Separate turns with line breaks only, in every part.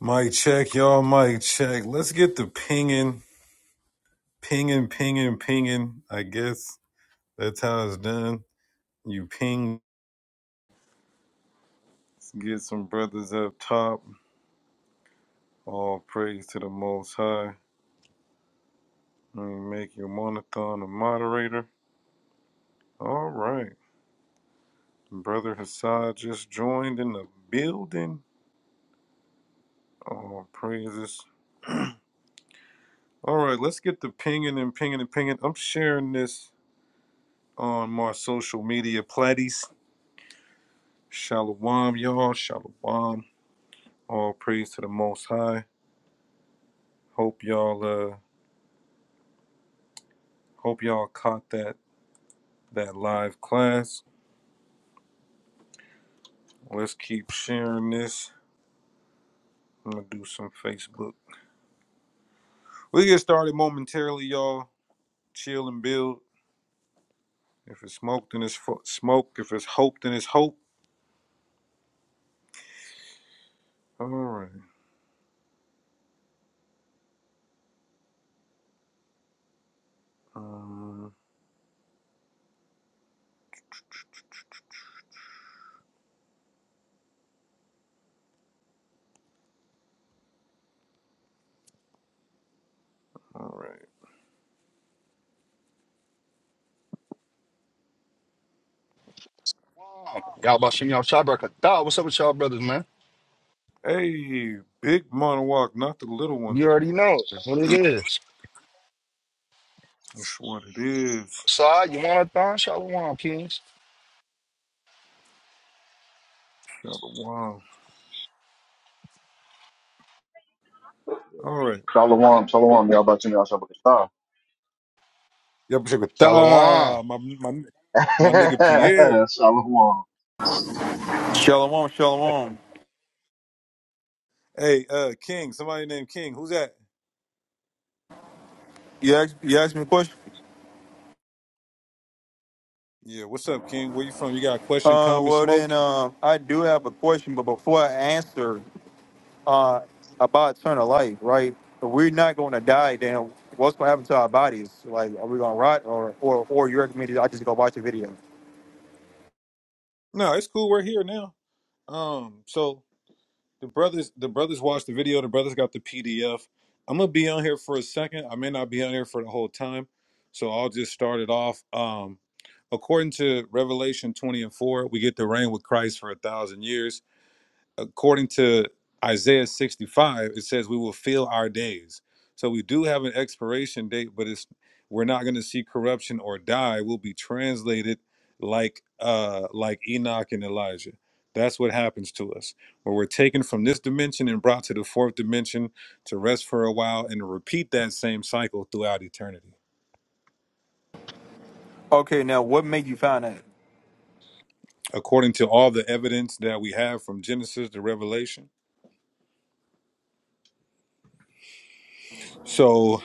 Mic check, y'all. Mic check. Let's get the pinging, pinging, pinging, pinging. I guess that's how it's done. You ping, get some brothers up top. All praise to the Most High. Let me make your monothon a moderator. All right. Brother Hassad just joined in the building. All praises. All right, let's get the pinging and pinging and pinging. I'm sharing this on my social media platties. Shalom, y'all. Shalom. All praise to the Most High. Hope y'all uh hope y'all caught that that live class. Let's keep sharing this. I'm gonna do some Facebook. We get started momentarily, y'all. Chill and build. If it's smoked, then it's fo- smoke. If it's hope, then it's hope. All right. Um, all right.
Y'all about shimmy y'all shot breaker. Dog, what's up with y'all brothers, man?
Hey, big monologue, not the little one.
You already know what it is.
That's what it is.
Sorry, you want a thon? Shalom, kings.
Wow. All right.
Shalom, shalom, y'all about to know y'all Shabbat.
Yep, check with
Shalom.
ah, my my my nigga Pierre.
Shalom,
Shalom, shalom.
Hey, uh, King, somebody named King. Who's that?
You asked you asked me a question.
Yeah, what's up, King? Where you from? You got a question,
Uh,
comment,
well then,
smoke?
uh, I do have a question, but before I answer, uh, about eternal life, right? If we're not going to die, then what's going to happen to our bodies? Like, are we going to rot, or or or you recommend I just go watch the video?
No, it's cool. We're here now. Um, so the brothers, the brothers watched the video. The brothers got the PDF. I'm gonna be on here for a second. I may not be on here for the whole time, so I'll just start it off. Um, according to Revelation 20 and 4, we get to reign with Christ for a thousand years. according to Isaiah 65, it says we will fill our days. So we do have an expiration date, but it's we're not going to see corruption or die. We'll be translated like uh like Enoch and Elijah. That's what happens to us. Where we're taken from this dimension and brought to the fourth dimension to rest for a while and repeat that same cycle throughout eternity.
Okay, now what made you find that?
According to all the evidence that we have from Genesis to Revelation. So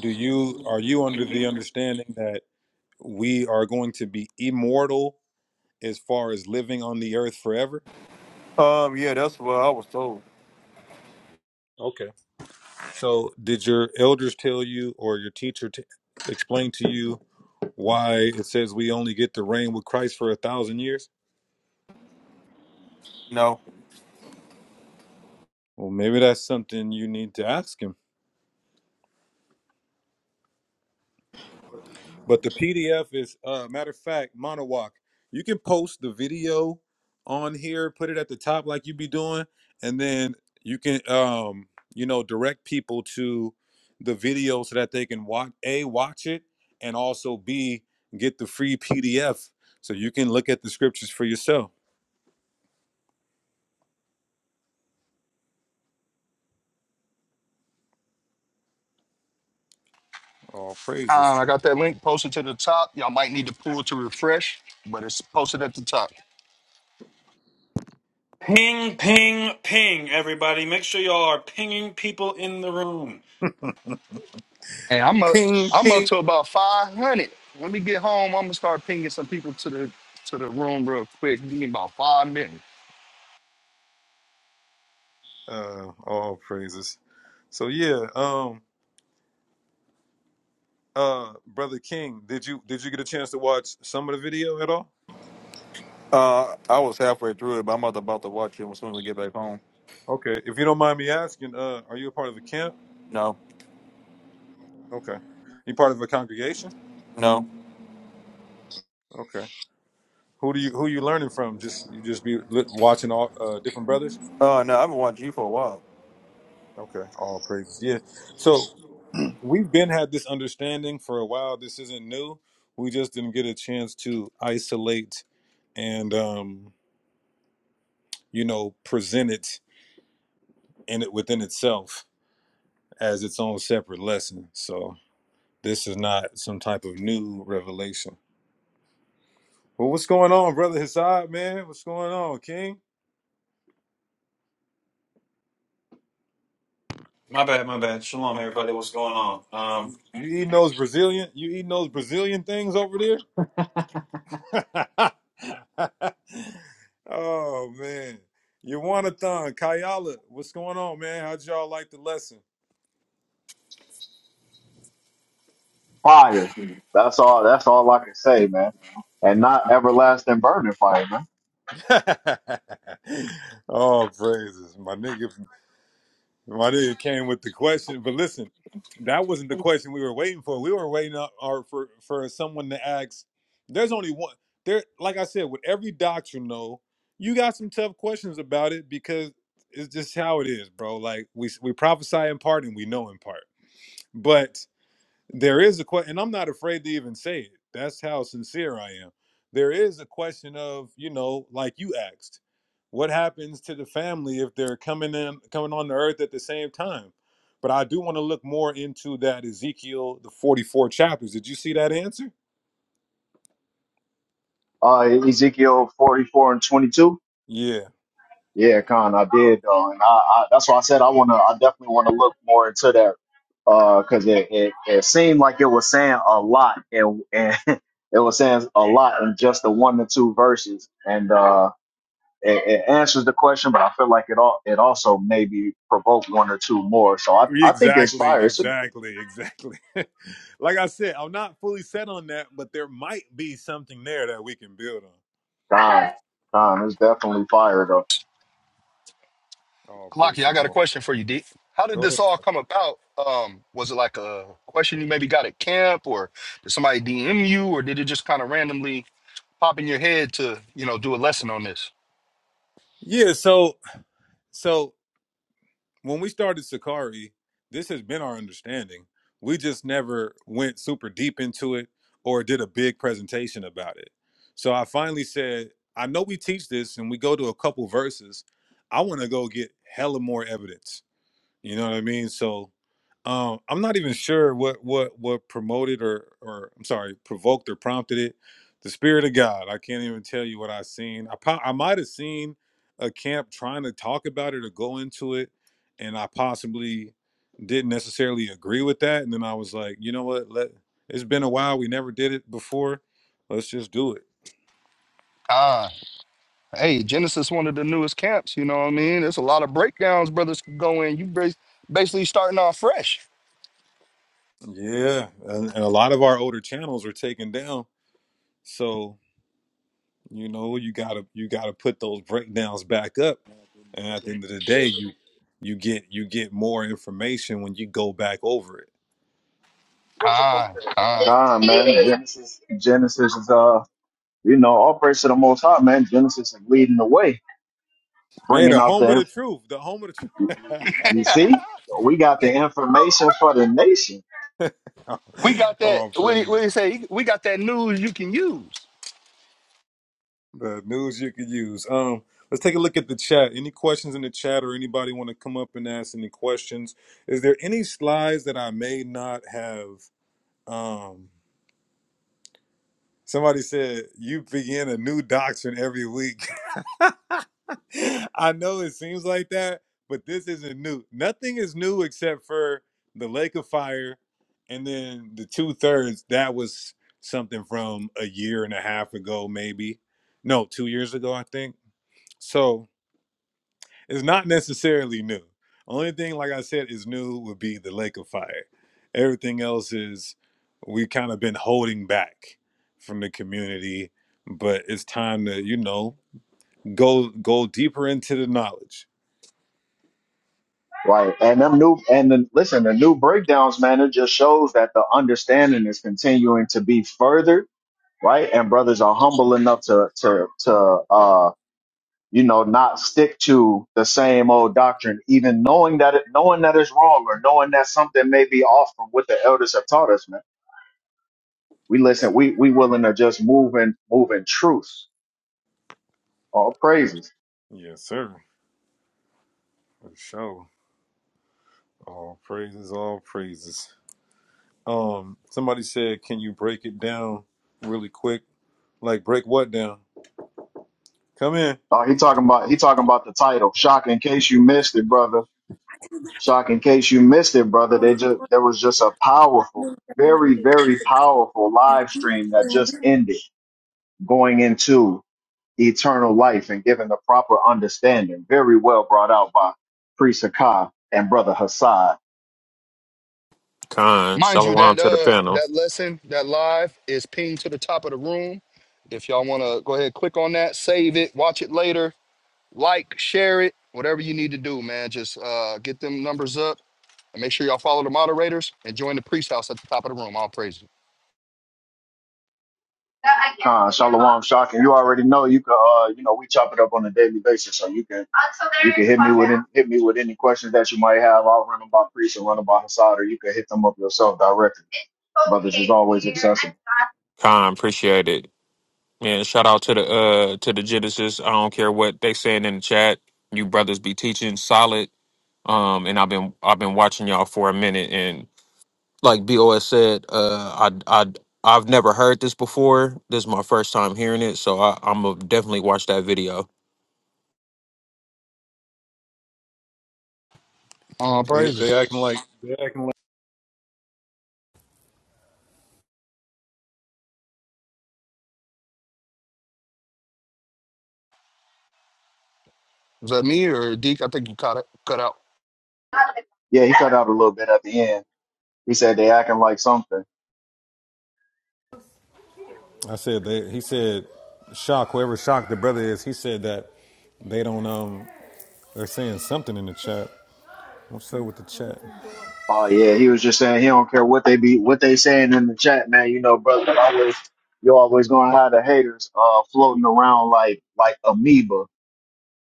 do you are you under the understanding that we are going to be immortal as far as living on the earth forever.
Um, yeah, that's what I was told.
Okay. So, did your elders tell you or your teacher t- explain to you why it says we only get to reign with Christ for a thousand years?
No,
Well, maybe that's something you need to ask him. But the PDF is, uh, matter of fact, Monowalk. You can post the video on here, put it at the top like you be doing, and then you can, um, you know, direct people to the video so that they can watch a watch it, and also b get the free PDF so you can look at the scriptures for yourself. All praises.
Khan, I got that link posted to the top. Y'all might need to pull to refresh, but it's posted at the top.
Ping, ping, ping, everybody. Make sure y'all are pinging people in the room.
Hey, I'm up.
Ping
I'm up
ping.
to about 500. Let me get home. I'm gonna start pinging some people to the to the room real quick. Give me about five minutes.
Uh, all praises. So yeah, um, uh, brother King, did you did you get a chance to watch some of the video at all?
uh, I was halfway through it, but I'm about to, about to watch it as soon as I get back home.
Okay, if you don't mind me asking, uh, are you a part of a camp?
No,
Okay, you part of a congregation?
no,
Okay, who do you who you learning from? Just you just be li- watching all uh, different brothers.
uh, no, I've been watching you for a while.
Okay, all praises. Yeah, so we've been had this understanding for a while. This isn't new. We just didn't get a chance to isolate and um, you know present it in it within itself as its own separate lesson. So this is not some type of new revelation. Well, what's going on, brother Hassad, man? What's going on, King?
My bad, my bad. Shalom, everybody. What's going on?
You eating those Brazilian? You eating those Brazilian things over there? oh man, Yawanathan, Kayala, what's going on, man? How'd y'all like the lesson?
fire. That's all. That's all I can say, man. And not everlasting burning fire, man.
oh praises, my nigga. My dude came with the question, but listen, that wasn't the question we were waiting for. We were waiting on, or for for someone to ask. There's only one. There, like I said, with every doctrine, though, you got some tough questions about it because it's just how it is, bro. Like we we prophesy in part and we know in part, but there is a question and i'm not afraid to even say it that's how sincere i am there is a question of you know like you asked what happens to the family if they're coming in coming on the earth at the same time but i do want to look more into that ezekiel the 44 chapters did you see that answer
Uh, Ezekiel forty-four and twenty-two.
yeah
Yeah, Con, I did, though, and I, I that's why I said I wanna. I definitely wanna look more into that, uh, cause it it, it seemed like it was saying a lot, and and it was saying a lot in just the one to two verses, and uh. it, it answers the question, but I feel like it all it also maybe provoked one or two more. So I, I think it's
exactly
fire. It's a
exactly exactly like i said i'm not fully set on that but there might be something there that we can build on
dime. Dime. It's definitely fire though.
oh praise
Kalaki, I
the
got a
lord
question for you, D. How did
go
this
ahead
all come about? Um, was it like a question you maybe got at camp, or did somebody DM you, or did it just kind of randomly pop in your head to, you know, do a lesson on this?
yeah so so when we started Sakari, this has been our understanding. We just never went super deep into it or did a big presentation about it. So I finally said, I know we teach this and we go to a couple verses. I want to go get hella more evidence. You know what I mean? So um, I'm not even sure what what what promoted or or I'm sorry, provoked or prompted it. The spirit of God. I can't even tell you what I seen. I po- I might have seen a camp trying to talk about it or go into it, and I possibly didn't necessarily agree with that. And then I was like, you know what? Let it's been a while. We never did it before. Let's just do it.
Ah, hey, Genesis, one of the newest camps. You know what I mean? There's a lot of breakdowns brothers can go in. You bas- basically starting off fresh.
Yeah, and, and a lot of our older channels were taken down, so. You know, you gotta you gotta put those breakdowns back up. And at the end of the day, you you get you get more information when you go back over it.
Ah, ah.
Dime, man. Genesis Genesis is uh you know all praise to the Most High, man. Genesis is leading the way,
Hey,
bringing
the
out
home
the
of the
inf-
truth. The home of the
you see we got the information for the nation.
truth.
We got that.
oh,
What do you, what do
praise.
you say? We got that news you can use.
The news you could use. Um, let's take a look at the chat. Any questions in the chat or anybody want to come up and ask any questions? Is there any slides that I may not have um somebody said you begin a new doctrine every week. I know it seems like that, but this isn't new. Nothing is new except for the Lake of Fire, and then the two thirds. That was something from a year and a half ago, maybe. No, two years ago, I think. So it's not necessarily new. Only thing, like I said, is new would be the Lake of Fire. Everything else is we kind of been holding back from the community, but it's time to you know go go deeper into the knowledge
Right, and them new and the, listen, the new breakdowns, man. It just shows that the understanding is continuing to be furthered right? And brothers are humble enough to to to uh you know not stick to the same old doctrine, even knowing that it, knowing that it's wrong or knowing that something may be off from what the elders have taught us, man. We listen. We we willing to just move in move in truth. All praises.
Yes, sir. For sure. All praises, all praises. Um, somebody said, can you break it down really quick? Like break what down? Come in.
Oh, he talking about he talking about the title. Shock in case you missed it, brother. Shock in case you missed it, brother. They just there was just a powerful, very very powerful live stream that just ended going into eternal life and given the proper understanding. Very well brought out by Priest Sakai and Brother Hassad.
Khan,
Mind you,
shalom
that
to the
uh
panel.
that lesson, that live is pinged to the top of the room. If y'all wanna go ahead, click on that, save it, watch it later, like, share it, whatever you need to do, man. Just uh get them numbers up and make sure y'all follow the moderators and join the priest house at the top of the room. All praises.
Uh, Shalom Shock, and you already know you can, uh, you know, we chop it up on a daily basis, so you can you can hit me with any, hit me with any questions that you might have. I'll run them by Priest or run them by Hassad, or you can hit them up yourself directly. Brothers is always accessible.
Khan, appreciate it. And shout out to the uh to the Genesis. I don't care what they saying in the chat. You brothers be teaching solid. Um, and I've been I've been watching y'all for a minute. And like Bos said, uh, I I I've never heard this before. This is my first time hearing it, so I, I'm gonna definitely watch that video.
All
They
praises.
they acting like they acting like
Was that me or Deke? I think you caught it cut out.
Yeah, he cut out a little bit at the end. He said they acting like something.
I said they he said shock, whoever shocked the brother is, he said that they don't um they're saying something in the chat. What's up with the chat?
Oh yeah, he was just saying he don't care what they be what they saying in the chat, man. You know, brother, always you always gonna have the haters uh floating around like like amoeba.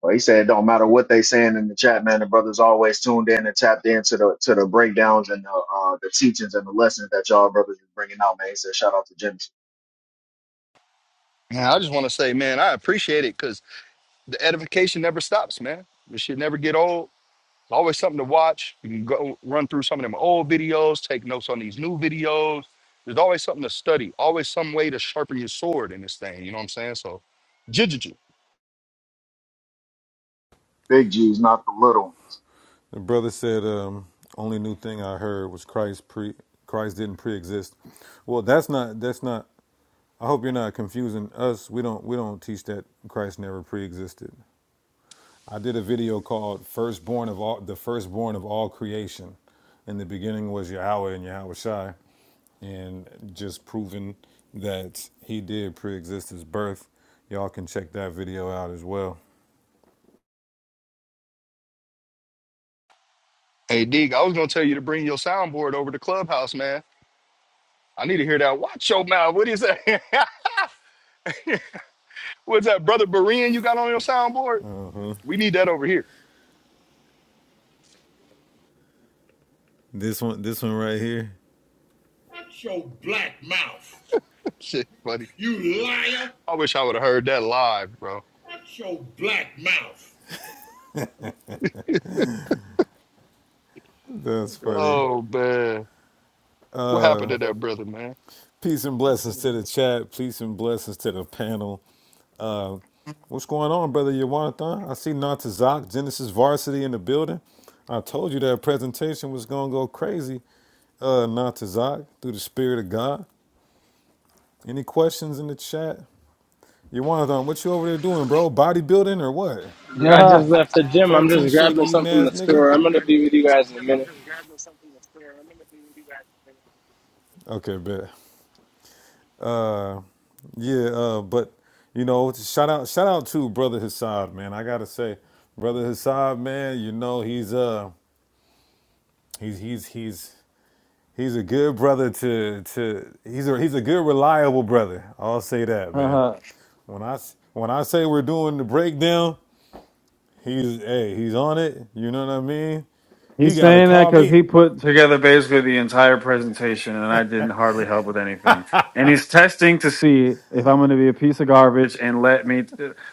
But he said it don't matter what they saying in the chat, man. The brothers always tuned in and tapped into the to the breakdowns and the uh the teachings and the lessons that y'all brothers is bringing out, man. He said shout out to Genesis,
Man, I just wanna say, man, I appreciate it because the edification never stops, man. It should never get old. always something to watch. You can go run through some of them old videos, take notes on these new videos. There's always something to study, always some way to sharpen your sword in this thing. You know what I'm saying? So, jijiji.
big G's, not the little ones.
The brother said, um, "Only new thing I heard was Christ pre Christ didn't pre-exist." Well, that's not that's not. I hope you're not confusing us. We don't we don't teach that Christ never pre-existed. I did a video called "Firstborn of all the Firstborn of all creation." In the beginning was Yahweh and Yahweh Shai, and just proving that He did pre-exist His birth. Y'all can check that video out as well.
Hey, Dig, I was going to tell you to bring your soundboard over to Clubhouse, man. I need to hear that. Watch your mouth. What is that? What's that, Brother Berean, you got on your soundboard? We need that over here.
This one this one right here. Shut your black mouth,
Shit, buddy.
you liar.
I wish I would have heard that live, bro.
Shut your black mouth. That's funny.
Oh, man. What happened to that brother, man?
Peace and blessings to the chat. Peace and blessings to the panel. What's going on, brother Yawanathan? I see Natazak, Genesis Varsity in the building. I told you that presentation was going to go crazy. Uh, Natazak, through the Spirit of God. Any questions in the chat? Yawanathan, what you over there doing, bro? Bodybuilding or what?
Yeah, I
Um,
just left the gym. I'm
Protein
just
shake
grabbing
eating
something from
ass
the
nigga?
store. I'm gonna be with you guys in a minute.
Okay, bet. Yeah, uh, but you know, shout out, shout out to brother Hassad, man. I gotta say, brother Hassad, man, you know he's uh he's he's he's he's a good brother to to he's a he's a good reliable brother. I'll say that, man.
Ah,
When I s- when I say we're doing the breakdown, he's hey he's on it. You know what I mean? He
He's
gotta
saying that
call
because
me.
he put together basically the entire presentation, and I didn't hardly help with anything. And he's testing to see if I'm going to be a piece of garbage and let me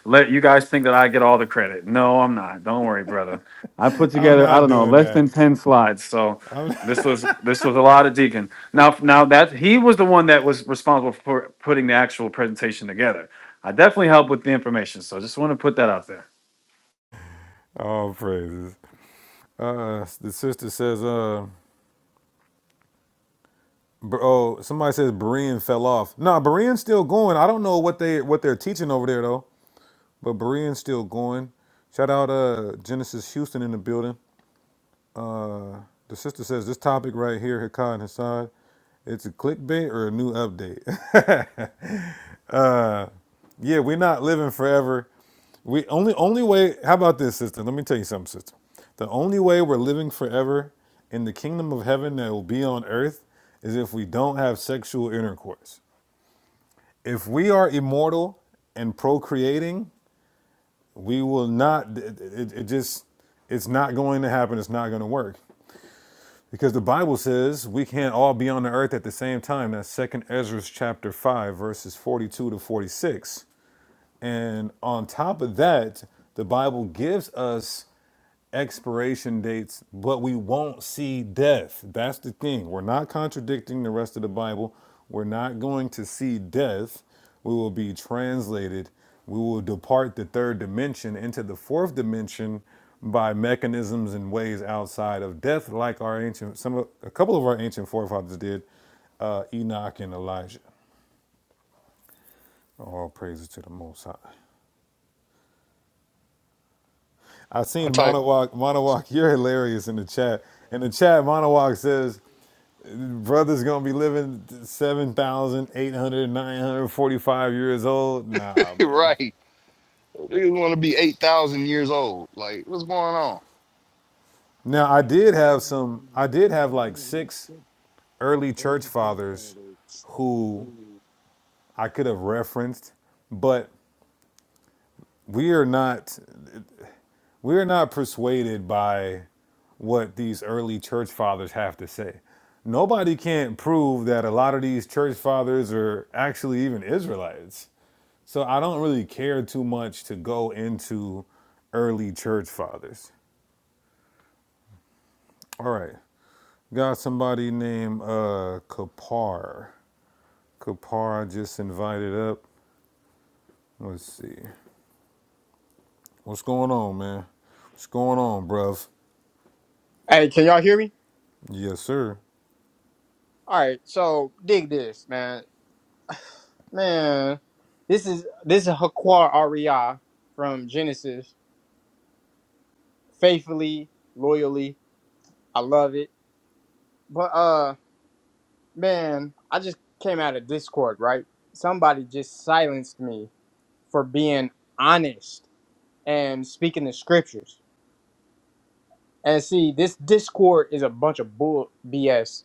let you guys think that I get all the credit. No, I'm not. Don't worry, brother. I put
I'm
together I
not
don't know
doing
less than
that.
ten slides, so this was this was a lot of Deacon. Now now that he was the one that was responsible for putting the actual presentation together. I definitely helped with the information, so just want to put that out there.
All praises. Uh, the sister says, uh. Br- Oh, somebody says Berean fell off. Nah, Berean's still going. I don't know what they what they're teaching over there though, but Berean's still going. Shout out uh Genesis Houston in the building. Uh the sister says this topic right here, Hikai and Hassad, it's a clickbait or a new update. yeah, we're not living forever. We only only way how about this, sister? Let me tell you something, sister. The only way we're living forever in the kingdom of heaven that will be on earth is if we don't have sexual intercourse. if we are immortal and procreating, we will not. It, it, it just it's not going to happen. It's not going to work because the Bible says we can't all be on the earth at the same time. That's Second Ezra chapter five, verses forty-two to forty-six. And on top of that, the Bible gives us expiration dates, but we won't see death. That's the thing. We're not contradicting the rest of the Bible. We're not going to see death. We will be translated. We will depart the third dimension into the fourth dimension by mechanisms and ways outside of death, like our ancient some a couple of our ancient forefathers did, uh, Enoch and Elijah. All praises to the Most High. I
I
seen
type,
Monowak. Monowak, you're hilarious in the chat. In the chat, Monowak says brother's gonna be living seven thousand eight hundred nine hundred forty-five years old. Nah, man.
right. Niggas want to be 8,000 years old. Like, what's going on?
Now I did have some I did have like six early church fathers who I could have referenced, but we are not we are not persuaded by what these early church fathers have to say. Nobody can't prove that a lot of these church fathers are actually even Israelites. So I don't really care too much to go into early church fathers. All right. Got somebody named uh Kapar. Kapar I just invited up. Let's see. What's going on, man? What's going on, bruv?
Hey, can y'all hear me?
Yes, sir.
All right, so dig this, man. Man, this is this is Hakwar Aria from Genesis. Faithfully, loyally, I love it. But uh, man, I just came out of Discord, right? Somebody just silenced me for being honest and speaking the scriptures. And see, this Discord is a bunch of bull BS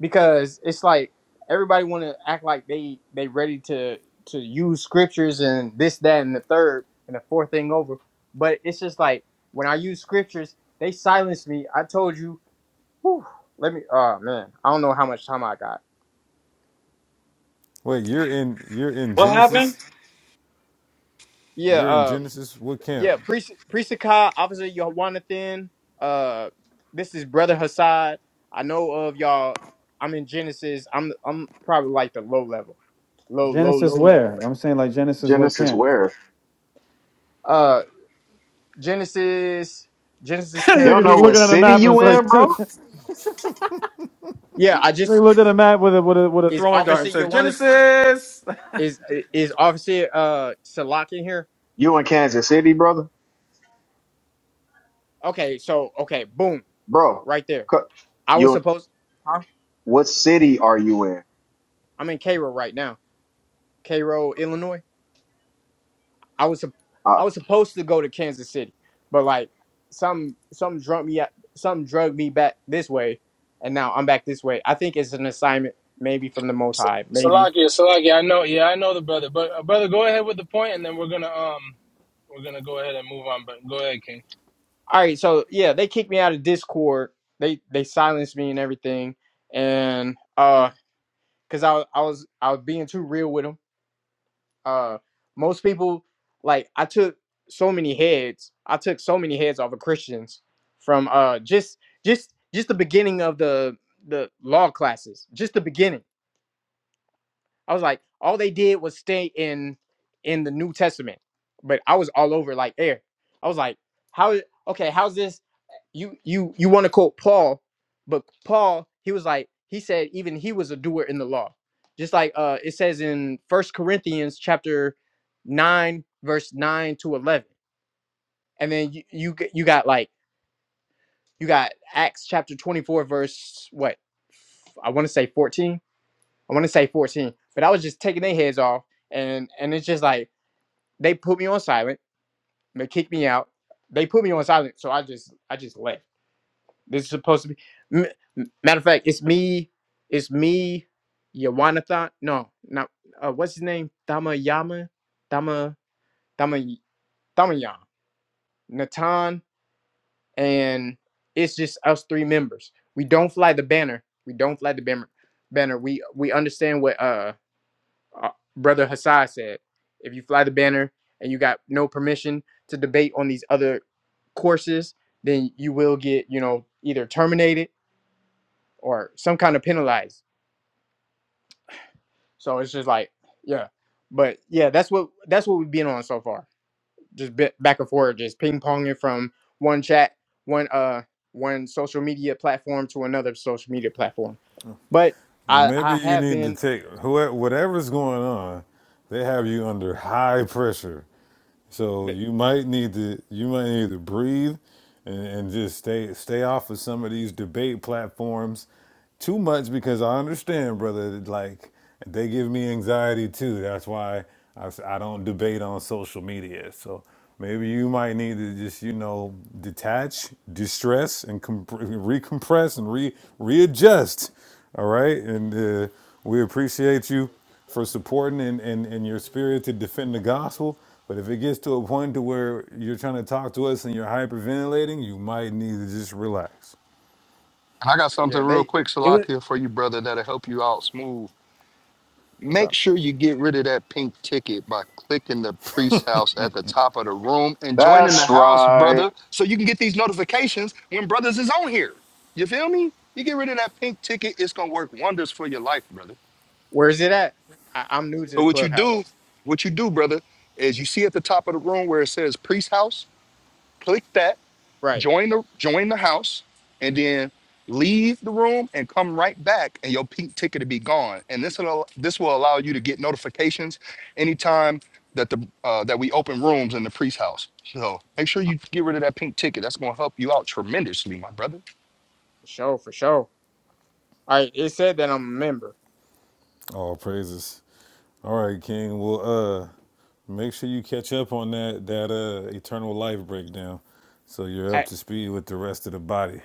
because it's like everybody want to act like they they ready to to use scriptures and this that and the third and the fourth thing over but it's just like when i use scriptures they silence me i told you whew, let me oh man i don't know how much time i got
Wait, you're in you're in
What happened?
Genesis?
yeah
You're in
uh
Genesis? What
yeah
camp?
priest priest Akai, officer Yohanathan, uh this is brother hassad i know of y'all i'm in genesis i'm i'm probably like the low level low low
Genesis
low level
where? I'm saying like Genesis what
Genesis,
camp?
where
Uh, Genesis, Genesis
you
camp.
don't
Nigga
know
just
what
looking at a
city
map. and It's
you
like
in, bro?
Yeah, I
they
just
looked at a map with a with a with a
is
throwing dart
Officer
and said
Yowana
Genesis.
is is Officer uh Salak in here?
You in Kansas City, brother,
Okay, so okay, boom,
bro?
right there.
cu-
I was
You
supposed, huh?
what city are you in?
I'm in Cairo right now, Cairo, Illinois. I was sup-
Uh,
I was supposed to go to Kansas City, but like some some drug me out- some drug me back this way, and now I'm back this way. I think it's an assignment, maybe from the Most High, maybe
Salakia, Salakia, I know. Yeah, I know the brother. But uh, brother, go ahead with the point, and then we're gonna um, we're gonna go ahead and move on. But go ahead, King.
all right so yeah they kicked me out of discord they they silenced me and everything and uh because I, was- I was i was being too real with them uh most people like i took so many heads i took so many heads off of christians from uh just just just the beginning of the the law classes just the beginning i was like all they did was stay in in the new testament but i was all over like air i was like how okay how's this you you you want to quote Paul, but Paul he was like he said even he was a doer in the law, just like uh it says in First Corinthians chapter nine verse nine to eleven, and then you you, g- you got like you got Acts chapter twenty four verse what I want to say fourteen I want to say fourteen, but I was just taking their heads off and and it's just like they put me on silent, they kicked me out, they put me on silent, so I just I just left This is supposed to be. M- matter of fact, it's me. It's me. Yawanathan. No, not. Uh, what's his name? Damayama. Dama. Dama. Damayam. Natan. And it's just us three members. We don't fly the banner. We don't fly the banner. Banner. We we understand what uh, uh brother Hassai said. If you fly the banner and you got no permission to debate on these other courses, then you will get you know either terminated or some kind of penalized. So it's just like, yeah. But yeah, that's what that's what we've been on so far. Just bit back and forth, just ping ponging from one chat, one uh, one social media platform to another social media platform. But
Well,
I I
maybe you
have
need to
been,
take whoever, whatever's going on, they have you under high pressure So
th-
you might need to you might need to breathe and, and just stay stay off of some of these debate platforms too much because I understand, brother. that, Like they give me anxiety too. That's why I, s- I don't debate on social media. So maybe you might need to just you know detach, distress, and comp- recompress and re readjust. All right, and uh, we appreciate you for supporting and, and, and your spirit to defend the gospel. But if it gets to a point to where you're trying to talk to us and you're hyperventilating, you might need to just relax.
And I got something
yeah.
real
They
quick,
it was
Salakia, for you, brother, that'll help you out smooth.
what's
Make
up?
sure you get rid of that pink ticket by clicking the priest house at the top of the room and joining the
That's
house,
right.
brother, so you can get these notifications when brothers is on here. You feel me? You get rid of that pink ticket, it's gonna work wonders for your life, brother.
Where is it at? I, I'm new to
So
the
what you
clubhouse,
do, what you do, brother, is you see at the top of the room where it says priest house, click that
right?
join the join the house and then leave the room and come right back and your pink ticket will be gone and this will this will allow you to get notifications anytime that the uh, that we open rooms in the priest house so make sure you get rid of that pink ticket that's going to help you out tremendously my brother
For sure, for sure. All right, it said that I'm a member.
All praises. All right, King. Well, uh, make sure you catch up on that that uh eternal life breakdown, so you're up to speed with the rest of the body.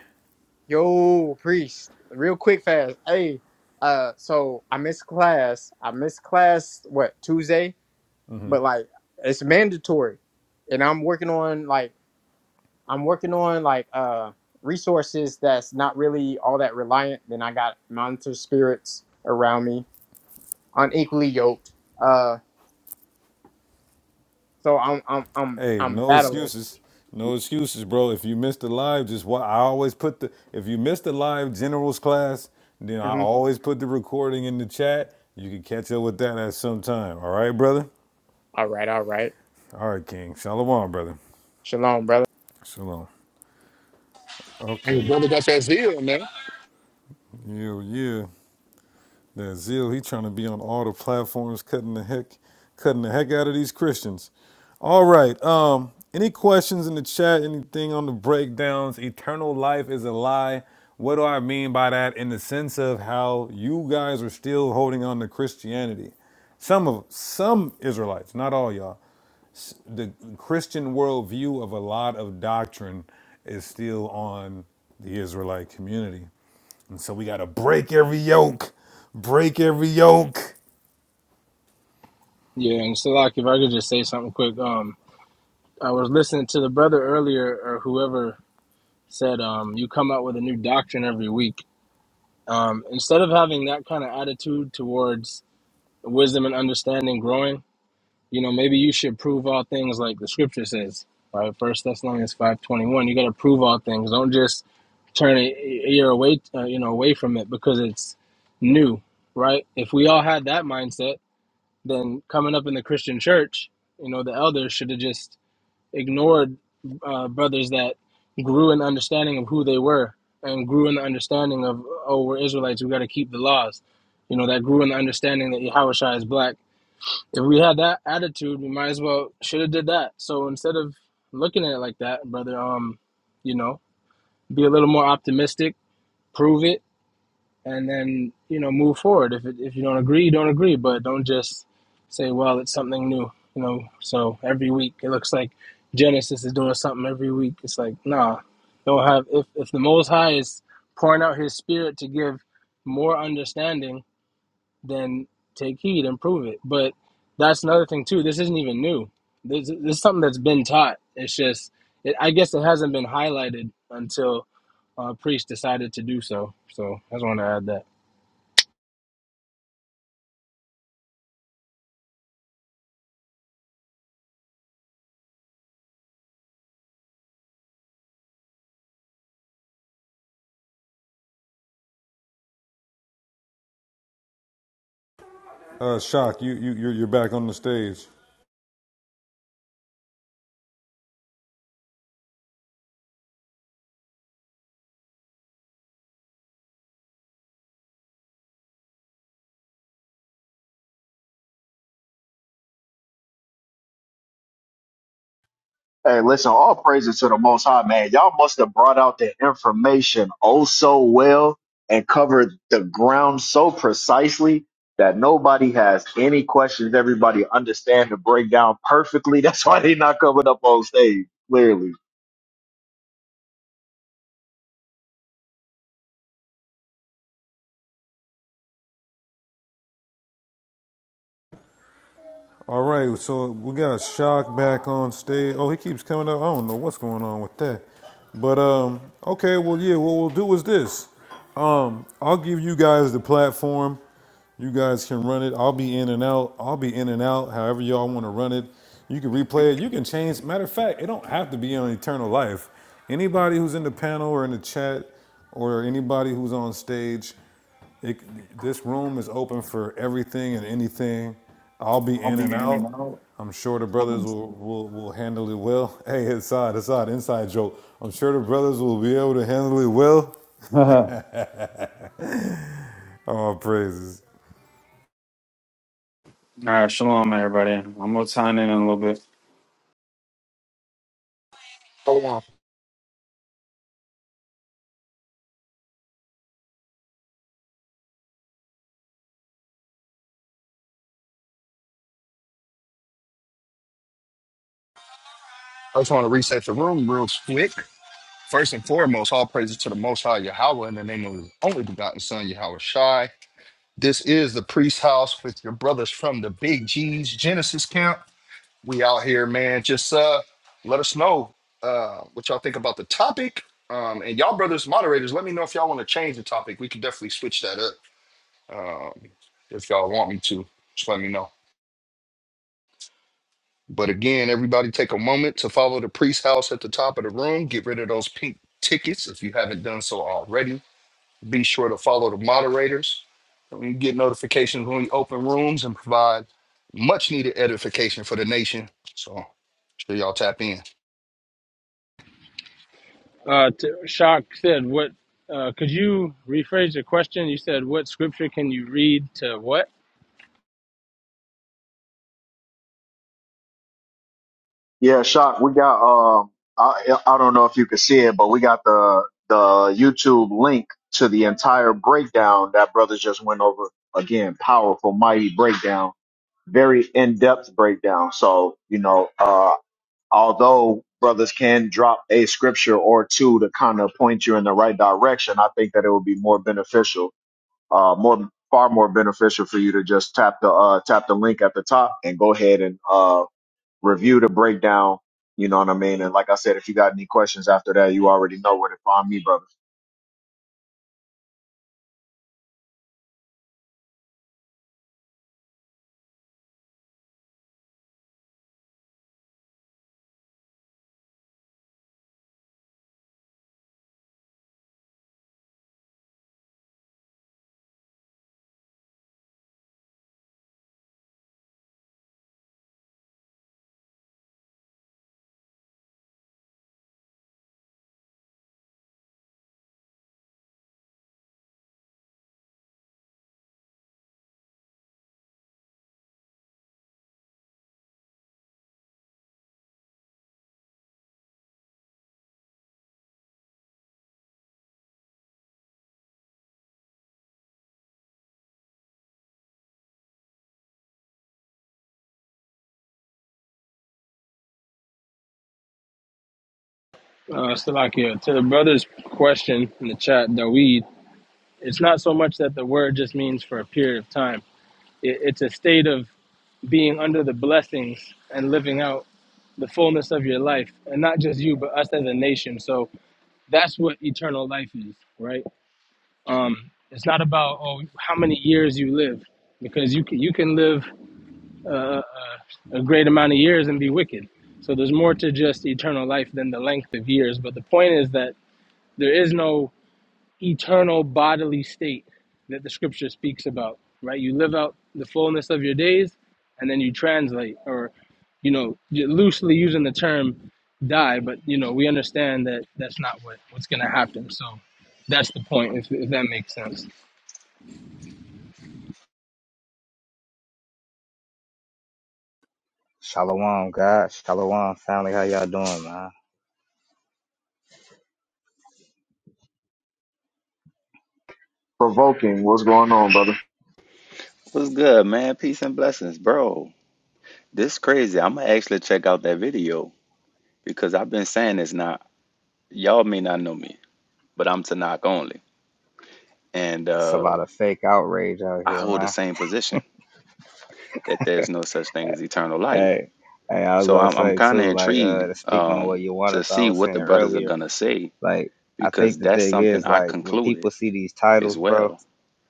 Yo, priest, real quick, fast. Hey, uh, so I missed class. I missed class, what, Tuesday? But like, it's mandatory. And I'm working on like, I'm working on like, uh, resources that's not really all that reliant. Then I got monitor spirits around me, unequally yoked. Uh, so I'm, I'm, I'm,
Hey,
I'm
no
battling.
excuses. No excuses, bro. If you missed the live, just what I always put the if you missed the live generals class, then I
Mhm.
always put the recording in the chat. You can catch up with that at some time. All right, brother?
All right, all right.
All right, King. Shalom, brother.
Shalom, brother.
Shalom. Okay.
hey brother that's that zeal man
Yeah, yeah. That zeal, he trying to be on all the platforms, cutting the heck, cutting the heck out of these Christians. All right. Um, any questions in the chat? Anything on the breakdowns? Eternal life is a lie. What do I mean by that? In the sense of how you guys are still holding on to Christianity. Some of some Israelites, not all y'all. The Christian worldview of a lot of doctrine is still on the Israelite community. So we gotta break every yoke, break every yoke.
Yeah, and Salakia, if I could just say something quick. Um, I was listening to the brother earlier, or whoever said, um, you come out with a new doctrine every week. Um, instead of having that kind of attitude towards wisdom and understanding growing, you know, maybe you should prove all things like the scripture says, right? First Thessalonians five twenty one. You got to prove all things. Don't just turn a a ear away, uh, you know, away from it because it's new, right? If we all had that mindset, then coming up in the Christian church, you know, the elders should have just ignored uh, brothers that grew in the understanding of who they were and grew in the understanding of, oh, we're Israelites, we got to keep the laws. You know, that grew in the understanding that Yahushua is black if we had that attitude, we might as well should have did that. So instead of looking at it like that, brother, um, you know, be a little more optimistic, prove it, and then you know move forward. If it, if you don't agree, you don't agree, but don't just say, well, it's something new. You know, so every week it looks like Genesis is doing something every week. It's like, nah, don't have if if the Most High is pouring out His Spirit to give more understanding then take heed and prove it. But that's another thing too. This isn't even new. This, this is something that's been taught. It's just, it, I guess, it hasn't been highlighted until uh, priest decided to do so. So I just want to add that.
Uh, Shock, you, you, you're, you're back on the stage.
Hey, listen, all praises to the Most High, man. Y'all must have brought out the information oh so well and covered the ground so precisely that nobody has any questions. Everybody understand the breakdown perfectly. That's why they not coming up on stage, clearly.
All right, so we got Shock back on stage. Oh, he keeps coming up. I don't know what's going on with that. But um, okay, well, yeah, what we'll do is this. Um, I'll give you guys the platform. You guys can run it. I'll be in and out. I'll be in and out. However y'all want to run it. You can replay it. You can change. Matter of fact, it don't have to be on Eternal Life. Anybody who's in the panel or in the chat or anybody who's on stage, it, this room is open for everything and anything. I'll be in and out. I'm sure the brothers will, will, will handle it well. Hey, inside, inside, inside joke. I'm sure the brothers will be able to handle it well.
All
Oh, praises.
right, shalom, everybody. I'm gonna sign in in a little bit.
hold on i just want to reset the room real quick First and foremost, all praises to the Most High Yahweh in the name of His only begotten Son, Yahweh Shai. This is the priest house with your brothers from the Big G's Genesis camp. We out here, man. Just uh, let us know uh, what y'all think about the topic. Um, and y'all brothers moderators, let me know if y'all want to change the topic. We can definitely switch that up um, if y'all want me to. Just let me know. But again, everybody take a moment to follow the priest house at the top of the room. Get rid of those pink tickets if you haven't done so already. Be sure to follow the moderators. And You get notifications when we open rooms and provide much needed edification for the nation. So sure y'all tap in.
Uh, Shock said, "What? Uh, could you rephrase your question? You said, what scripture can you read to what?"
Yeah, Shock, we got, um, I, I don't know if you can see it, but we got the, the YouTube link to the entire breakdown that brothers just went over. Again, powerful, mighty breakdown very in-depth breakdown. So, you know, uh, although brothers can drop a scripture or two to kind of point you in the right direction, I think that it would be more beneficial, uh, more far more beneficial for you to just tap the uh, tap the link at the top and go ahead and uh, review the breakdown. You know what I mean? And like I said, if you got any questions after that, you already know where to find me, brother.
Uh, Salakia, to the brother's question in the chat, Dawid, it's not so much that the word just means for a period of time. It, it's a state of being under the blessings and living out the fullness of your life and not just you but us as a nation so that's what eternal life is right um it's not about oh how many years you live because you can, you can live uh, a, a great amount of years and be wicked so there's more to just eternal life than the length of years but the point is that there is no eternal bodily state that the scripture speaks about, right? You live out the fullness of your days and then you translate, or, you know, loosely using the term die, but, you know, we understand that that's not what, what's going to happen. So that's the point, if, if that makes sense.
Shalom, God. Shalom, family. How y'all doing, man?
Provoking, what's going on, brother?
What's good, man? Peace and blessings, bro. This crazy. I'm gonna actually check out that video because I've been saying this now. Y'all may not know me, but I'm Tanakh only, and
It's a
uh,
lot of fake outrage out
I
here,
hold the
man.
same position that there's no such thing as eternal life.
Hey, hey, I was
So
gonna
I'm I'm
say
kind of
too, like, uh, to
intrigued
speak on what
um,
you
to
wanted, I
see
was
what
saying
the brothers are
earlier,
gonna say
like, I think
because
the
that's
thing
something
is,
I
like, when
concluded
people see these
as
titles, bro,
well.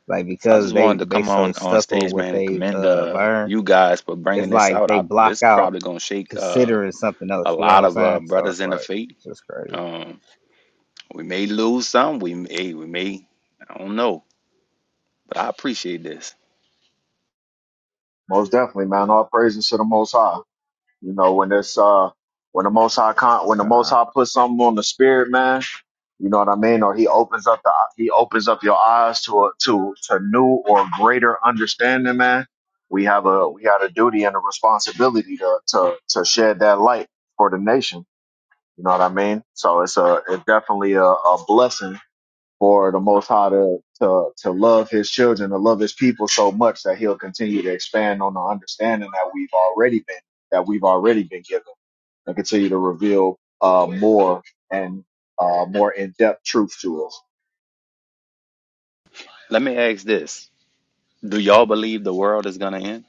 like,
So I
because
just wanted
they
to
they
come
so
on on
stuck on
stage,
what
man, and
they've
commend
uh
uh,
learned,
you guys for bringing
it's
this
like
out.
they
I,
block
this
out
probably gonna shake uh,
considering something
a
else. You know what
lot
I'm
of uh,
saying? So
brothers
it's
in the
like,
faith
it's just crazy.
Um, we may lose some. We may, hey, we may, I don't know, but I appreciate this.
Most definitely, man. All praises to the Most High. You know, when it's uh when the most high con- when the
Come
most high puts something on the spirit, man, you know what I mean? Or he opens up the he opens up your eyes to a to to new or greater understanding, man. We have a we have a duty and a responsibility to to to shed that light for the nation. You know what I mean? So it's a it's definitely a, a blessing for the most high to, to to love his children, to love his people so much that he'll continue to expand on the understanding that we've already been that we've already been given and continue to reveal uh, more and uh, more in depth truth to us.
Let me ask this: Do y'all believe the world is gonna end?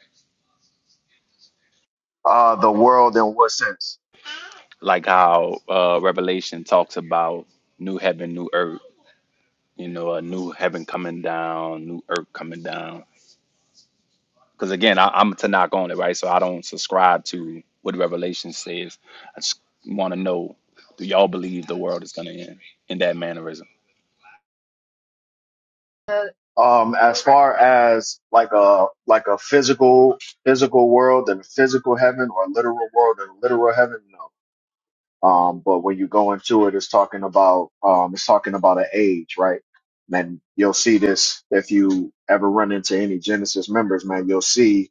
Uh, the world in what sense?
Like how uh, Revelation talks about new heaven, new earth. You know, a new heaven coming down, new earth coming down. Because again, I, I'm to knock on it, right? So I don't subscribe to what Revelation says. I just want to know: Do y'all believe the world is gonna end in that mannerism?
Um, as far as like a like a physical physical world and physical heaven or literal world and literal heaven, no. Um, but when you go into it, it's talking about um, it's talking about an age, right? And you'll see this if you ever run into any Genesis members, man. You'll see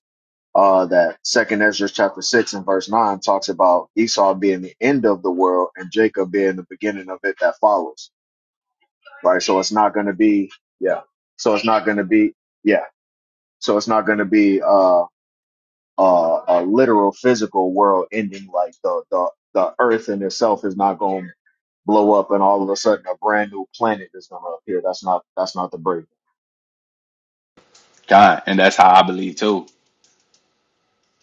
uh, that Second Ezra chapter six and verse nine talks about Esau being the end of the world and Jacob being the beginning of it that follows. Right. So it's not going to be yeah. So it's not going to be yeah. So it's not going to be uh, uh, a literal physical world ending like the the the earth in itself is not going to blow up and all of a sudden a brand new planet is going to appear. That's not that's not the break.
God, and that's how I believe too.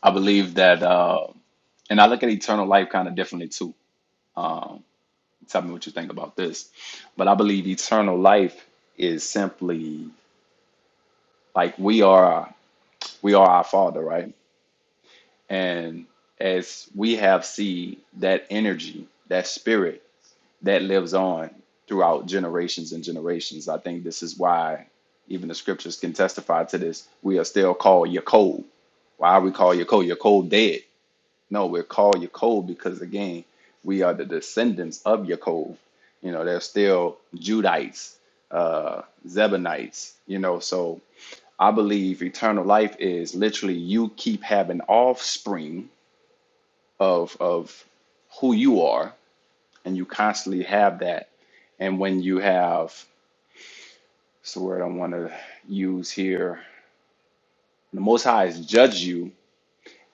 I believe that. Uh, and I look at eternal life kind of differently too. Um, tell me what you think about this, but I believe eternal life is simply like we are we are our Father, right? And as we have seen that energy, that spirit that lives on throughout generations and generations, I think this is why even the scriptures can testify to this. We are still called Yakov. Why are we called Yakov? Yakov dead No, we're called Yaakov because again, we are the descendants of Yaakov. You know, they're still Judites, uh, Zebonites. You know, so I believe eternal life is literally you keep having offspring of of who you are, and you constantly have that. And when you have, what's the word I want to use here? The Most High has judged you,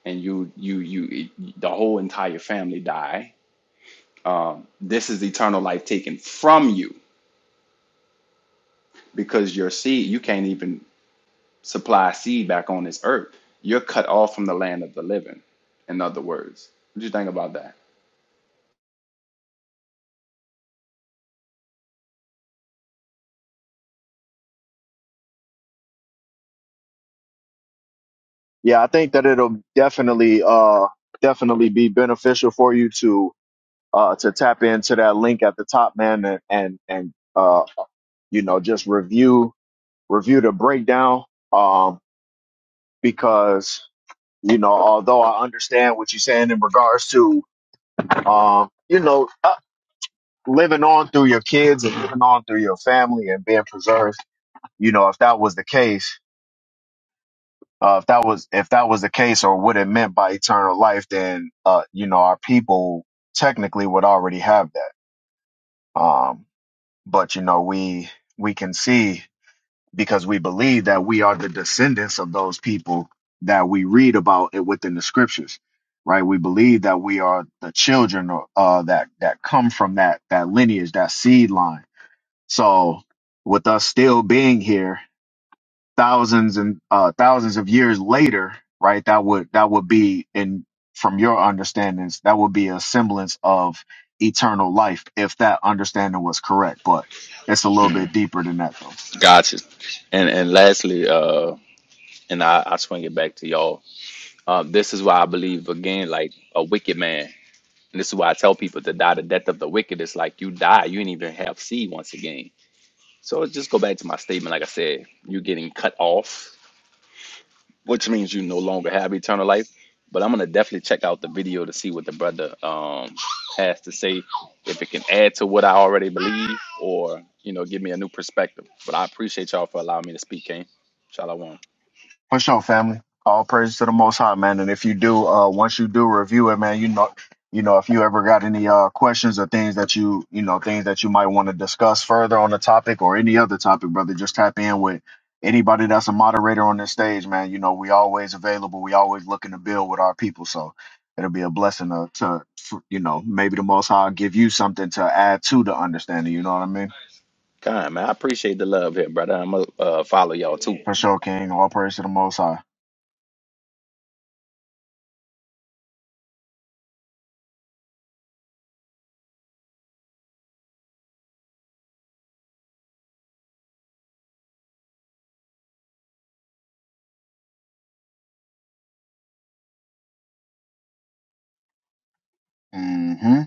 and you you you the whole entire family die um, this is eternal life taken from you because your seed you can't even supply seed back on this earth you're cut off from the land of the living in other words what do you think about that
Yeah, I think that it'll definitely uh definitely be beneficial for you to uh, to tap into that link at the top, man, and and, and uh, you know just review review the breakdown um, because you know although I understand what you're saying in regards to um, you know uh, living on through your kids and living on through your family and being preserved, you know if that was the case. Uh, if that was if that was the case, or what it meant by eternal life, then uh, you know our people technically would already have that. Um, but you know we we can see because we believe that we are the descendants of those people that we read about it within the scriptures, right? We believe that we are the children uh, that that come from that that lineage, that seed line. So, with us still being here, thousands and uh, thousands of years later, right? That would that would be in from your understandings, that would be a semblance of eternal life if that understanding was correct. But it's a little bit deeper than that, though.
Gotcha. And and lastly, uh, and I, I swing it back to y'all. Uh, this is why I believe again, like a wicked man. And this is why I tell people to die the death of the wicked. It's like you die, you ain't even have seed once again. So let's just go back to my statement. Like I said, you're getting cut off which means you no longer have eternal life. But I'm gonna definitely check out the video to see what the brother um has to say, if it can add to what I already believe, or you know, give me a new perspective. But I appreciate y'all for allowing me to speak, King. Shalom.
For sure, family. All praise to the Most High, man. And if you do, uh, once you do review it, man, you know, you know, if you ever got any uh questions or things that you, you know, things that you might want to discuss further on the topic or any other topic, brother, just tap in with anybody that's a moderator on this stage, man. You know, we always available. We always looking to build with our people, so it'll be a blessing to, to for- you know, maybe the Most High will give you something to add to the understanding. You know what I mean?
Kind man, I appreciate the love here, brother. I'm gonna uh, follow y'all too.
For sure, King. All praise to the Most High. Mm-hmm.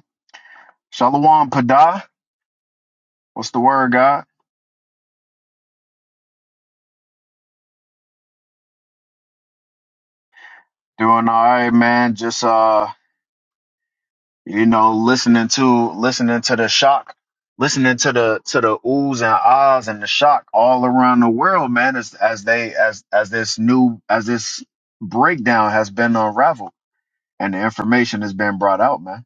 Shalom, Padah. What's the word, God? Doing all right, man. Just uh, you know, listening to listening to the shock, listening to the to the oohs and ahs and the shock all around the world, man. As as they as as this new as this breakdown has been unraveled and the information has been brought out, man.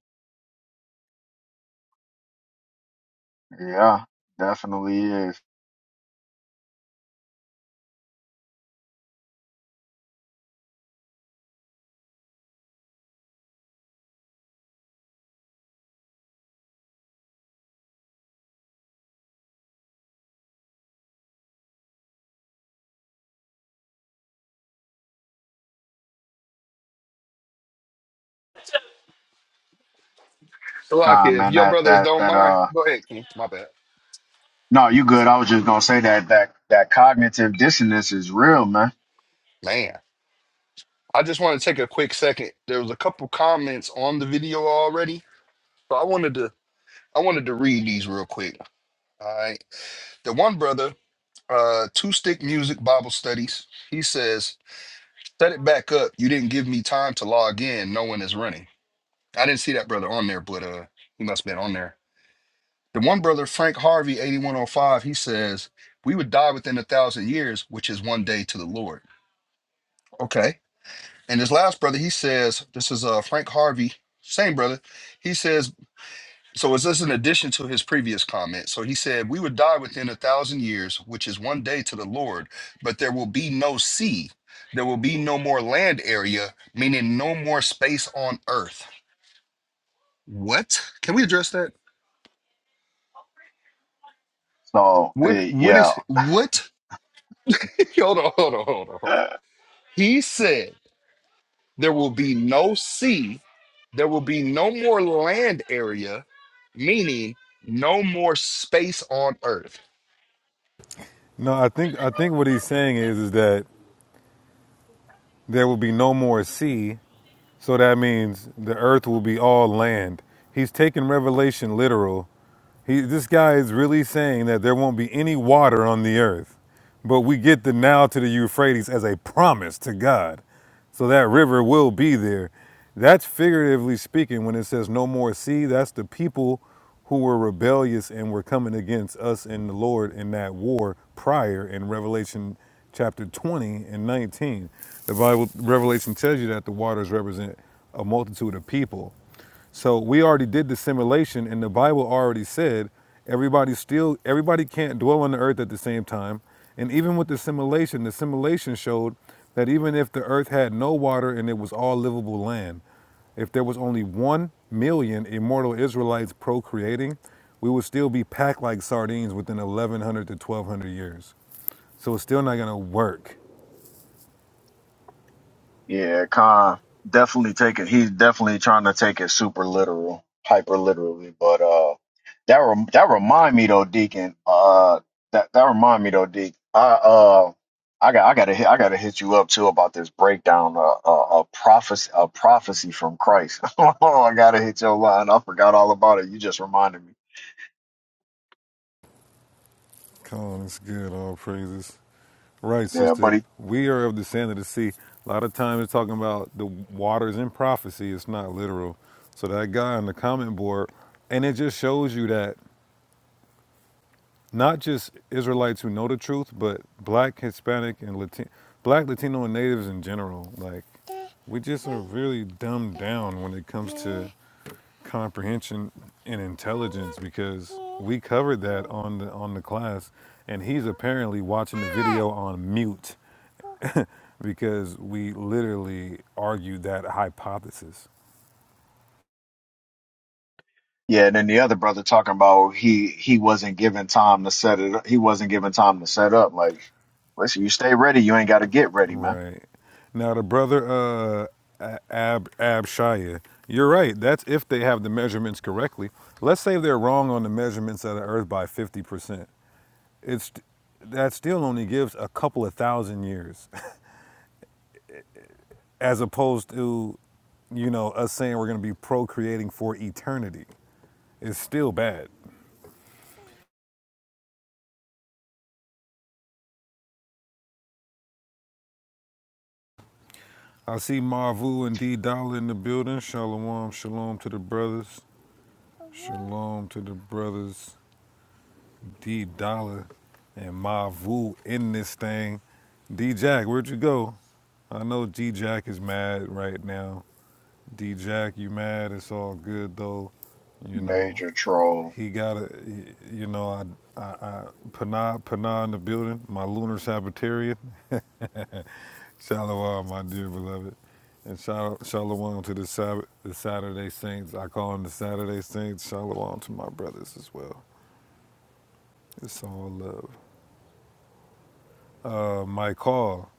Yeah, definitely is.
So like
God,
if
man,
your
that
brothers
that
don't
that
mind,
uh,
go ahead, King. My bad.
no, you good. I was just gonna say that that that cognitive dissonance is real, man.
Man, I just want to take a quick second. There was a couple comments on the video already. So I wanted to I wanted to read these real quick. All right. The one brother, uh, two stick music Bible studies, he says, set it back up. You didn't give me time to log in. No one is running. I didn't see that brother on there, but uh, he must have been on there. The one brother, Frank Harvey, 8105, he says, We would die within a thousand years, which is one day to the Lord. Okay. And his last brother, he says, This is uh, Frank Harvey, same brother. He says, So is this an addition to his previous comment? So he said, We would die within a thousand years, which is one day to the Lord, but there will be no sea. There will be no more land area, meaning no more space on earth. What? Can we address that?
So
What
eh,
what
yeah.
is what? hold on, hold on, hold on. hold on. He said there will be no sea, there will be no more land area, meaning no more space on earth.
No, I think I think what he's saying is is that there will be no more sea, so that means the earth will be all land. He's taking Revelation literal He, this guy is really saying that there won't be any water on the earth, but we get the Nile to the Euphrates as a promise to God. So that river will be there. That's figuratively speaking when it says no more sea, that's the people who were rebellious and were coming against us and the Lord in that war prior in Revelation chapter 20 and 19. The Bible Revelation tells you that the waters represent a multitude of people. So we already did the simulation, and the Bible already said everybody still everybody can't dwell on the earth at the same time. And even with the simulation, the simulation showed that even if the earth had no water and it was all livable land, if there was only one million immortal Israelites procreating, we would still be packed like sardines within 1,100 to 1,200 years. So it's still not gonna work.
Yeah, Khan definitely taking. He's definitely trying to take it super literal, hyper literally. But uh, that rem- that remind me though, Deacon. Uh, that that remind me though, Deacon. I uh, I got I got to hit I got to hit you up too about this breakdown. Uh, uh, a prophecy a prophecy from Christ. oh, I got to hit your line. I forgot all about it. You just reminded me.
Colin, it's good. All praises. Right,
Yeah,
sister.
buddy.
We are of the sand of the sea. A lot of times it's talking about the waters in prophecy. It's not literal. So that guy on the comment board, and it just shows you that not just Israelites who know the truth, but black, Hispanic, and Latin, black, Latino, and natives in general. Like, we just are really dumbed down when it comes to comprehension and intelligence because we covered that on the on the class and he's apparently watching the video on mute because we literally argued that hypothesis
Yeah, and then the other brother talking about he he wasn't given time to set it. He wasn't given time to set up. Like, listen, you stay ready. You ain't got to get ready, man.
right now the brother uh ab ab Shia, you're right that's if they have the measurements correctly let's say they're wrong on the measurements of the earth by 50% it's that still only gives a couple of thousand years as opposed to, you know, us saying we're going to be procreating for eternity. It's still bad. I see Marvu and D Dollar in the building. Shalom, shalom to the brothers. Shalom to the brothers. D Dollar and Marvu in this thing. D Jack, where'd you go? I know D Jack is mad right now. D Jack, you mad? It's all good though. You know,
Major troll.
He got a, you know, I, I, I Panah, Panah in the building, my lunar Sabbatarian. Shalom, my dear beloved. And shal- shalom to the, Sabbath, the Saturday Saints. I call them the Saturday Saints. Shalom to my brothers as well. It's all love. Uh, my call,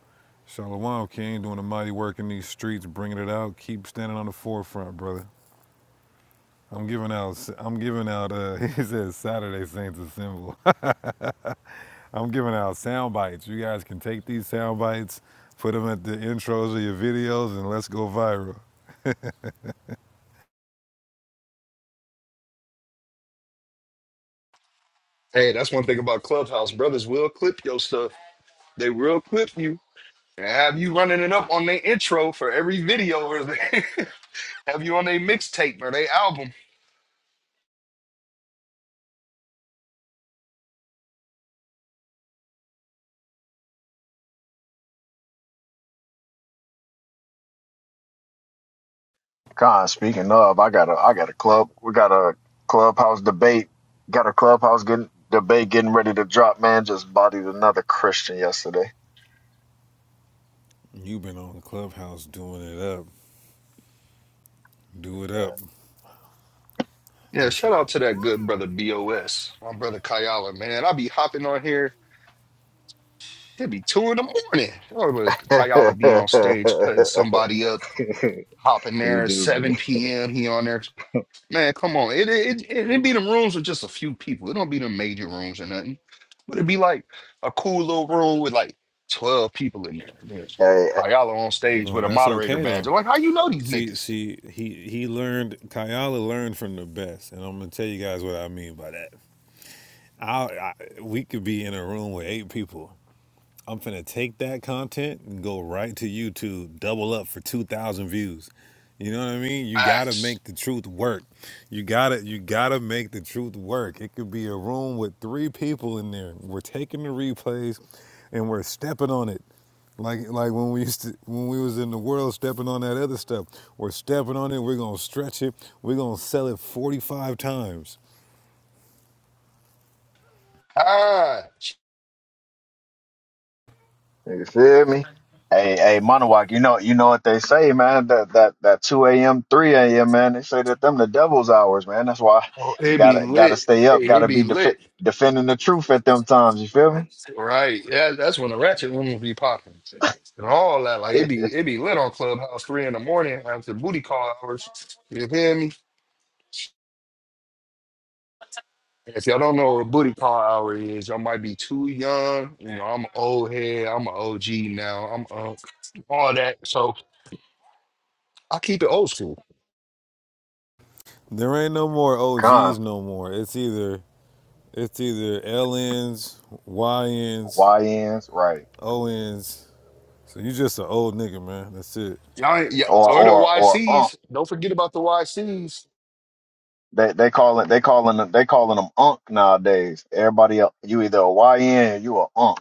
Shalom King, doing a mighty work in these streets, bringing it out. Keep standing on the forefront, brother. I'm giving out. I'm giving out. Uh, he says Saturday Saints a symbol. I'm giving out sound bites. You guys can take these sound bites, put them at the intros of your videos, and let's go viral.
Hey, that's one thing about Clubhouse. Brothers will clip your stuff. They will clip you and have you running it up on their intro for every video or they have you on their mixtape or their album.
Con, speaking of, I got a I got a club. We got a clubhouse debate. Got a clubhouse getting debate getting ready to drop. Man, just bodied another Christian yesterday.
You've been on Clubhouse doing it up. Do it up.
Yeah,
Just
shout out to that good brother BOS, my brother Kayala, man. I be hopping on here It'd be two in the morning. Or was Kayala be on stage cutting somebody up, hopping
you
there at
do be.
7 p.m. He on there. Man, come on. It it it, it be them rooms with just a few people. It don't be the major rooms or nothing. But it'd be like a cool little room with like 12 people in there. There's
hey,
Kayala on stage
no,
with a
that's
moderator
okay
badge.
though.
I'm like, how you know these
See,
niggas?
see, he he learned. Kayala learned from the best, and I'm gonna tell you guys what I mean by that. I, I we could be in a room with eight people, I'm finna take that content and go right to YouTube, double up for 2,000 views. You know what I mean? You gotta
Facts.
make the truth work. You gotta, you gotta make the truth work. It could be a room with three people in there. We're taking the replays, and we're stepping on it, like like when we used to, when we was in the world stepping on that other stuff. We're stepping on it. We're gonna stretch it. We're gonna sell it 45 times.
Ah,
You feel me? Hey, hey, Monowak, you know, you know what they say, man. That that that two a.m., three a.m., man. They say that them the devil's hours, man. That's why
oh,
you
it be
gotta gotta
lit.
stay up,
Hey, it
gotta
be
be
lit.
def- defending the truth at them times. You feel me?
Right. Yeah, that's when the ratchet room will be popping and all that. Like
Yeah.
it be it be lit on Clubhouse three in the morning after booty call hours. You hear me? If y'all don't know what booty call hour is, y'all might be too young. You know, I'm an old head. I'm an OG now. I'm uh, all that. So I keep it old school.
There ain't no more
Con
OGs no more. It's either It's either L Ns, Y LNs,
Y-N's, right?
O ONs. So you just an old nigga, man. That's it.
Y'all, ain't- yeah,
Or
or the
or or um.
YCs. Don't forget about the YCs.
They they call it they calling them they calling them unk nowadays. Everybody el- you either a YN or you a unk.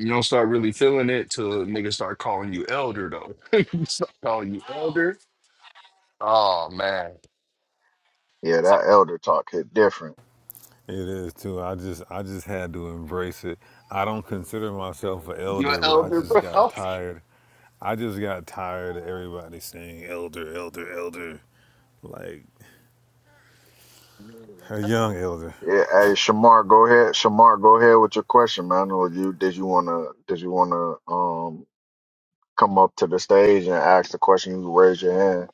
You don't start really feeling it till niggas start calling you elder though. start calling you elder. Oh man.
Yeah, that elder talk hit different.
It is too. I just I just had to embrace it. I don't consider myself an
You an
elder, but I
elder,
just
bro.
got tired. I just got tired of everybody saying elder, elder, elder. Like a young elder.
Yeah, hey Shamar, go ahead. Shamar, go ahead with your question, man. Or you did you wanna did you wanna um come up to the stage and ask the question? You can raise your hand.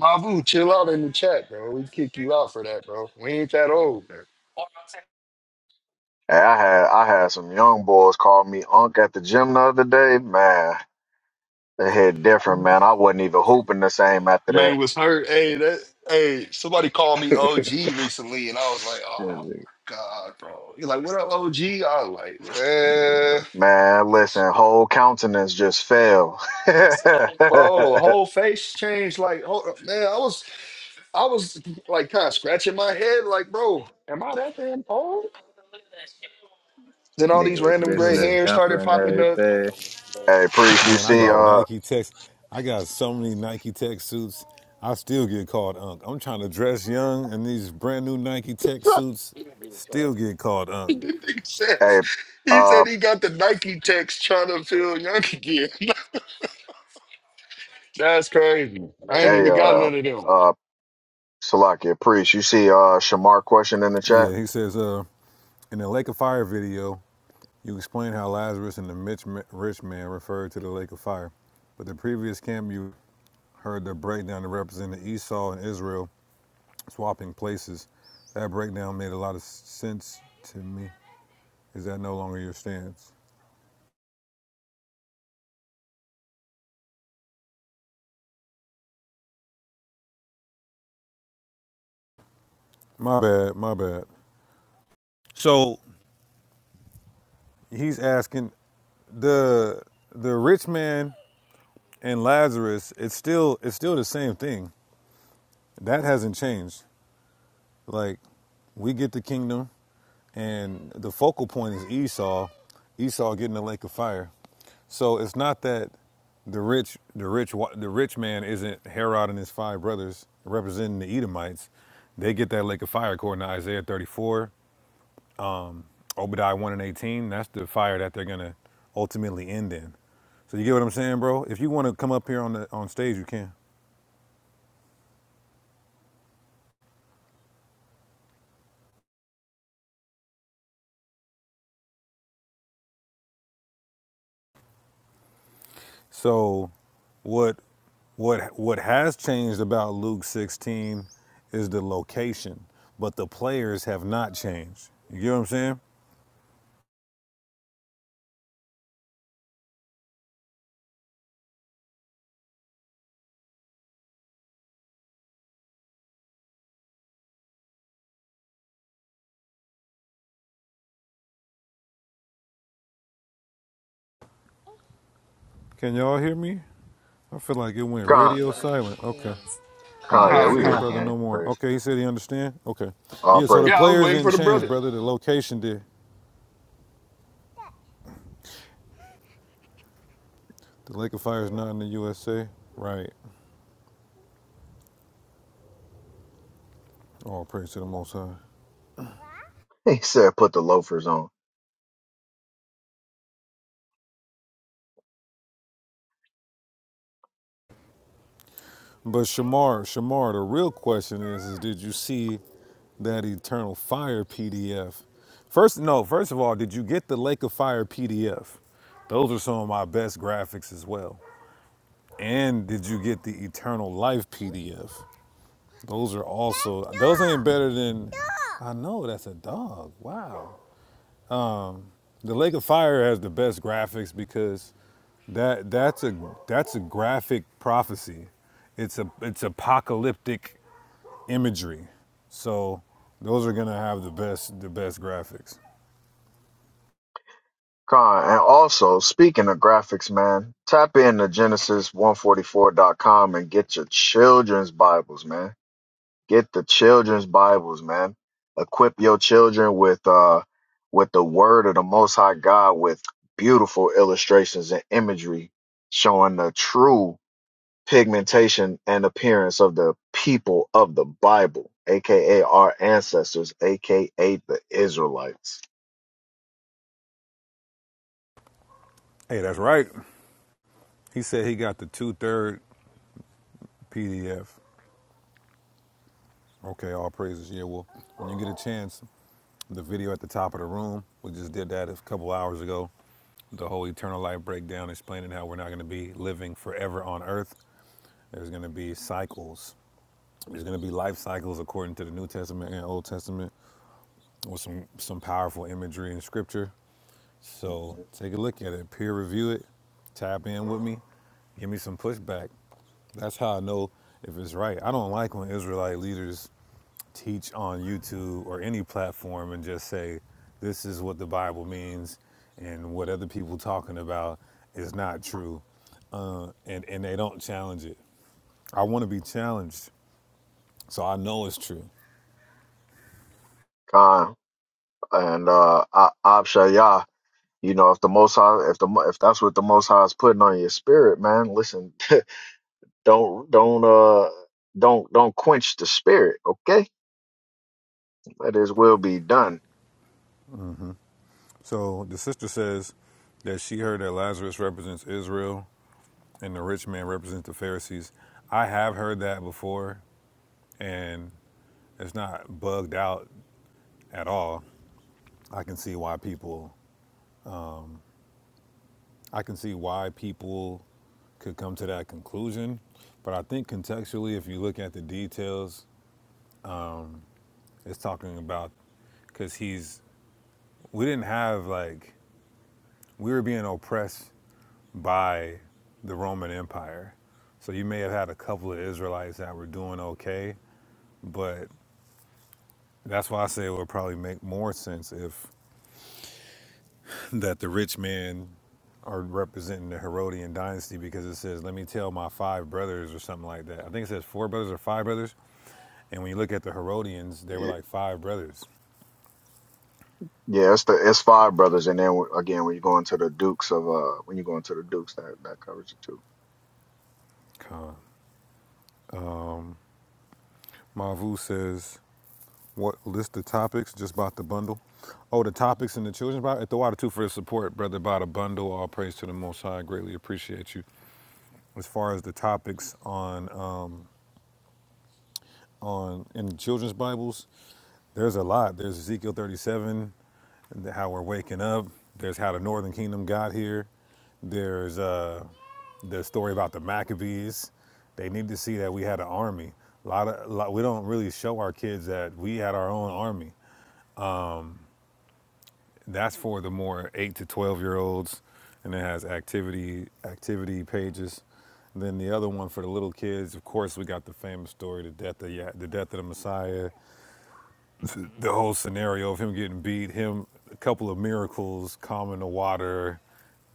Mavu, chill out in the chat, bro. We kick you out for that, bro. We ain't that old, man.
Hey, I had I had some young boys call me unk at the gym the other day. Man, it hit different, man. I wasn't even hooping the same after that.
Man was hurt. Hey, that hey, somebody called me OG recently, and I was like, oh my god, bro. He's like, what up, OG? I was like, man,
Man, listen, whole countenance just fell. hey,
bro, whole face changed. Like, hold up, man, I was I was like kind of scratching my head, like, bro, am I that damn old? Then all these
Nigga was
random
missing
gray
his
Listen,
hairs started
jumper and
popping up.
everything.
priest, you
Man, I
see,
got
Bro,
uh,
Nike text. I got so many Nike tech suits. I still get called Unc. I'm trying to dress young, and these brand new Nike tech suits still get called Unc.
says
hey,
he
uh,
said he got the Nike text trying to feel young again. That's crazy. I ain't
hey,
even got
uh,
none of them.
uh, Salakia, priest, you see, uh, Shamar question in the chat?
Yeah, he says, uh, in the Lake of Fire video, you explain how Lazarus and the Mitch rich man referred to the Lake of Fire. But the previous camp, you heard the breakdown to represent Esau and Israel swapping places. That breakdown made a lot of sense to me. Is that no longer your stance? My bad, my bad. So He's asking the the rich man and Lazarus. It's still it's still the same thing. That hasn't changed. Like we get the kingdom, and the focal point is Esau. Esau getting the lake of fire. So it's not that the rich the rich the rich man isn't Herod and his five brothers representing the Edomites. They get that lake of fire according to Isaiah 34 Obadiah 1 and 18, that's the fire that they're going to ultimately end in. So you get what I'm saying, bro? If you want to come up here on the on stage, you can. So what what what has changed about Luke 16 is the location, but the players have not changed. You get what I'm saying? Can y'all hear me? I feel like it went
Con,
radio silent. Okay. I
Come,
Con,
we
don't
yeah,
can
Ah,
we
see
hear
come.
the
hear
you,
on.
you,
brother
Ken.
King.
no more.
First,
Okay, he said he understand. Okay.
All
Yeah, so the
praises.
Yeah, I was
players
waiting
didn't
for the
change,
brother.
brother. The location did. The Lake of Fire is not in the USA. Right. All praise to the Most High.
He said, put the loafers on.
But Shamar, Shamar, the real question is, is did you see that Eternal Fire PDF? First, no, first of all, did you get the Lake of Fire PDF? Those are some of my best graphics as well. And did you get the Eternal Life PDF? Those are also, those ain't better than, I know, that's a dog. Wow. The Lake of Fire has the best graphics because that that's a that's a graphic prophecy. It's a it's apocalyptic imagery. So those are gonna have the best the best graphics.
Con, and also, speaking of graphics, man, tap into Genesis144.com and get your children's Bibles, man. Get the children's Bibles, man. Equip your children with uh with the word of the most high God with beautiful illustrations and imagery showing the true pigmentation and appearance of the people of the Bible, aka our ancestors, aka the Israelites.
Hey, that's right. He said he got the two third PDF. Okay, all praises. Yeah, well, when you get a chance, the video at the top of the room, we just did that a couple hours ago. The whole eternal life breakdown, explaining how we're not gonna be living forever on earth. There's gonna be cycles. There's gonna be life cycles according to the New Testament and Old Testament with some some powerful imagery in scripture. So
Mhm.
take a look at it, peer review it, tap in with me, give me some pushback. That's how I know if it's right. I don't like when Israelite leaders teach on YouTube or any platform and just say, this is what the Bible means and what other people talking about is not true. Uh, and, and they don't challenge it. I want to be challenged so I know it's true.
Khan and uh I Abshayah, you know, if the most high if the Mo- if that's what the most high is putting on your spirit, man, listen, Don't don't uh don't don't quench the spirit, okay? Let his will be done.
So the sister says that she heard that Lazarus represents Israel and the rich man represents the Pharisees. I have heard that before, and it's not bugged out at all. I can see why people, I can see why people could come to that conclusion. But I think contextually, if you look at the details, it's talking about because he's, we didn't have like, we were being oppressed by the Roman Empire. So you may have had a couple of Israelites that were doing okay, but that's why I say it would probably make more sense if that the rich men are representing the Herodian dynasty because it says, "Let me tell my five brothers" or something like that. I think it says four brothers or five brothers. And when you look at the Herodians, they were
Y-
like five brothers.
Yeah, it's the it's five brothers, and then w- again when you go into the Dukes of uh when you go into the Dukes that that covers it too.
Mavu says, "What list the topics? Just bought the bundle. Oh, the topics in the children's Bible. At the water too for the support, brother. Bought a bundle. All praise to the Most High. I Greatly appreciate you." As far as the topics on uh, on in the children's Bibles, there's a lot. There's Ezekiel 37. how we're waking up. There's how the Northern Kingdom got here. There's uh, the story about the Maccabees. They need to see that we had an army. A lot of a lot, we don't really show our kids that we had our own army. That's for the more eight to twelve year olds, and it has activity activity pages. And Then the other one for the little kids. Of course, we got the famous story, the death of Ya- the death of the Messiah, the whole scenario of him getting beat, him a couple of miracles, calming the water,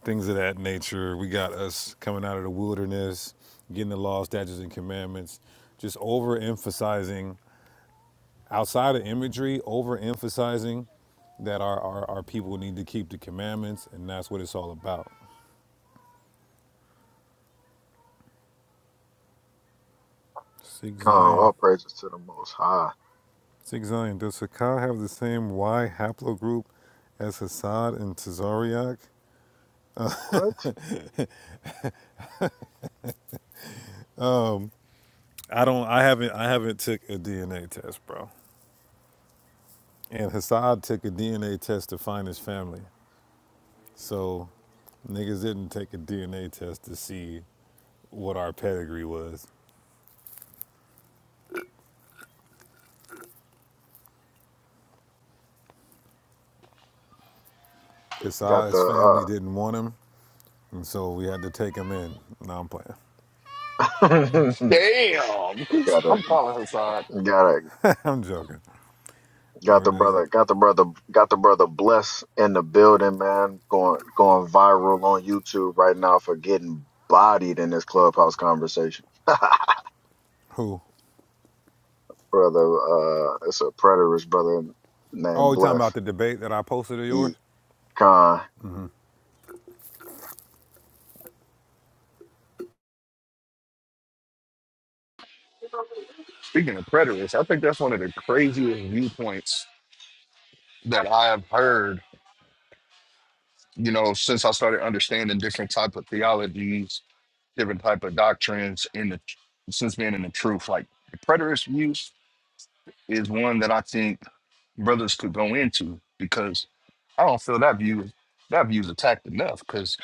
things of that nature. We got us coming out of the wilderness, getting the law, statutes, and commandments, just overemphasizing outside of imagery, overemphasizing that our, our, our people need to keep the commandments, and that's what it's all about. Sig
Come on,
Zion.
all praises to the Most High.
Sig Zion. Does Sakai have the same Y haplogroup as Hassad and Tazariak?
What
I don't. I haven't. I haven't took a DNA test, bro. And Hassad took a DNA test to find his family. So niggas didn't take a DNA test to see what our pedigree was.
got the
Hassad's family
uh
didn't want him, and so we had to take him in. No, I'm playing.
Damn.
got a
I'm calling Hassad.
got a
I'm joking.
got
Or
the
does it?
brother got the brother got the brother bless in the building, man. Going going viral on YouTube right now for getting bodied in this clubhouse conversation.
Who?
brother. Uh, it's a preterist brother
Oh,
named
you talking about
Bless
the debate that I posted of yours?
E Khan.
Speaking of preterists, I think that's one of the craziest viewpoints that I have heard, you know, since I started understanding different type of theologies, different type of doctrines in the since being in the truth. Like the preterist views is one that I think brothers could go into because I don't feel that view that view is attacked enough because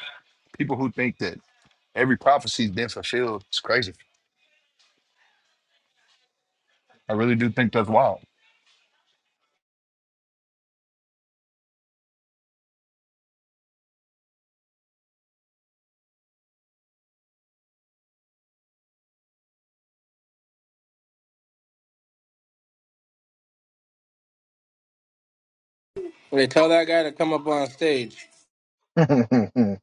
people who think that every prophecy's been fulfilled is crazy. I really do think that's wild.
They tell that guy to come up on stage,
Man,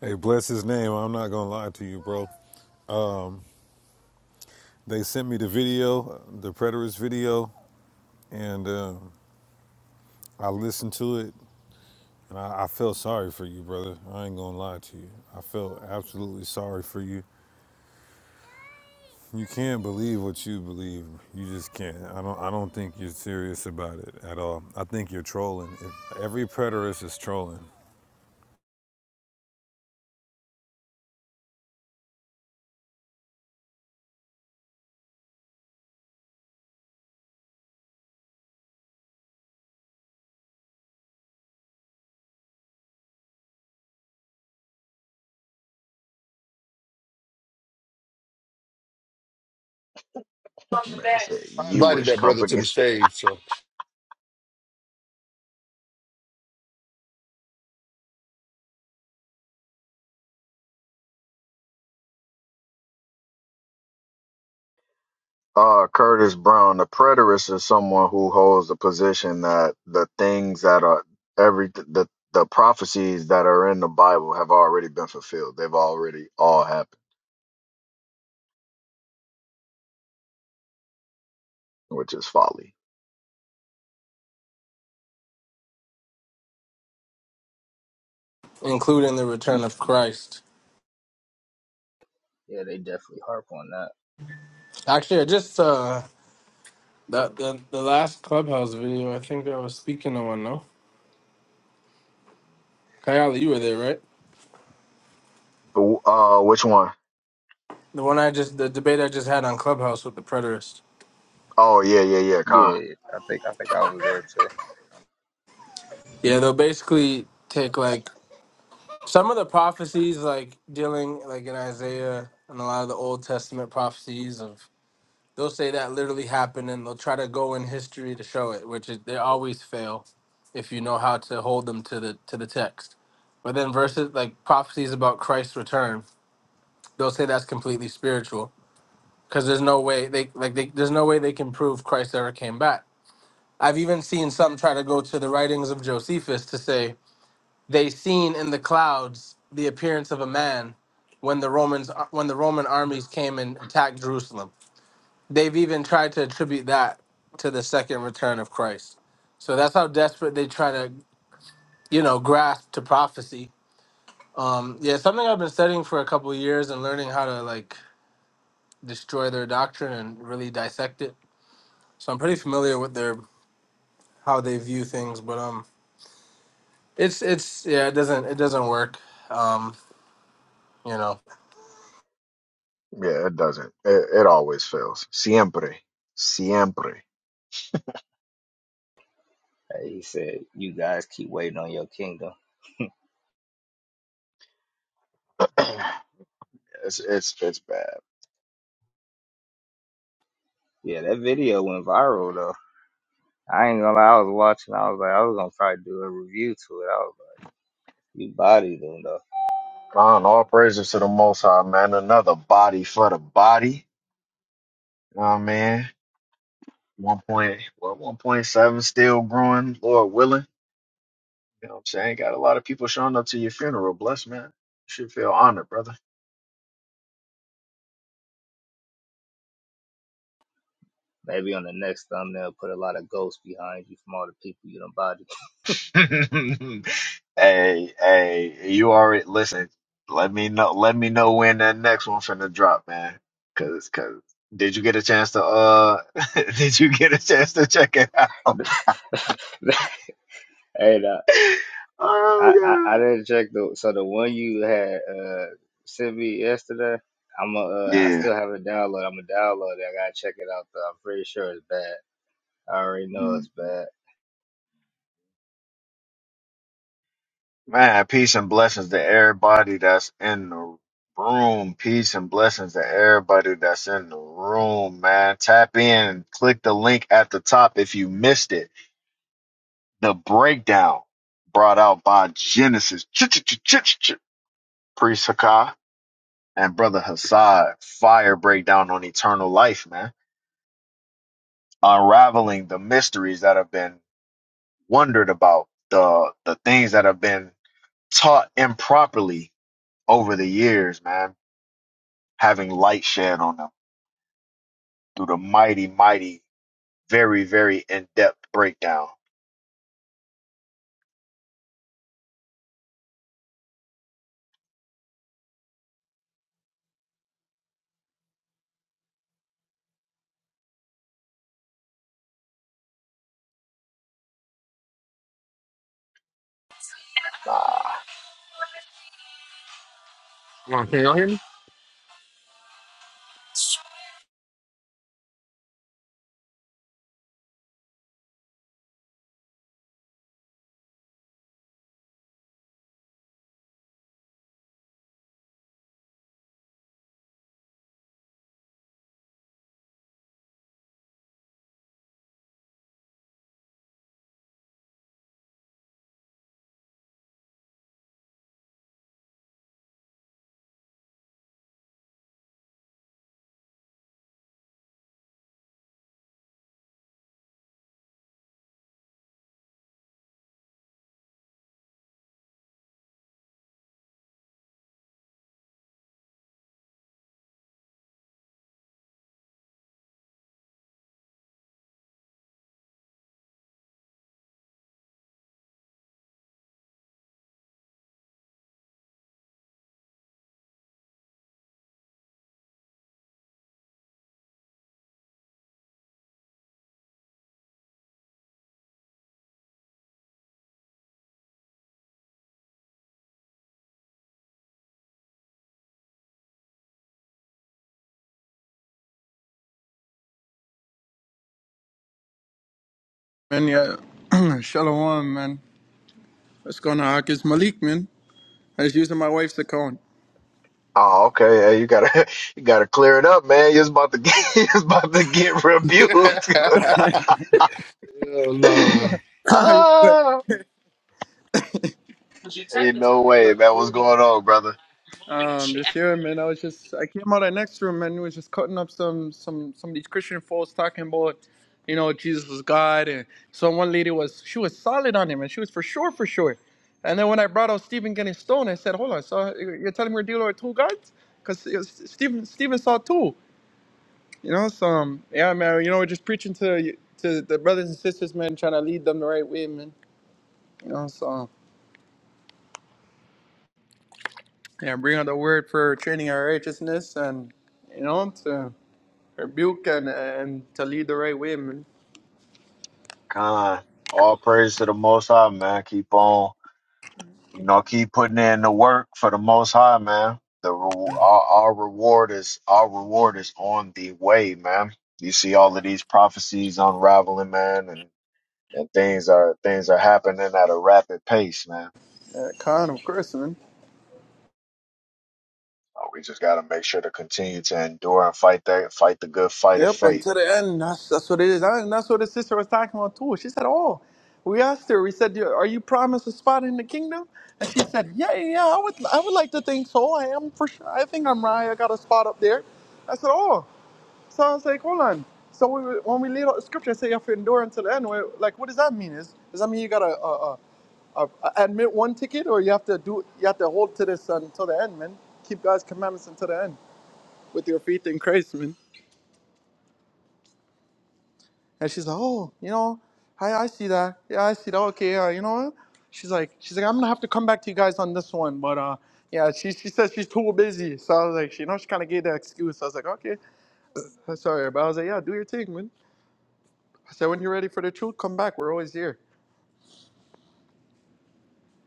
Hey, bless his name. I'm not gonna lie to you, bro. They sent me the video, the preterist video, and uh, I listened to it. And I, I feel sorry for you, brother. I ain't gonna lie to you. I feel absolutely sorry for you. You can't believe what you believe. You just can't. I don't. I don't think you're serious about it at all. I think you're trolling. If every preterist is trolling.
I said
I invited
Jewish
that brother to
company.
the stage, so
Uh, Curtis Brown, the preterist is someone who holds the position that the things that are every the the prophecies that are in the Bible have already been fulfilled. They've already all happened, which is folly.
including the return of Christ.
yeah, they definitely harp on that.
Actually, I just uh the the, the last clubhouse video. I think I was speaking to one. No, Kayala, you were there, right?
Uh, which one?
The one I just, the debate I just had on Clubhouse with the preterist.
Oh yeah, yeah, yeah, Khan.
Yeah, I think I think I was there too.
Yeah, they'll basically take like some of the prophecies, like dealing like in Isaiah and a lot of the Old Testament prophecies of. They'll say that literally happened, and they'll try to go in history to show it, which is, they always fail if you know how to hold them to the to the text. But then verses like prophecies about Christ's return, they'll say that's completely spiritual because there's no way they like they, there's no way they can prove Christ ever came back I've even seen some try to go to the writings of Josephus to say they seen in the clouds the appearance of a man when the Romans uh, when the Roman armies came and attacked Jerusalem. They've even tried to attribute that to the second return of Christ. So that's how desperate they try to, you know, grasp to prophecy. Um, yeah, something I've been studying for a couple of years and learning how to like destroy their doctrine and really dissect it. So I'm pretty familiar with their how they view things, but um It's it's yeah, it doesn't it doesn't work. Um, you know.
Yeah, it doesn't. It, it always fails. Siempre, siempre.
Hey, he said, "You guys keep waiting on your kingdom."
It's it's it's bad.
Yeah, that video went viral though. I ain't gonna lie, I was watching. I was like, I was gonna probably do a review to it. I was like, you bodied them though.
Con, all praises to the Most High, man. Another body for the body. You know what I mean? One point, well, one point seven still growing. Lord willing, you know what I'm saying? Got a lot of people showing up to your funeral. Bless, man. You should feel honored, brother.
Maybe on the next thumbnail, put a lot of ghosts behind you from all the people you done bodied.
hey, hey, you already listen. Let me know. Let me know when that next one finna drop, man. Cause, cause, did you get a chance to uh? did you get a chance to check it out?
hey, nah, I, I
Oh
I
God.
didn't check the so the one you had uh sent me yesterday. I'm a, uh I
Yeah.
still haven't downloaded. I'm gonna download it. I gotta check it out though. I'm pretty sure it's bad. I already know
Mhm.
it's bad.
Man, peace and blessings to everybody that's in the room. Peace and blessings to everybody that's in the room, man. Tap in, click the link at the top if you missed it. The breakdown brought out by Genesis. Ch-ch-ch-ch-ch-ch. Priest Hakai and Brother Hassad. Fire breakdown on eternal life, man. Unraveling the mysteries that have been wondered about, the the things that have been taught improperly over the years, man. having light shed on them through the mighty, mighty, very, very in-depth breakdown. Nah.
Man, yeah. Shalom, man. What's going on, Ak? It's Malik, man. I was using my wife's account.
Oh, okay. Yeah, you gotta, you gotta clear it up, man. You're about to get, you're about to get
Hell,
rebuked.
You're
uh,
good.
ah, ain't no way, man. What's going on, brother?
Um, just here, man. I was just, I came out of the next room, man. We was just cutting up some, some, some of these Christian folks talking about, you know, Jesus was God. And so one lady was, she was solid on him, and she was for sure, for sure. And then when I brought out Stephen getting stoned, I said, hold on, so you're telling me we're dealing with two gods? Because Stephen, Stephen saw two. You know, so um, yeah, man. You know, we're just preaching to to the brothers and sisters, man, trying to lead them the right way, man. You know, so yeah, bring out the word for training our righteousness, and you know, to rebuke and and to lead the right way, man.
God, all praise to the Most High, man. Keep on. You know, keep putting in the work for the Most High, man. The re- our, our reward is our reward is on the way, man. You see all of these prophecies unraveling, man, and and things are things are happening at a rapid pace, man.
Uh, Khan, of course, man.
Uh, We just got to make sure to continue to endure and fight that fight the good fight of
Yep,
faith.
until the end. That's that's what it is, and that's what the sister was talking about too. She said, "Oh, we asked her. We said, "You- are you promised a spot in the kingdom?" And she said, "Yeah, yeah, yeah, I would, I would like to think so. I am for sure. I think I'm right. I got a spot up there." I said, "Oh." So I was like, hold on. So we, when we laid out the scripture, I said you have to endure until the end. We're like, what does that mean? Is does that mean you gotta uh, uh, uh, admit one ticket, or you have to do you have to hold to this until the end, man? Keep God's commandments until the end with your faith in Christ, man. And she's like, oh, you know, I I see that. Yeah, I see that. Okay, uh, you know what? She's like, she's like, I'm gonna have to come back to you guys on this one, but uh, yeah, she she says she's too busy. So I was like, she, you know, she kind of gave the excuse. I was like, okay, I'm sorry, but I was like, yeah, do your thing, man. So when you're ready for the truth, come back. We're always here.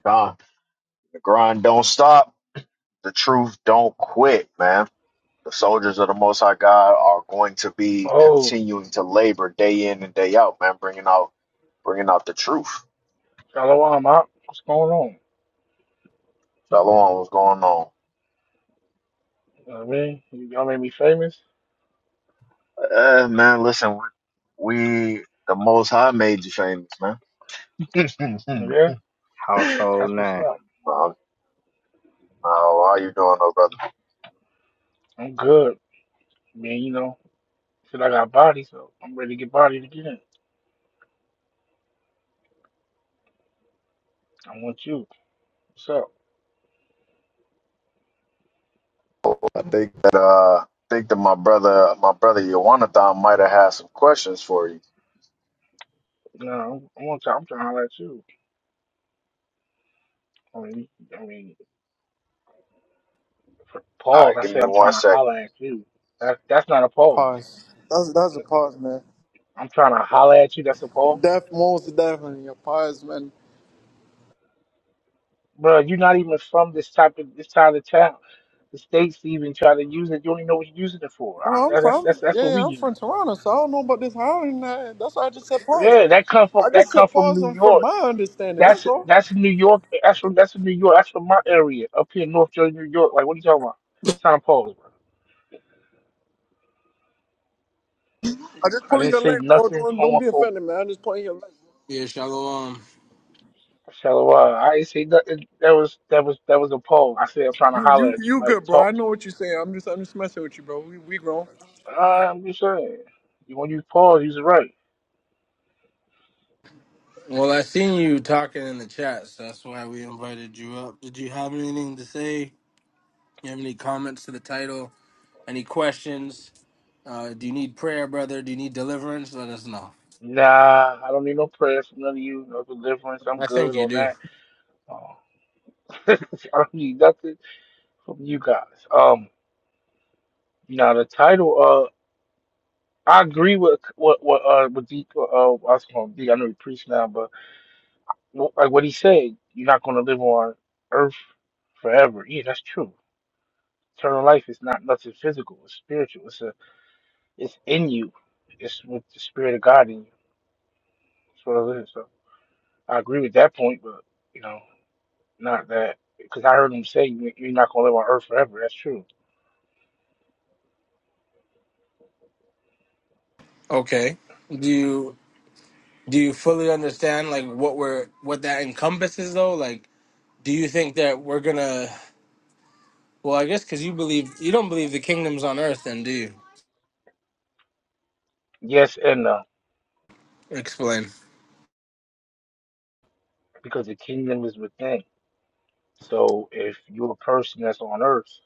Don, the grind don't stop. The truth don't quit, man. The soldiers of the Most High God are going to be
Oh,
continuing to labor day in and day out, man, bringing out bringing out the truth.
Shalom, Op. What's going on?
Shalom, what's going on?
You know what I mean? Y- Y'all made me famous.
Uh, man, listen, we, we the Most High made you famous, man.
Yeah,
Household
that's what's
name.
up.
Well, uh, how you doing, though, brother?
I'm good. I mean, you know, shit, I got body, so I'm ready to get bodied again. I want you. What's up?
I think That uh, think that my brother, my brother Yawanathan might have had some questions for you.
You know, I want to, I'm trying to holler at you. I mean, I mean, for
All
pause,
right,
I
give
said
me
I'm
one
trying to
sec.
holler at you. That, that's not a pause.
Pause. That's that's a pause, man.
I'm trying to holler at you. That's a pause.
Def most definitely a pause, man.
Bro, you're not even from this type of this side of town. The states even try to use it. You don't even know what you're using it for. I,
Well, I'm
that- that's
from
that's that's
yeah,
what we
yeah, I'm
use.
from Toronto, so I don't know about this howling. uh, That's why I just said pause.
Yeah, that come from
I
that
just
come
said
from
pause
New
on from
York.
my understanding. That's
That's
all.
that's New York. That's from that's from New York. That's from my area up here in North Jersey, New York. Like, what are you talking about? St. Paul.
I just
I
pulling
didn't
your
say
leg, bro.
nothing
Don't don't be
homophobic.
offended, man. I'm just pulling your leg.
Yeah, shalom.
Shallow. I didn't say nothing. That was that was that was a poll. I said I'm trying to
You
holler
you
at you.
you
Like,
good, bro. I
talk to
know
me.
what you're saying. I'm just I'm just messing with you, bro. We we grown.
Uh, I'm just saying. You want to use pause? Use it right.
Well, I seen you talking in the chat, so that's why we invited you up. Did you have anything to say? You have any comments to the title? Any questions? Uh, do you need prayer, brother? Do you need deliverance? Let us know.
Nah, I don't need no prayers from none of you. No deliverance. I'm
I think
good
you
on
do.
that. Uh, I don't need nothing from you guys. Um, now the title. I agree with what what uh with D, uh uh, I was going D. I know he preached now, but wh- like what he said, you're not going to live on earth forever. Yeah, that's true. Eternal life is not nothing physical. It's spiritual. It's a it's in you. It's with the spirit of God in you. That's what it is. So I agree with that point, but you know, not that because I heard him say you- you're not going to live on earth forever. That's true.
Okay. Do you do you fully understand like what we're what that encompasses though? Like, do you think that we're gonna? Well, I guess because you believe you don't believe the kingdom's on earth, then do you?
Yes and no,
Explain.
because the kingdom is within. So if you're a person that's on earth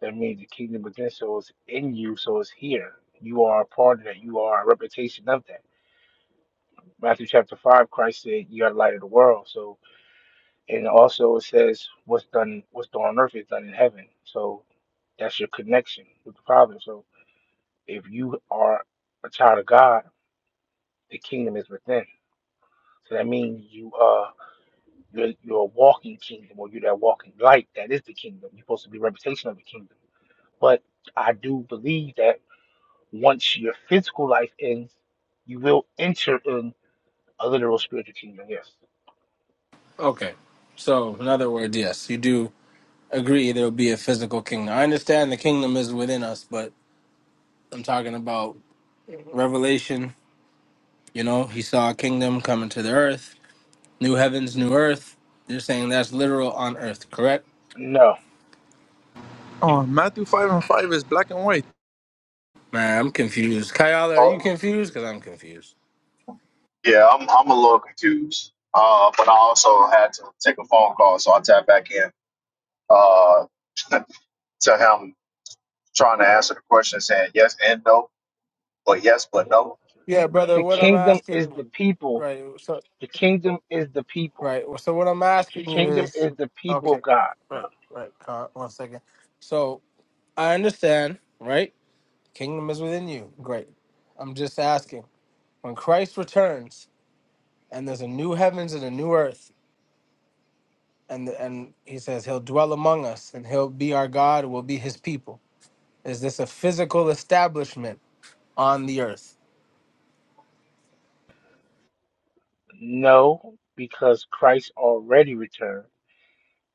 That means the kingdom within, so it's in you, so it's here. You are a part of that. You are a reputation of that. Matthew chapter five, Christ said, "You are the light of the world." So, and also it says, "What's done, what's done on earth is done in heaven." So that's your connection with the Father. So if you are a child of God, the kingdom is within. So that means you uh you're, you're a walking kingdom, or you're that walking light that is the kingdom. You're supposed to be a representation of the kingdom. But I do believe that. Once your physical life ends, you will enter in a literal spiritual kingdom. Yes.
Okay. So, in other words, yes, you do agree there will be a physical kingdom. I understand the kingdom is within us, but I'm talking about Revelation. You know, he saw a kingdom coming to the earth, new heavens, new earth. You're saying that's literal on earth, correct?
No.
Oh, Matthew five and five is black and white.
Man, I'm confused. Kayala, are you
Oh,
confused? Because I'm confused.
Yeah, I'm I'm a little confused. Uh, but I also had to take a phone call, so I tapped back in uh, to him trying to answer the question, saying yes and no, but yes, but no.
Yeah, brother,
The
what I'm
kingdom is the
asking,
people.
right? So,
The kingdom is the people.
right. So, what I'm
The
asking you
kingdom
is,
is the people
okay,
of God. bro.
right, right. Uh, one second. So, I understand, right? Kingdom is within you. Great. I'm just asking. When Christ returns and there's a new heavens and a new earth, and and he says he'll dwell among us and he'll be our God, we'll be his people. Is this a physical establishment on the earth?
No, because Christ already returned.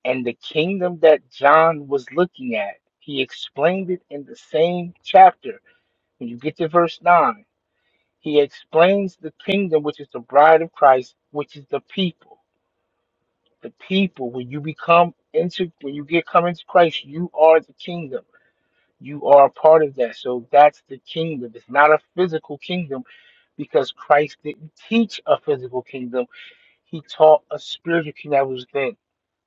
And the kingdom that John was looking at, he explained it in the same chapter. When you get to verse 9, he explains the kingdom, which is the bride of Christ, which is the people. the people when you become into when you get come into Christ, you are the kingdom. You are a part of that. So that's the kingdom. It's not a physical kingdom because Christ didn't teach a physical kingdom. He taught a spiritual kingdom that was then.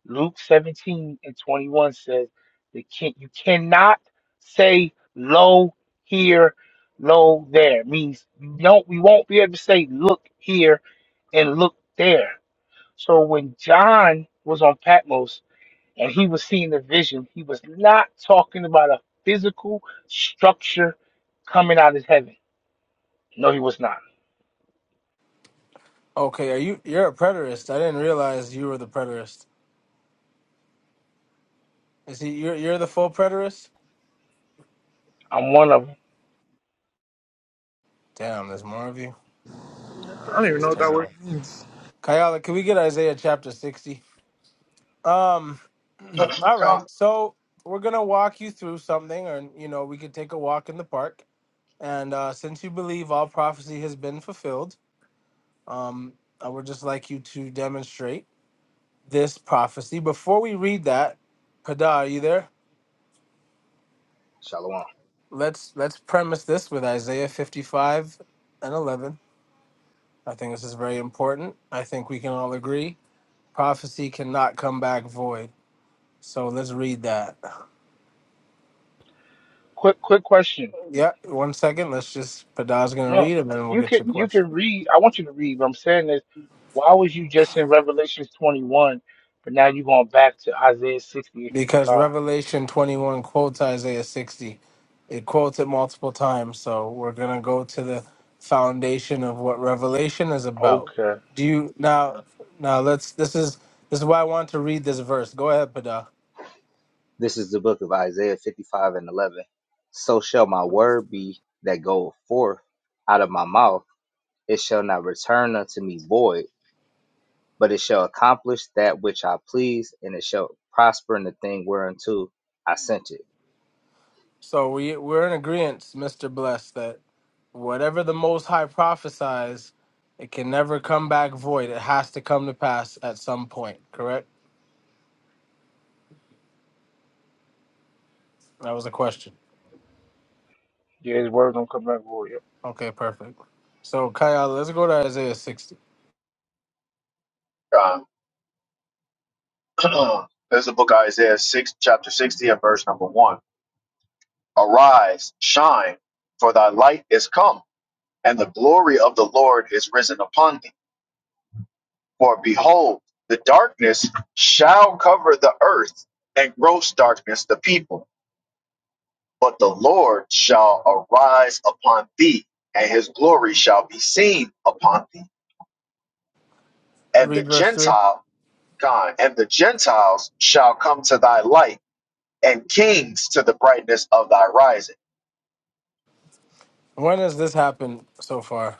Luke 17 and 21 says the king you cannot say lo here, lo there. means you don't we won't be able to say look here and look there. So when John was on Patmos, and he was seeing the vision. He was not talking about a physical structure coming out of heaven. No, he was not.
Okay, are you you're a preterist. I didn't realize you were the preterist. Is he you're you're the full preterist?
I'm one of them.
Damn, there's more of you.
I don't even
That's
know what that word
terrible.
means.
Kayala, can we get Isaiah chapter sixty? Um All right.
Con-
So we're gonna walk you through something, or you know, we could take a walk in the park. And uh, since you believe all prophecy has been fulfilled, um, I would just like you to demonstrate this prophecy. Before we read that, Pada, are you there?
Shalom.
Let's let's premise this with Isaiah 55 and 11. I think this is very important. I think we can all agree prophecy cannot come back void. So let's read that.
Quick, quick question.
Yeah, one second. Let's just Pada's gonna
No,
read, and then we'll
you
get
could
your
you
question.
can read. I want you to read. What I'm saying is, why was you just in Revelations 21, but now you're going back to Isaiah 60 and
because
55?
Revelation 21 quotes Isaiah 60. It quotes it multiple times, so we're going to go to the foundation of what Revelation is about.
Okay,
Do you now now let's this is this is why I want to read this verse. Go ahead, Pada.
This is the book of Isaiah 55 and 11. So shall my word be that goeth forth out of my mouth. It shall not return unto me void, but it shall accomplish that which I please, and it shall prosper in the thing whereunto I sent it.
So we we're in agreement, Mr. Bless, that whatever the most high prophesies, it can never come back void. It has to come to pass at some point, correct? That was a question.
yeah, his word don't come back for you.
Okay, perfect. So Kyle, let's go to Isaiah 60.
con. There's a book Isaiah six, chapter sixty, and verse number one. Arise, shine, for thy light is come, and the glory of the Lord is risen upon thee. For behold, the darkness shall cover the earth, and gross darkness the people But the Lord shall arise upon thee, and his glory shall be seen upon thee. And the
Read verse three.
Gentile, God, and the Gentiles shall come to thy light, and kings to the brightness of thy rising.
When has this happened so far?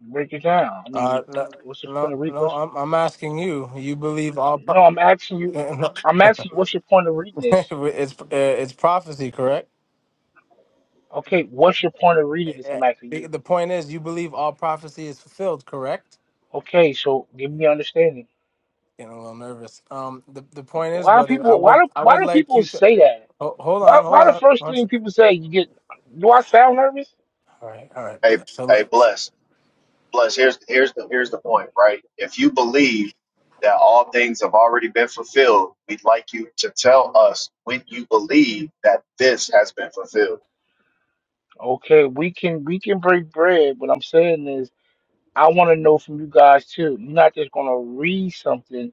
Break it down. I mean,
Uh, no,
what's the point
no,
of reading?
no
What's
I'm I'm asking you. You believe all? Pro-
no? I'm asking you.
it's
I'm asking you, what's your point of reading this?
uh, it's prophecy, correct?
Okay, what's your point of reading this?
Uh,
I'm asking
The
you.
the point is, you believe all prophecy is fulfilled, correct?
Okay, so give me understanding.
Getting a little nervous. Um, the the point is,
Why do
brother, I
people? Why
would
do
I
why
would
do
like
people
you to
say that?
ho- hold
Why
on, hold
why the
on.
first
One
thing
sec.
people say you get? Do I sound nervous?
All right, all right,
Hey,
brother. So
hey,
look,
bless, bless. Here's here's the here's the point, right? If you believe that all things have already been fulfilled, we'd like you to tell us when you believe that this has been fulfilled.
Okay, we can we can break bread. What I'm saying is, I want to know from you guys too. You're not just gonna read something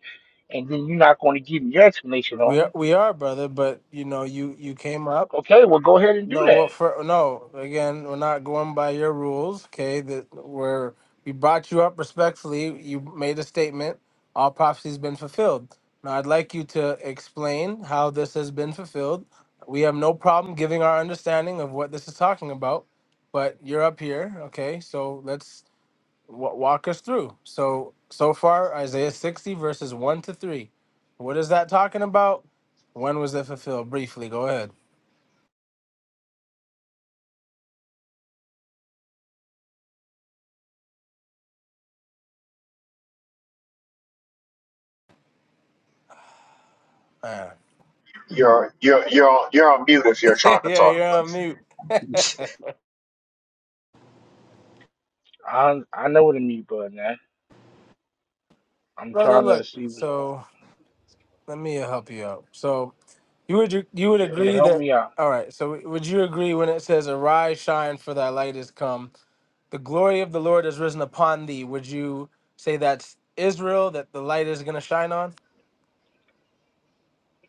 and then you're not gonna give me your explanation
we
on
are
it.
we are brother, but you know you you came up.
Okay, well go ahead and do
No, well,
that.
for, no. Again, we're not going by your rules. Okay, that we're we brought you up respectfully. You made a statement. All prophecy's been fulfilled. Now, I'd like you to explain how this has been fulfilled. We have no problem giving our understanding of what this is talking about, but you're up here. Okay, so let's w- walk us through. So, so far, Isaiah 60 verses one to three. What is that talking about? When was it fulfilled? Briefly, go ahead. Ah.
You're you're you're on, you're on mute if you're trying to
yeah,
talk.
you're on
Bless.
mute,
I I know what the mute button. Now. I'm
brother.
trying to
Look,
see what's going. on.
so let me help you out. So you would you would
Yeah,
agree
help
that
me out.
all right? So would you agree when it says, "Arise, shine, for thy light is come. The glory of the Lord is risen upon thee." Would you say that's Israel that the light is going to shine on?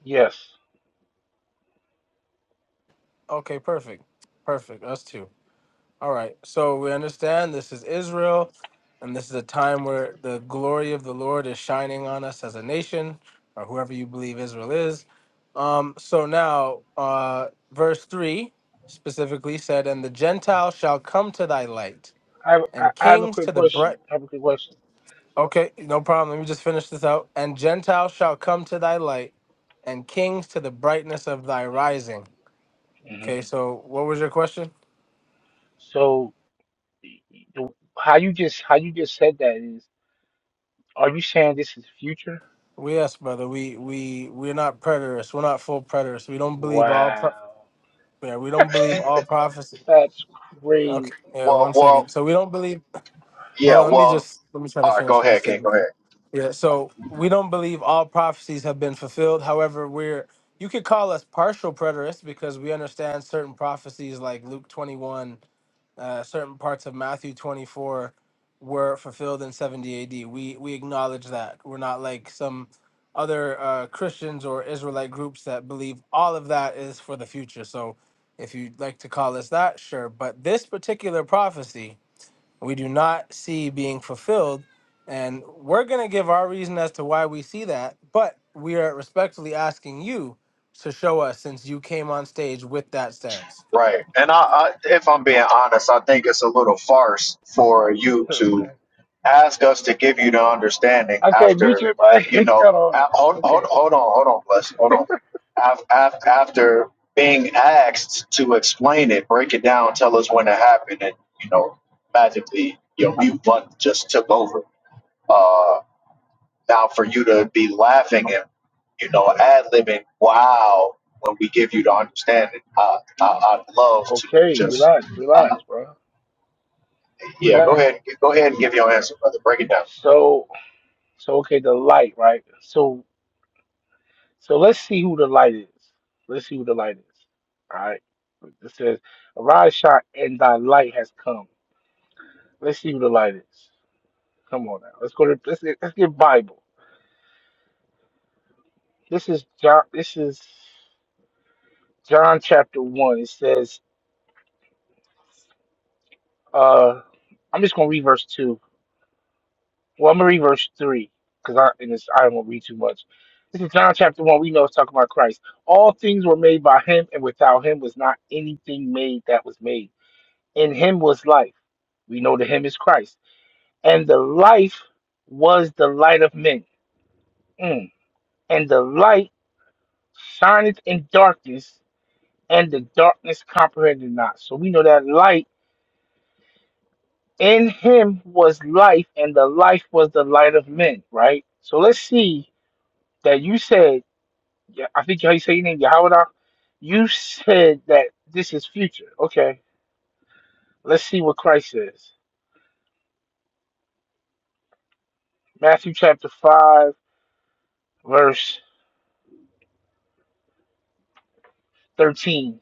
Yes.
Okay, perfect, perfect. Us too. All right. So we understand this is Israel, and this is a time where the glory of the Lord is shining on us as a nation, or whoever you believe Israel is Um, so now, uh, verse 3 specifically said, And the Gentiles shall come to thy light,
I, have- I,
and
I have a
kings
quick
to the
question.
bright.
I have a quick question.
Okay, no problem. Let me just finish this out. And Gentiles shall come to thy light, and kings to the brightness of thy rising.
hmm
Okay, so what was your question?
So, the, how you just how you just said that is, are you saying this is future?
We asked, brother. We we we're not preterists. We're not full preterists. We don't believe all. Pro-
Wow,
yeah, we don't believe all prophecy.
that's crazy.
Okay, yeah,
Well,
one
well,
second. So we don't believe.
Yeah,
Well, let me
well,
just let me try to
all right, go
finish my
ahead, King. Go
statement.
ahead.
Yeah, so we don't believe all prophecies have been fulfilled. However, we're you could call us partial preterists because we understand certain prophecies like Luke 21, uh, certain parts of Matthew 24 were fulfilled in 70 AD. We we acknowledge that. We're not like some other uh, Christians or Israelite groups that believe all of that is for the future. So if you'd like to call us that, sure. But this particular prophecy, we do not see being fulfilled. And we're going to give our reason as to why we see that, but we are respectfully asking you to show us since you came on stage with that stance.
Right. And I, I, if I'm being honest, I think it's a little farce for you to
Okay,
ask us to give you the understanding
okay, mute
after,
your mic.
you know,
Hold
a-
on.
hold, hold,
Okay,
hold on, hold on, bless, hold on. Af, af, after being asked to explain it, break it down, tell us when it happened, and, you know, magically your mute button just took over. Uh, Now, for you to be laughing and you know ad libbing, wow, when we give you the understanding, I, I I'd love to
okay,
just
relax,
uh,
relax, bro,
yeah. Go
relax.
ahead, go ahead and give your answer, brother. Break it down.
So, so okay, the light, right? So, so let's see who the light is. Let's see who the light is. All right. It says, "Arise, shine, and thy light has come." Let's see who the light is. Come on now. Let's go to let's, let's get Bible. This is John this is John chapter one. It says, uh I'm just gonna read verse two. Well I'm gonna read verse three because I and it's I don't wanna read too much. This is John chapter one. We know it's talking about Christ. All things were made by him, and without him was not anything made that was made. In him was life. We know that him is Christ. And the life was the light of men. Mm. And the light shineth in darkness, and the darkness comprehended not. So we know that light in him was life, and the life was the light of men, right? So let's see that you said, yeah, I think how you say your name, Yahweh. You said that this is future. Okay, let's see what Christ says. Matthew chapter 5, verse 13.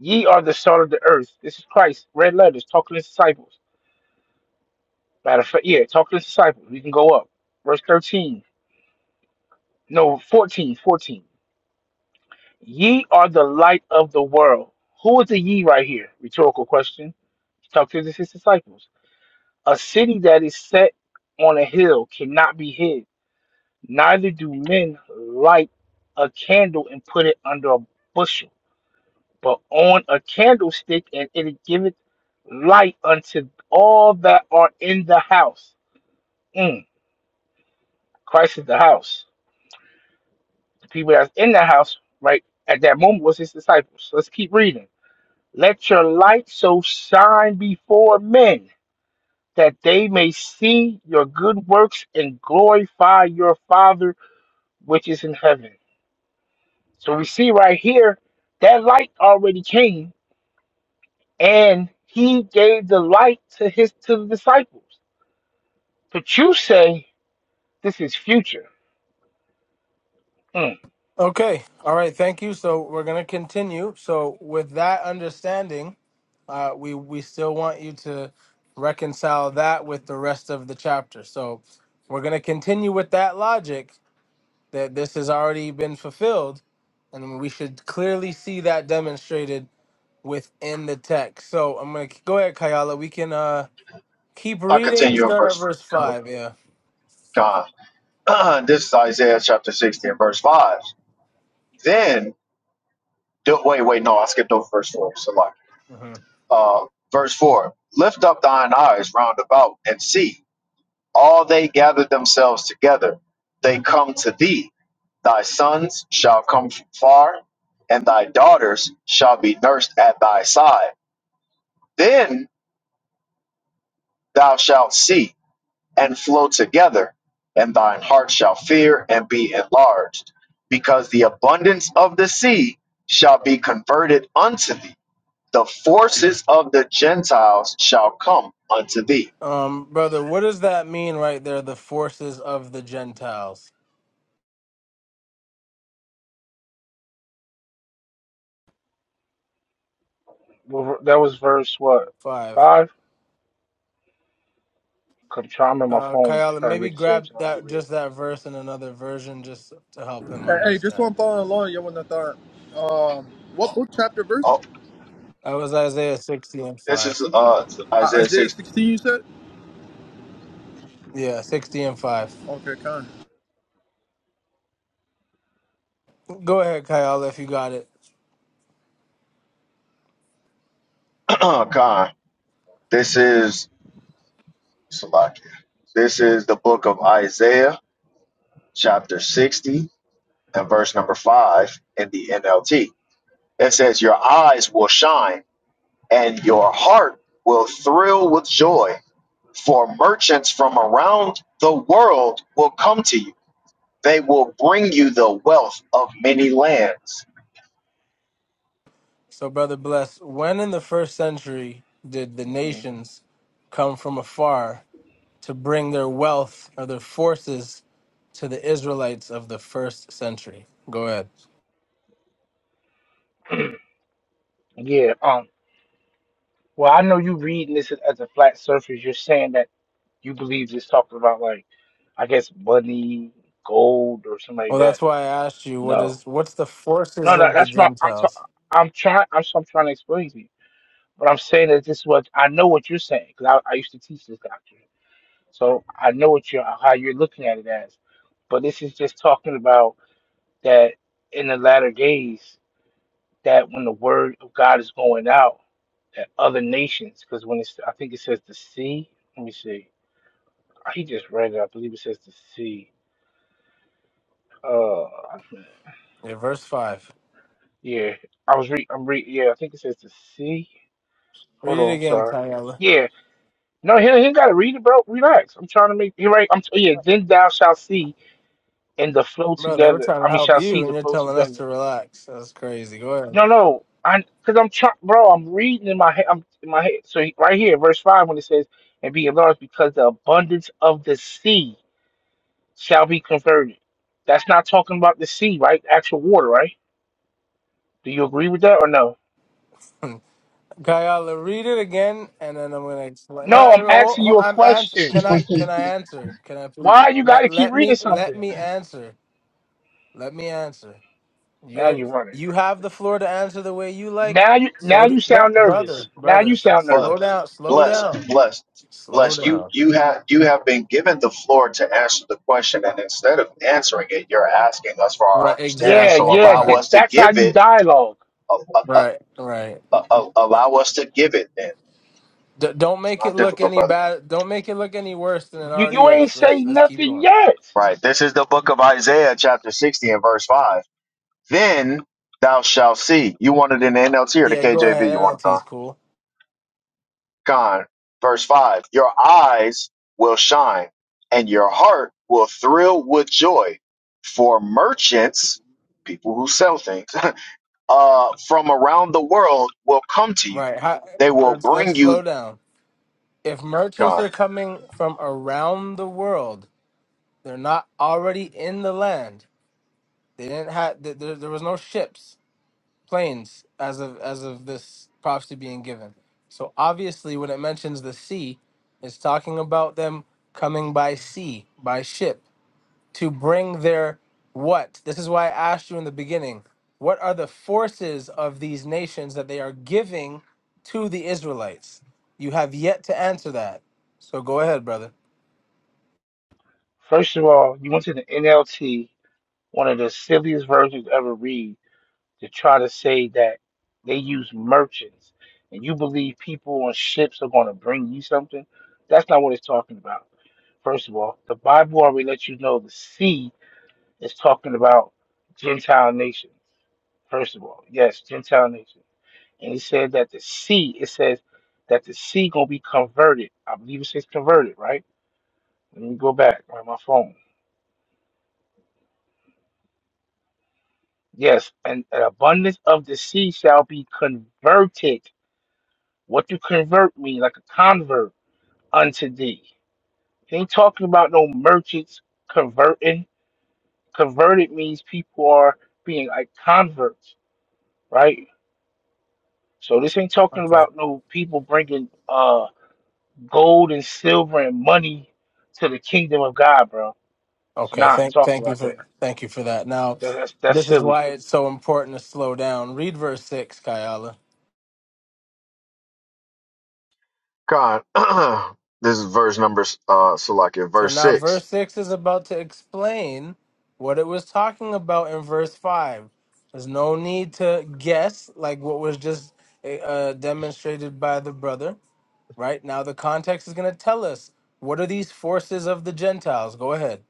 Ye are the salt of the earth. This is Christ, red letters, talking to his disciples. Matter of fact, yeah, talking to his disciples. We can go up. Verse 13. No, 14, 14. Ye are the light of the world. Who is the ye right here? Rhetorical question. Talk to his disciples. A city that is set on a hill cannot be hid. Neither do men light a candle and put it under a bushel, but on a candlestick, and it giveth light unto all that are in the house. Mm. Christ is the house. The people that's in the house, right, at that moment was his disciples. Let's keep reading. Let your light so shine before men that they may see your good works and glorify your Father which is in heaven. So we see right here that light already came and he gave the light to his to the disciples. But you say this is future. Hmm.
Okay. All right. Thank you. So we're going to continue. So, with that understanding, uh, we, we still want you to reconcile that with the rest of the chapter. So, we're going to continue with that logic that this has already been fulfilled. And we should clearly see that demonstrated within the text. So I'm gonna go ahead, Kayala. We can uh keep
I'll
reading.
continue in
Start at
verse
verse
God.
five. Yeah.
God. this is Isaiah chapter sixty and verse five. Then do, wait, wait, no, I skipped over verse four. So like,
hmm
uh, verse four. Lift up thine eyes round about and see all they gather themselves together, they come to thee. Thy sons shall come from far, and thy daughters shall be nursed at thy side. Then thou shalt see and flow together, and thine heart shall fear and be enlarged, because the abundance of the sea shall be converted unto thee. The forces of the Gentiles shall come unto thee.
Um, brother, what does that mean right there? The forces of the Gentiles.
Well, That was verse what?
Five.
Five? Come trying on my
Uh,
phone
Kayala,
trying to
maybe
read the same
grab
time you
that
read
just
it.
that verse in another version just to help him
Hey, hey, just
understand.
am following along, Yawanathar. Um, what book, chapter, verse?
Oh,
That was Isaiah 60 and
this is
five.
uh,
Uh,
Isaiah
Isaiah
6.
16, you said?
Yeah, 60 and five.
Okay, kind.
Go ahead, Kayala, if you got it.
Con. This is Salakia. This is the book of Isaiah, chapter 60, and verse number 5 in the NLT. It says, Your eyes will shine, and your heart will thrill with joy, for merchants from around the world will come to you. They will bring you the wealth of many lands.
So, brother, bless. When in the first century did the
Mhm.
nations come from afar? to bring their wealth or their forces to the Israelites of the first century. Go ahead.
Yeah, um well I know you reading this as a flat surface. You're saying that You believe it's talking about like, I guess money, gold, or something like
Well,
that.
that's why I asked you what
No,
is what's the
no,
forces
no.
of the
That's not. I'm ta-
Gentiles?
I'm trying. I'm, so I'm trying to explain to you. But I'm saying that this is what I know what you're saying because I, I used to teach this doctrine, so I know what you are how you're looking at it as. But this is just talking about that in the latter days, that when the word of God is going out, that other nations, because when it's I think it says the sea. Let me see. He just read it. I believe it says the sea. Uh, I think-
Yeah, verse five.
yeah, I was re I'm re yeah, I think it says the C. Hold
Read it
on, I'm
again,
sorry.
Kayala.
Yeah, no, he he ain't gotta read it, bro. Relax. I'm trying to make you right. I'm yeah. Then thou shalt see and the flow
Brother, we're
together.
trying
I
to
mean,
help
shall see
you,
the
and you're
flow
telling us
together.
to relax. That's crazy. Go
No, no, I because I'm trying, bro. I'm reading in my head. I'm in my head. So he- right here, verse five, when it says, "And be enlarged, because the abundance of the sea shall be converted." That's not talking about the sea, right? Actual water, right? Do you agree with that or no?
ahead, Kayala. Read it again, and then I'm gonna explain. No,
No,
I-
I'm
ho-
asking
ho-
you a
I'm ans-
question.
Can I can I answer? Can I please
Why you
let
gotta keep
let
reading
me let
something?
me answer? Let me answer.
Now
You're
you running.
you have the floor to answer the way you like.
Now you now
So,
you
d- br-
sound nervous.
brother,
Now
brother,
you
s-
sound
But
slow
nervous.
down, slow
Bless,
down,
bless,
slow
bless. You
down.
you have you have been given the floor to answer the question, and instead of answering it, you're asking us for our
Right,
understanding.
Yeah,
So
exactly.
yeah,
allow
that,
Right,
us to
that's how
give
you
it.
dialogue.
Uh, uh, uh,
right, right.
uh, uh, allow us to give it. Then
D- don't
it's
make it
not
look
difficult,
any
brother.
bad. Don't make it look any worse than it
You
already
you ain't
is.
say
Let's let's keep
nothing
going.
yet.
Right. This is the book of Isaiah, chapter sixty, and verse five. Then thou shalt see. You want it in the NLT or the
Yeah, go
KJV? You
ahead.
want it?
NLT's cool.
Con, verse 5 Your eyes will shine, and your heart will thrill with joy. For merchants, people who sell things, uh, from around the world will come to you.
Right. How,
They will
let's let's
bring you.
slow down. If merchants
Con,
are coming from around the world, they're not already in the land. They didn't have. There, there was no ships. planes as of as of this prophecy being given. So obviously, when it mentions the sea, it's talking about them coming by sea, by ship, to bring their what? This is why I asked you in the beginning. What are the forces of these nations that they are giving to the Israelites? You have yet to answer that. So go ahead, brother.
First of all, you went to the NLT, one of the silliest versions ever read, to try to say that they use merchants and you believe people on ships are gonna bring you something. That's not what it's talking about. First of all, the Bible already lets you know the sea It's talking about Gentile nations, first of all. Yes, Gentile nations. And it said that the sea, it says that the sea gonna be converted. I believe it says converted, right? Let me go back on my phone. Yes, and an abundance of the sea shall be converted. What do convert mean? Like a convert unto thee. It ain't talking about no merchants converting. Converted means people are being like converts, right? So this ain't talking
Okay.
about no people bringing uh gold and silver and money to the kingdom of God, bro. It's
Okay.
not
Thank
talking
thank you
about that.
for thank you for that. Now,
That- That's that's
this is why
silly
it's so important to slow down. Read verse six, Kayala.
Con, this is verse number, uh, Salakia,
So
verse
now
6.
verse 6 is about to explain what it was talking about in verse 5. There's no need to guess like what was just eh, uh, demonstrated by the brother, right? Now the context is going to tell us what are these forces of the Gentiles? Go ahead.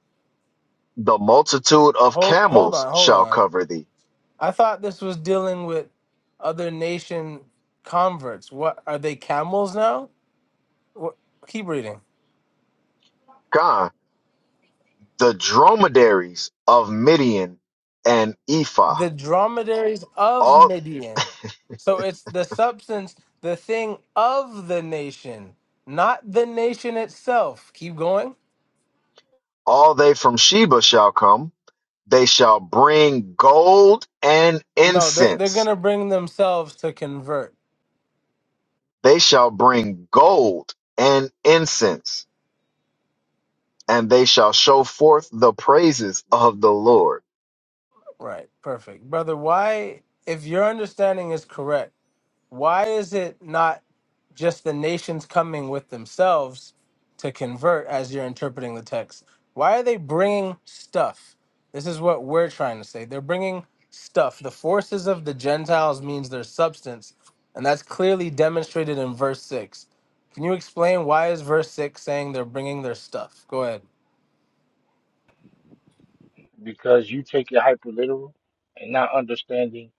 The multitude of
Hold hold
camels
on, hold
shall
on.
cover thee.
I thought this was dealing with other nation converts. What are they camels now? What, keep reading.
Con, the dromedaries of Midian and Ephah.
the dromedaries of
All
Midian. So it's the substance, the thing of the nation, not the nation itself. Keep going.
All they from Sheba shall come. They shall bring gold and
No, they're they're
incense.
gonna bring themselves to convert.
They shall bring gold and incense, and they shall show forth the praises of the Lord.
Right, perfect. Brother, why if your understanding is correct, why is it not just the nations coming with themselves to convert as you're interpreting the text. Why are they bringing stuff? This is what we're trying to say. They're bringing stuff. The forces of the Gentiles means their substance, and that's clearly demonstrated in verse 6. Can you explain why is verse 6 saying they're bringing their stuff? Go ahead.
because you take it hyper literal and not understanding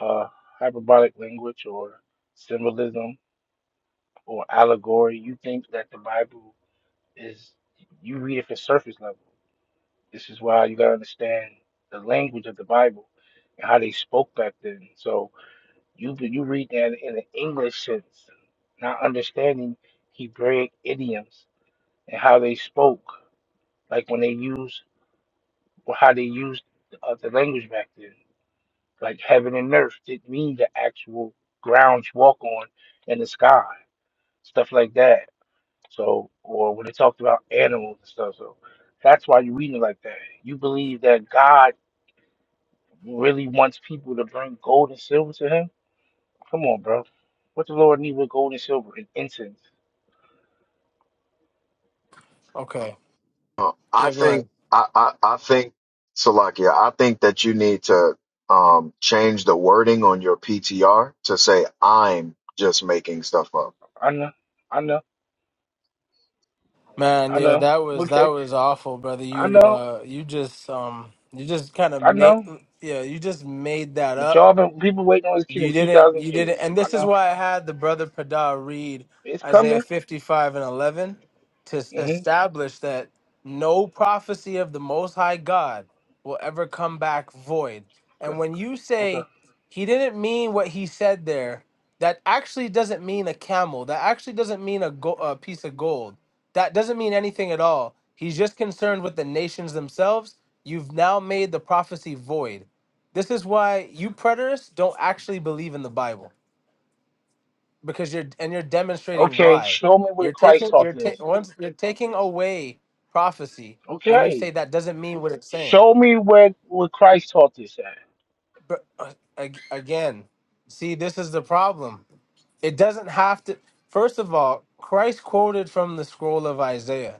uh hyperbolic language or symbolism or allegory. You think that the Bible is you read it for surface level. This is why you gotta understand the language of the Bible and how they spoke back then. So You could you read that in the English sense, not understanding Hebraic idioms and how they spoke, like when they used or how they used uh, the language back then. Like heaven and earth didn't mean the actual ground you walk on and the sky, stuff like that. So, or when they talked about animals and stuff. So that's why you're reading it like that. You believe that God really wants people to bring gold and silver to Him? Come on, bro. What the Lord need with gold and silver and incense?
Okay.
Uh, I
Yeah, go
think,
ahead.
I, I, I think, Salakia, I think that you need to um, change the wording on your PTR to say, I'm just making stuff up.
I know, I know,
Man,
I
yeah,
know.
that was that
Okay,
was awful, brother.
I
You
know,
uh you just um you just kind of
I
made
know.
yeah, you just made that
But
up
y'all been people waiting on this kingdom
You
two
didn't.
thousand
You didn't.
years.
And
I
this is
know
why I had the brother Padah read
it's
Isaiah
coming.
55 and 11 to s-
hmm
establish that no prophecy of the Most High God will ever come back void. And
Okay,
when you
okay,
say he didn't mean what he said there, that actually doesn't mean a camel. That actually doesn't mean a, go- a piece of gold. That doesn't mean anything at all. He's just concerned with the nations themselves. You've now made the prophecy void this is why you preterists don't actually believe in the Bible because you're and you're demonstrating
okay.
why.
Show me where
You're
Christ
taking
taught
you're ta-
this.
once you're taking away prophecy when you say
Okay,
that doesn't mean what it's saying.
show me where where Christ taught this at.
But uh, ag- again, see this is the problem. It doesn't have to First of all, Christ quoted from the scroll of Isaiah.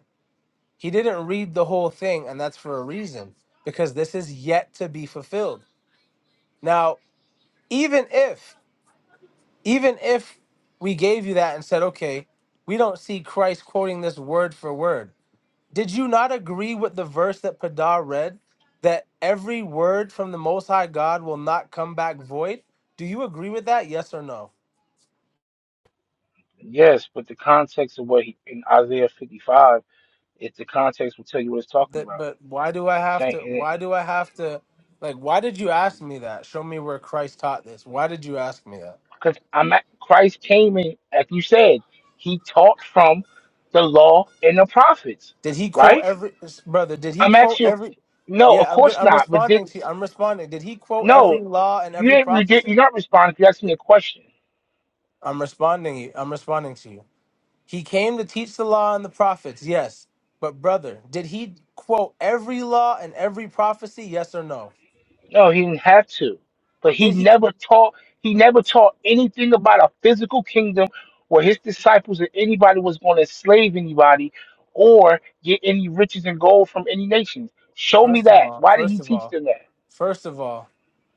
He didn't read the whole thing and that's for a reason because this is yet to be fulfilled. Now, even if even if we gave you that and said, okay, we don't see Christ quoting this word for word, did you not agree with the verse that Padar read that every word from the Most High God will not come back void? Do you agree with that? Yes or no?
Yes, but the context of what he in Isaiah fifty five, it's the context will tell you what it's talking
That,
about.
but why do I have to? Why
Because
do I have to? Like, why did you ask me that? Show me where Christ taught this. Why did you ask me that?
I'm at, Christ came in, as you said, he taught from the law and the prophets,
Did he
right?
quote every brother? Did he
I'm
quote
actually
every?
no, of
Yeah, I'm good.
course
I'm
not. But did
responding to you. I'm responding. Did he quote
no,
every law and
you
every
didn't. You did.
prophecy?
You're not responding. If You asked me a question.
I'm responding. I'm responding to you. He came to teach the law and the prophets. Yes, but brother, did he quote every law and every prophecy? Yes or no?
No, he didn't have to. But he
Did he?
never taught. He never taught anything about a physical kingdom where his disciples or anybody was going to enslave anybody or get any riches and gold from any nations. Show me
First of
that.
all,
Why did he
first of
teach
all,
them that?
first of all,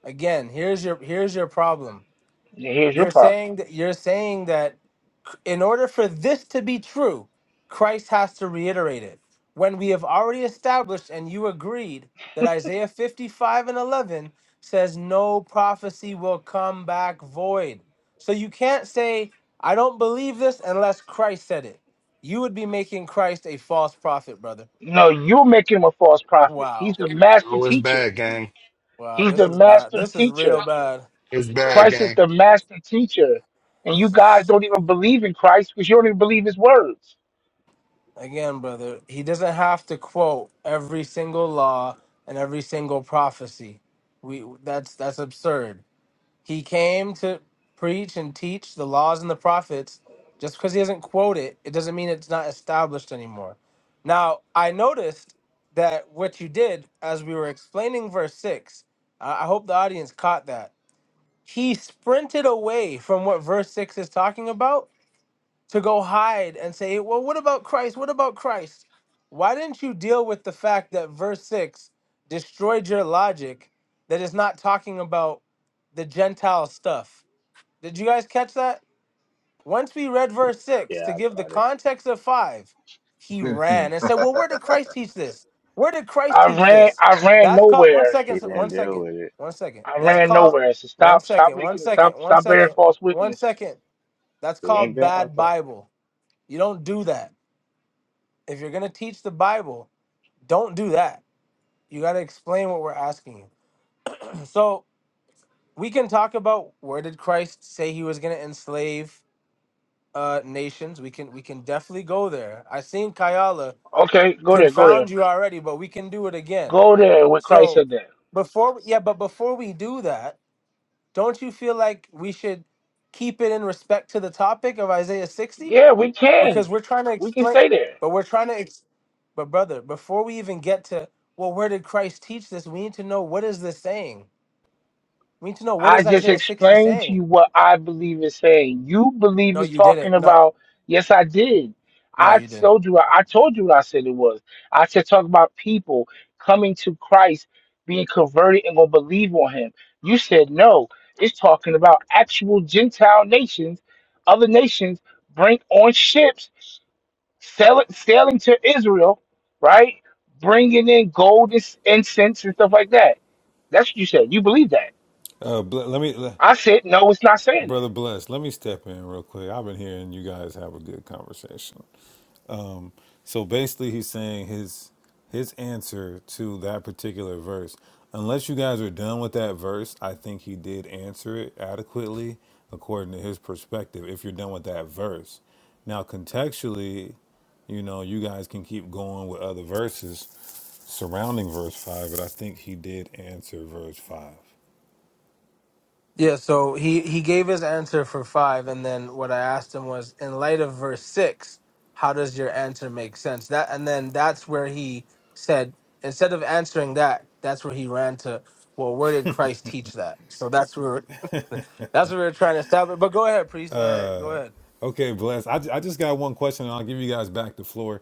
again, here's your here's your problem.
Now, Here's your
You're
problem.
saying that you're saying that In order for this to be true, Christ has to reiterate it. When we have already established and you agreed that Isaiah 55 and 11 says no prophecy will come back void. So you can't say, I don't believe this unless Christ said it. You would be making Christ a false prophet, brother.
No, you're making him a false prophet. He's
Wow.
the master
oh, it's
teacher.
bad, gang.
Wow.
He's
This
the
is bad.
master
This is
teacher.
real bad.
It's bad,
Christ is
gang.
the master teacher, and you
This
guys
is.
don't even believe in Christ because you don't even believe his words.
again, brother, he doesn't have to quote every single law and every single prophecy. We that's that's absurd. He came to preach and teach the laws and the prophets. Just because he doesn't quote it, it doesn't mean it's not established anymore. Now, I noticed that what you did as we were explaining verse six. I I hope the audience caught that. He sprinted away from what verse six is talking about to go hide and say, well, what about Christ? What about Christ? Why didn't you deal with the fact that verse 6 destroyed your logic that is not talking about the Gentile stuff? Did you guys catch that? Once we read verse 6
Yeah,
to
I
give the
caught it.
context of 5, he ran and said, well, where did Christ teach this? Where did Christ
I
teach
ran,
this?
I ran
That's called, one
nowhere.
second,
He
one
didn't deal
second,
with it.
one second.
I
That's
ran
called,
nowhere. So
one
stop, stop
second, one
making it. Stop,
second, one
stop bearing
second,
false
one
witness.
second. That's
He ain't
called
been up
bad Bible. You don't do that. If you're gonna teach the Bible, don't do that. You gotta explain what we're asking you. So we can talk about where did Christ say he was gonna enslave uh, nations. We can we can definitely go there. I seen Kayala
Okay, go there, go there,
confound you already, but we can do it again.
go there. What Christ
So
said there.
before yeah, but before we do that, don't you feel like we should keep it in respect to the topic of Isaiah 60?
Yeah, we can,
because we're trying to
we can
explain
stay there.
but we're trying to ex- but brother before we even get to well where did christ teach this we need to know what is this saying we need to know what
I
is
just
isaiah 60
explained to you
saying
what I believe is saying. You believe
no
it's
you
talking
didn't no
about, yes, I did.
no
I
you didn't
told you, I told you what I said it was. I said, talk about people coming to Christ, being converted and going to believe on him. You said, no, it's talking about actual Gentile nations, other nations bring on ships, sailing, sailing to Israel, right? Bringing in gold and incense and stuff like that. That's what you said. You believe that.
Uh, ble- let me, le-
I said, no, it's not saying
brother,
that.
bless. Let me step in real quick. I've been hearing you guys have a good conversation. So basically, he's saying his his answer to that particular verse. Unless you guys are done with that verse, I think he did answer it adequately according to his perspective. If you're done with that verse, now contextually, you know, you guys can keep going with other verses surrounding verse five, but I think he did answer verse five.
yeah so he he gave his answer for five and then what i asked him was in light of verse six how does your answer make sense that and then that's where he said instead of answering that that's where he ran to well where did christ teach that so that's where That's what we were trying to establish. But go ahead, priest. Uh, go ahead.
Okay, bless. I, I just got one question, and I'll give you guys back the floor.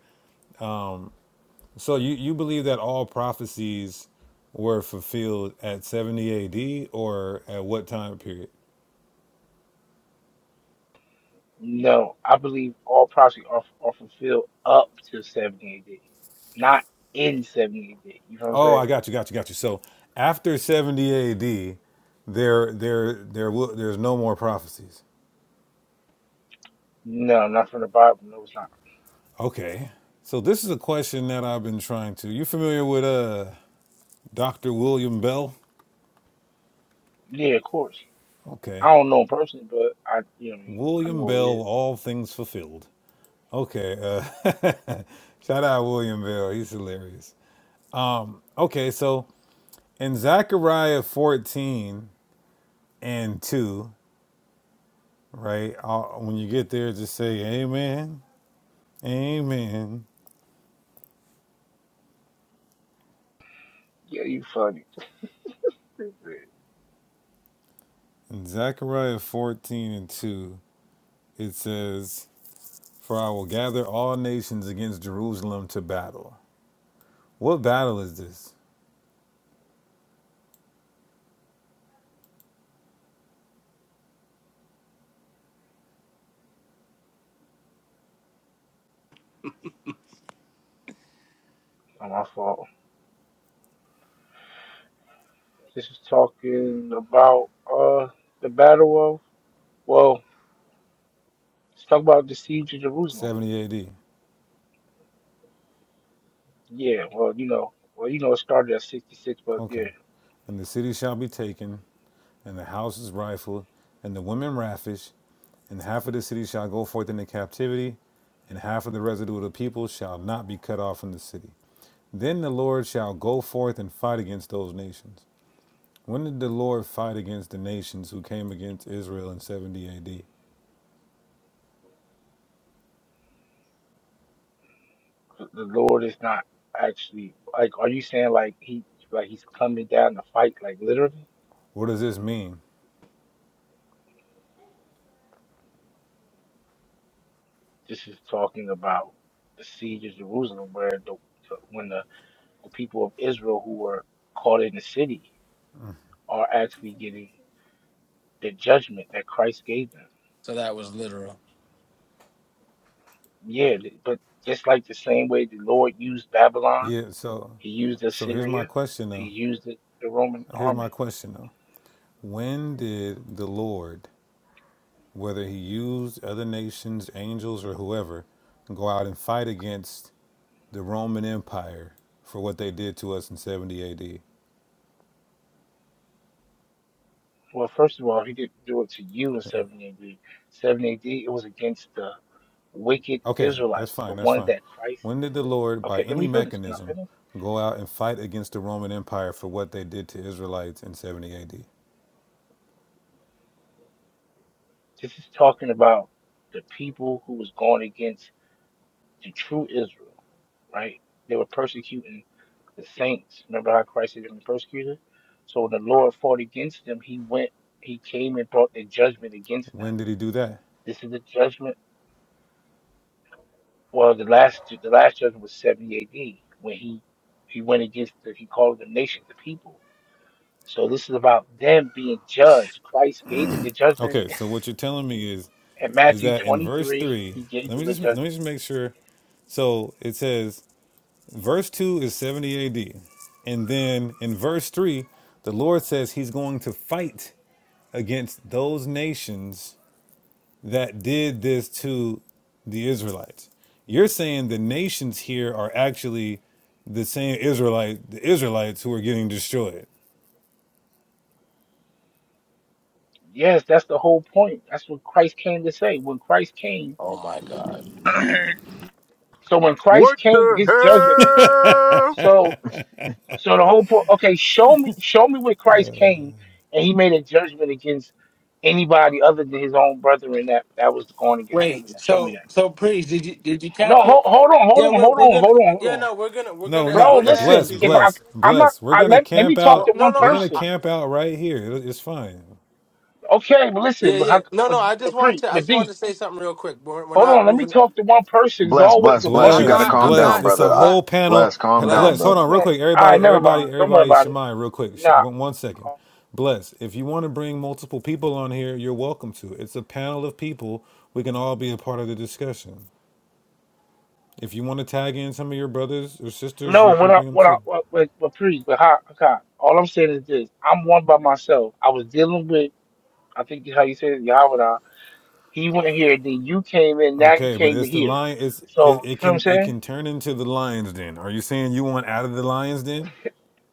So you, you believe that all prophecies were fulfilled at 70 AD or at what time period?
No, I believe all prophecy are, are fulfilled up to 78 AD, not in 78 AD. You know what I'm
Oh,
saying?
I got you, got you, got you. So after 70 AD, there there there will there's no more prophecies.
No, not from the Bible. No, it's not.
Okay. So this is a question that I've been trying to. You familiar with uh Dr. William Bell?
Yeah, of course.
Okay.
I don't know him personally, but I, you know, what I mean? I
William
know who he
Bell,
is.
all things fulfilled. Okay. Uh, shout out William Bell. He's hilarious. Okay, so in Zechariah 14 and 2, right? i when you get there, just say amen, amen.
Yeah, you funny. Stupid.
In Zechariah 14 and 2, it says, For I will gather all nations against Jerusalem to battle. What battle is this?
Not my fault. This is talking about uh the battle of well, let's talk about the siege of Jerusalem.
70 AD.
Yeah, well, you know, well, you know, it started at 66, but yeah.
Okay. And the city shall be taken, and the houses rifled, and the women ravished, and half of the city shall go forth into captivity, and half of the residue of the people shall not be cut off from the city. Then the Lord shall go forth and fight against those nations. When did the Lord fight against the nations who came against Israel in 70 AD?
The Lord is not actually like. Are you saying like he like he's coming down to fight like literally?
What does this mean?
This is talking about the siege of Jerusalem, where the when the, the people of Israel who were caught in the city are actually getting the judgment that Christ gave them.
So that was literal.
Yeah, th- but just like the same way the Lord used Babylon,
Yeah, so
He used
so here's my
Assyria,
question
He
though.
used the, the Roman
Here's my
army.
question though. When did the Lord, whether he used other nations, angels or whoever, go out and fight against the Roman Empire for what they did to us in 70
Well, first of all, He didn't do it to you in
AD?
70 AD. 70 AD, it was against the wicked
Okay, that's
Israelites, the
fine. That's
ones
fine.
that Christ.
When did the Lord, by
Okay, let
any
me finish. Can I
mechanism,
finish?
go out and fight against the Roman Empire for what they did to Israelites in 70 AD?
This is talking about the people who was going against the true Israel, right? They were persecuting the saints. Remember how Christ had been persecuted? So when the Lord fought against them, he went, he came and brought the judgment against them.
When did he do that?
This is the judgment. Well, the last the last judgment was 70 AD when he he went against the, he called the nations the people. So this is about them being judged. Christ gave them the judgment.
Okay, so what you're telling me is
In
is
Matthew
that in verse
23,
3,
he gave
let me
them a
just let me
judgment.
just make sure. So, it says verse 2 is 70 AD. And then in verse 3, the Lord says he's going to fight against those nations that did this to the Israelites. You're saying the nations here are actually the same Israelite, the Israelites who are getting destroyed.
Yes, that's the whole point. That's what Christ came to say. When Christ came,
Oh my God.
so when Christ
What
came,
the
his judgment.
hell?
So, so the whole point. Okay, show me, show me where Christ came, and he made a judgment against anybody other than his own brethren that that was going against him.
Wait.
Show me
So
that.
so priest, did you did you
No,
catch it?
hold, hold on, hold
Yeah,
on,
we're
hold
we're
on,
gonna.
hold on, hold
Yeah,
on,
no, we're gonna we're
No,
gonna
bro.
we're
no,
gonna ask
Listen,
bless,
you,
if
kid.
I,
bless,
I'm not,
bless. We're
I
gonna
let let me
camp
talk
Well,
to
out.
no,
one
no.
We're
I,
gonna
person.
I,
camp out right here. It- It's fine.
Okay, but listen,
yeah,
but,
yeah.
how-
No,
but,
no. I just
but,
wanted
pre-
to I
but
just
D,
wanted to say something real quick. We're we're
Hold
not
on, let me
moving.
talk to one person. There's
bless,
always
bless,
a
no,
bless.
bunch
You
I'm
of
got to
Bless,
not.
calm
people.
I'm
bless.
down,
not.
It's a
brother.
I'm
I,
whole
not
panel.
bless, calm down,
Bless.
blessed.
Hold
brother.
on, real
Man,
quick.
all
Everybody,
right, never
everybody,
mind. Don't worry
everybody.
about it.
Shemai, real quick. Sh-
Nah,
One one second. Bless. If you want to bring multiple people on here, you're welcome to. It's a panel of people. We can all be a part of the discussion. If you want to tag in some of your brothers or sisters, you
no. What
can
I
bring them
what I
too.
what what, what please, but how, okay. All I'm saying is this: I'm one by myself. I was dealing with, I think how you said it, Yahweh. He went here, then you came in. Now you
Okay, but
came to
it's the
here.
lion. It's it,
So you
it
feel what I'm
can it
saying?
can turn into the lions. Then are you saying you want out of the lions? Then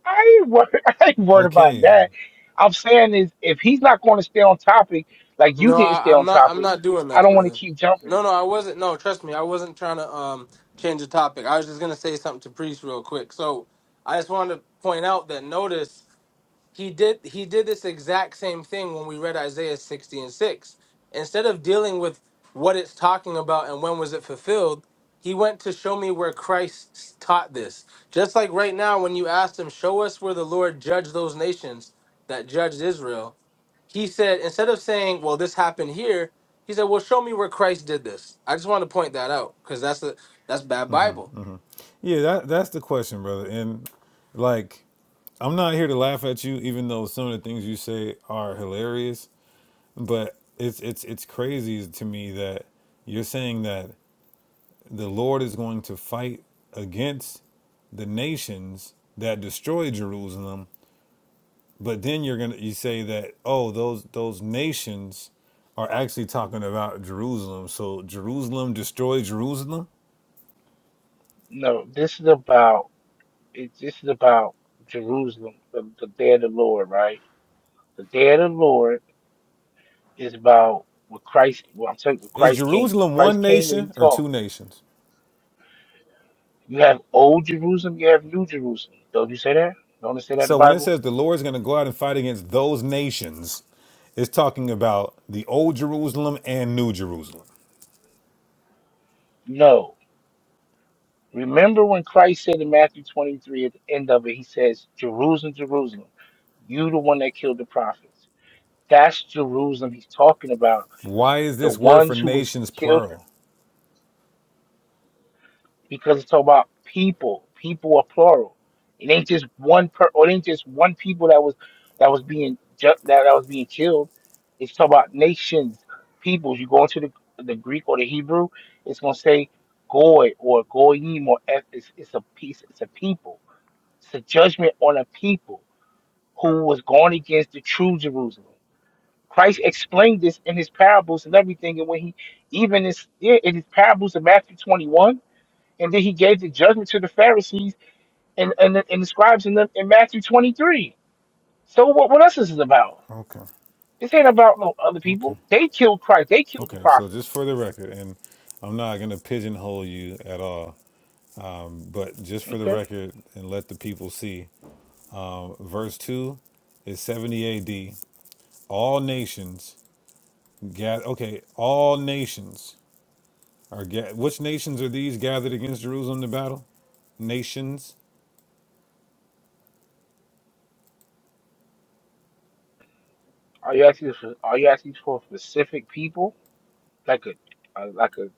I ain't worried. I ain't worried about
okay,
that. I'm saying is if he's not going to stay on topic, like you
No,
didn't stay
I,
on
I'm not. I'm
topic,
not doing
I
that,
don't want to
brother.
keep jumping.
No, no, I wasn't. No, trust me, I wasn't trying to um change the topic. I was just gonna say something to priest real quick. So I just wanted to point out that notice he did he did this exact same thing when we read Isaiah 60 and 6. Instead of dealing with what it's talking about and when was it fulfilled, he went to show me where Christ taught this. Just like right now, when you asked him, show us where the Lord judged those nations that judged Israel he said, instead of saying, well, this happened here, he said, well, show me where Christ did this. I just want to point that out because that's the that's bad Bible.
yeah, that that's the question, brother. And like, I'm not here to laugh at you, even though some of the things you say are hilarious. But it's it's it's crazy to me that you're saying that the Lord is going to fight against the nations that destroy Jerusalem But then you're gonna you say that oh those those nations are actually talking about Jerusalem. So Jerusalem destroy Jerusalem.
No, this is about. it, this is about Jerusalem, the, the day of the Lord, right? The day of the Lord is about what Christ. Well, I'm telling you, what
Is
Christ came.
Jerusalem one
Christ came when He
nation or
taught.
two nations?
You have old Jerusalem, you have new Jerusalem. Don't you say that? Don't it say that in the
So when it
Bible?
says the Lord's gonna go out and fight against those nations, it's talking about the old Jerusalem and New Jerusalem.
No. Remember when Christ said in Matthew 23 at the end of it, He says, "Jerusalem, Jerusalem, you the one that killed the prophets." That's Jerusalem He's talking about.
Why is
The
this word for
ones who was who
nations
killed her.
plural?
because it's all about people. People are plural. It ain't just one per. Or it ain't just one people that was that was being ju- that that was being killed. It's talking about nations, peoples. You go into the the Greek or the Hebrew, it's gonna say goy or goyim or eth- it's, it's a piece. It's a people. It's a judgment on a people who was going against the true Jerusalem. Christ explained this in his parables and everything, and when he even in, yeah, in his parables in Matthew twenty one and then he gave the judgment to the Pharisees and, and, the- and the scribes in, the, in Matthew 23. So what, what else is this about?
Okay,
This ain't about no other
okay,
people. They killed Christ. They killed the
okay. So
prophets.
just for the record, and I'm not gonna pigeonhole you at all, but just for the
Okay.
record, and let the people see. verse 2 is 70 AD. All nations gather. Okay, all nations are ga- Which nations are these gathered against Jerusalem to battle? Nations.
Are you asking for? Are you asking for specific people? Like a, uh, like a.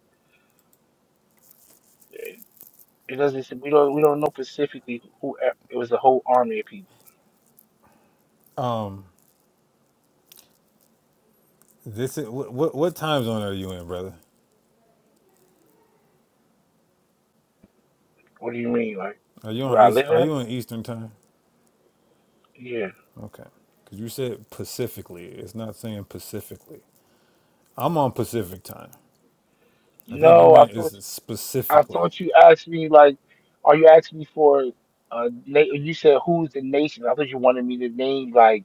It doesn't. We don't. We don't know specifically who. It was a whole army of people.
This is what, what what time zone are you in, brother?
What do you mean? Like
Are you
where
on
I
East?
live
Are
at?
you on Eastern time?
Yeah.
Okay, because you said Pacifically. It's not saying Pacifically. I'm on Pacific time. I think you
No, I
meant
thought.
it's
I
specifically.
thought you asked me like, are you asking me for uh na- you said who's the nation? I thought you wanted me to name like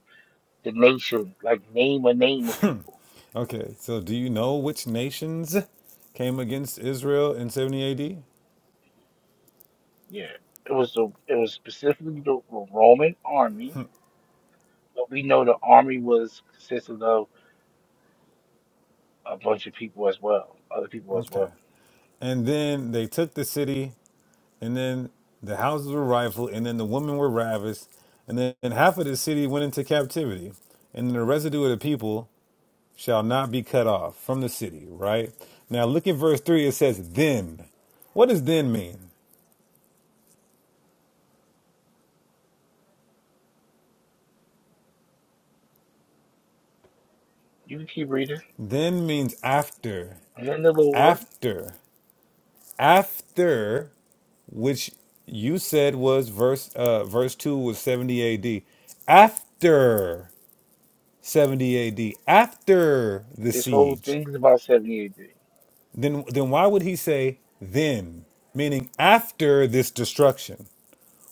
the nation, like name a name of people.
Okay, so do you know which nations came against Israel in 70 AD?
Yeah. It was the it was specifically the Roman army, but we know the army was consisted of a bunch of people as well, other people as well.
Okay. And then they took the city, and then the houses were rifled, and then the women were ravished, and then and half of the city went into captivity, and the residue of the people shall not be cut off from the city, right? Now look at verse 3, it says, Then. What does then mean?
You can keep reading.
Then means after,
And then the Lord,
after, after, which you said was verse uh verse 2 was 70 AD. After. 70 AD after the
this whole
siege,
thing is about seventy AD.
then then why would he say then, meaning after this destruction?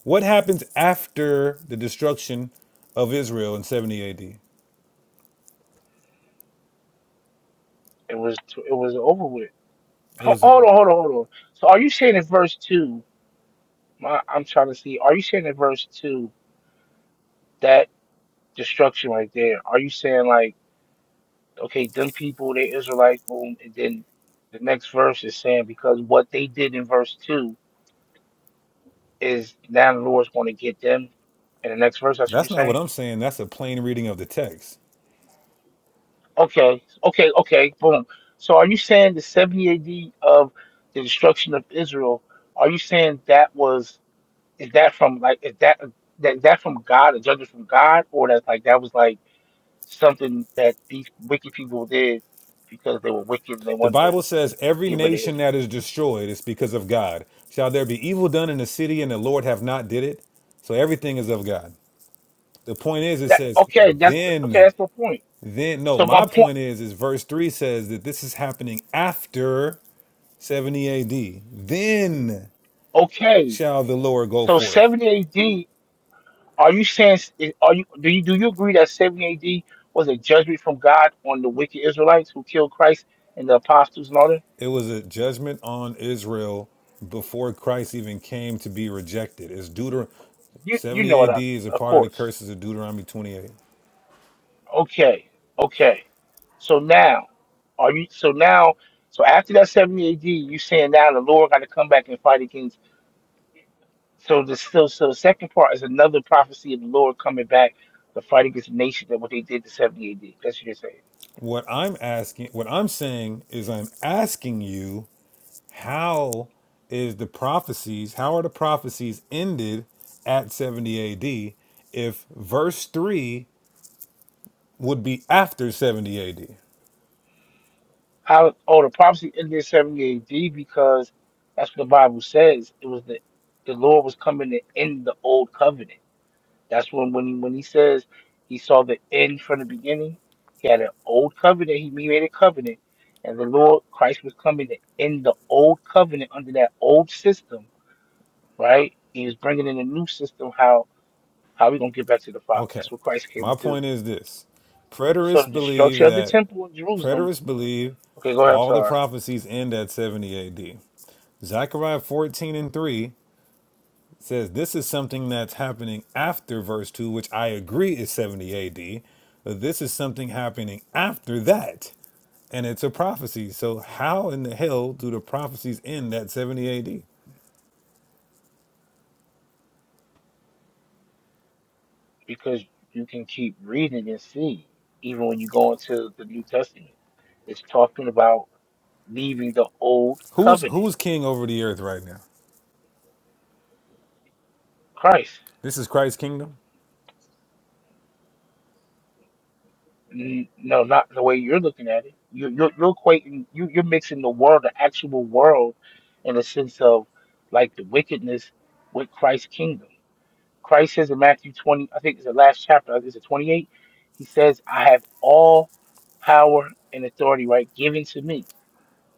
What happens after the destruction of Israel in 70 AD?
It was it was over with.
It
Ho-
was a,
Hold on, hold on, hold on. So are you saying in verse two? My, I'm trying to see. Are you saying in verse two that destruction right there? Are you saying like, okay, them people, they Israelites, boom, and then the next verse is saying because what they did in verse two is now the Lord's going to get them. In the next verse, that's what you're
that's not what
saying.
I'm saying. That's a plain reading of the text.
Okay, okay, okay, boom. So are you saying the 70 AD of the destruction of Israel? Are you saying that was is that from like is that that that from God, a judgment from God, or that like that was like something that these wicked people did because they were wicked and they
The
wanted to
Bible says every
give it to
nation
Israel.
that is destroyed is because of God. Shall there be evil done in the city and the Lord have not did it? So everything is of God. The point is, it
That,
says
okay, that's the, okay.
then.
That's my point.
Then no,
So my
my
point.
point is is verse 3 says that this is happening after 70 AD. Then
Okay,
shall the Lord go
so
forth.
70 AD. Are you saying? Are you do you do you agree that 70 AD was a judgment from God on the wicked Israelites who killed Christ and the apostles and all that?
It was a judgment on Israel before Christ even came to be rejected. It's Deuter
You you know
70
what?
AD
I,
is a
of
part of the
course.
curses of Deuteronomy 28.
Okay. Okay. So now, are you? So now, so after that 70 AD, you saying now the Lord got to come back and fight against So the still so the second part is another prophecy of the Lord coming back to fight against the nation that what they did to seventy AD. That's what you're saying.
What I'm asking, what I'm saying is I'm asking you How is the prophecies, how are the prophecies ended at 70 AD if verse 3 would be after 70 AD?
How oh the prophecy ended in seventy AD because that's what the Bible says. It was the the Lord was coming to end the old covenant. That's when when he when he says he saw the end from the beginning, he had an old covenant, he made a covenant, and the Lord Christ was coming to end the old covenant under that old system, right? He was bringing in a new system. How? How are we going to get back to the Father?
Okay.
That's what Christ came to
My
do.
point is this.
So the
Preterists believe
destruction of the
that
temple in Jerusalem.
preterists believe
Okay, go ahead. I'm
all the
sorry.
prophecies end at 70 AD. Zechariah 14 and 3 says this is something that's happening after verse 2, which I agree is 70 AD. But this is something happening after that. and it's a prophecy. So how in the hell do the prophecies end at 70 AD?
Because you can keep reading and see. even when you go into the New Testament. It's talking about leaving the old
Who's
covenant.
who's king over the earth right now?
Christ.
This is Christ's kingdom?
N- No, not the way you're looking at it. You, you're you're equating, you, you're mixing the world, the actual world, in the sense of like the wickedness with Christ's kingdom Christ says in Matthew 20, I think it's the last chapter, is it 28? He says, I have all power and authority, right, given to me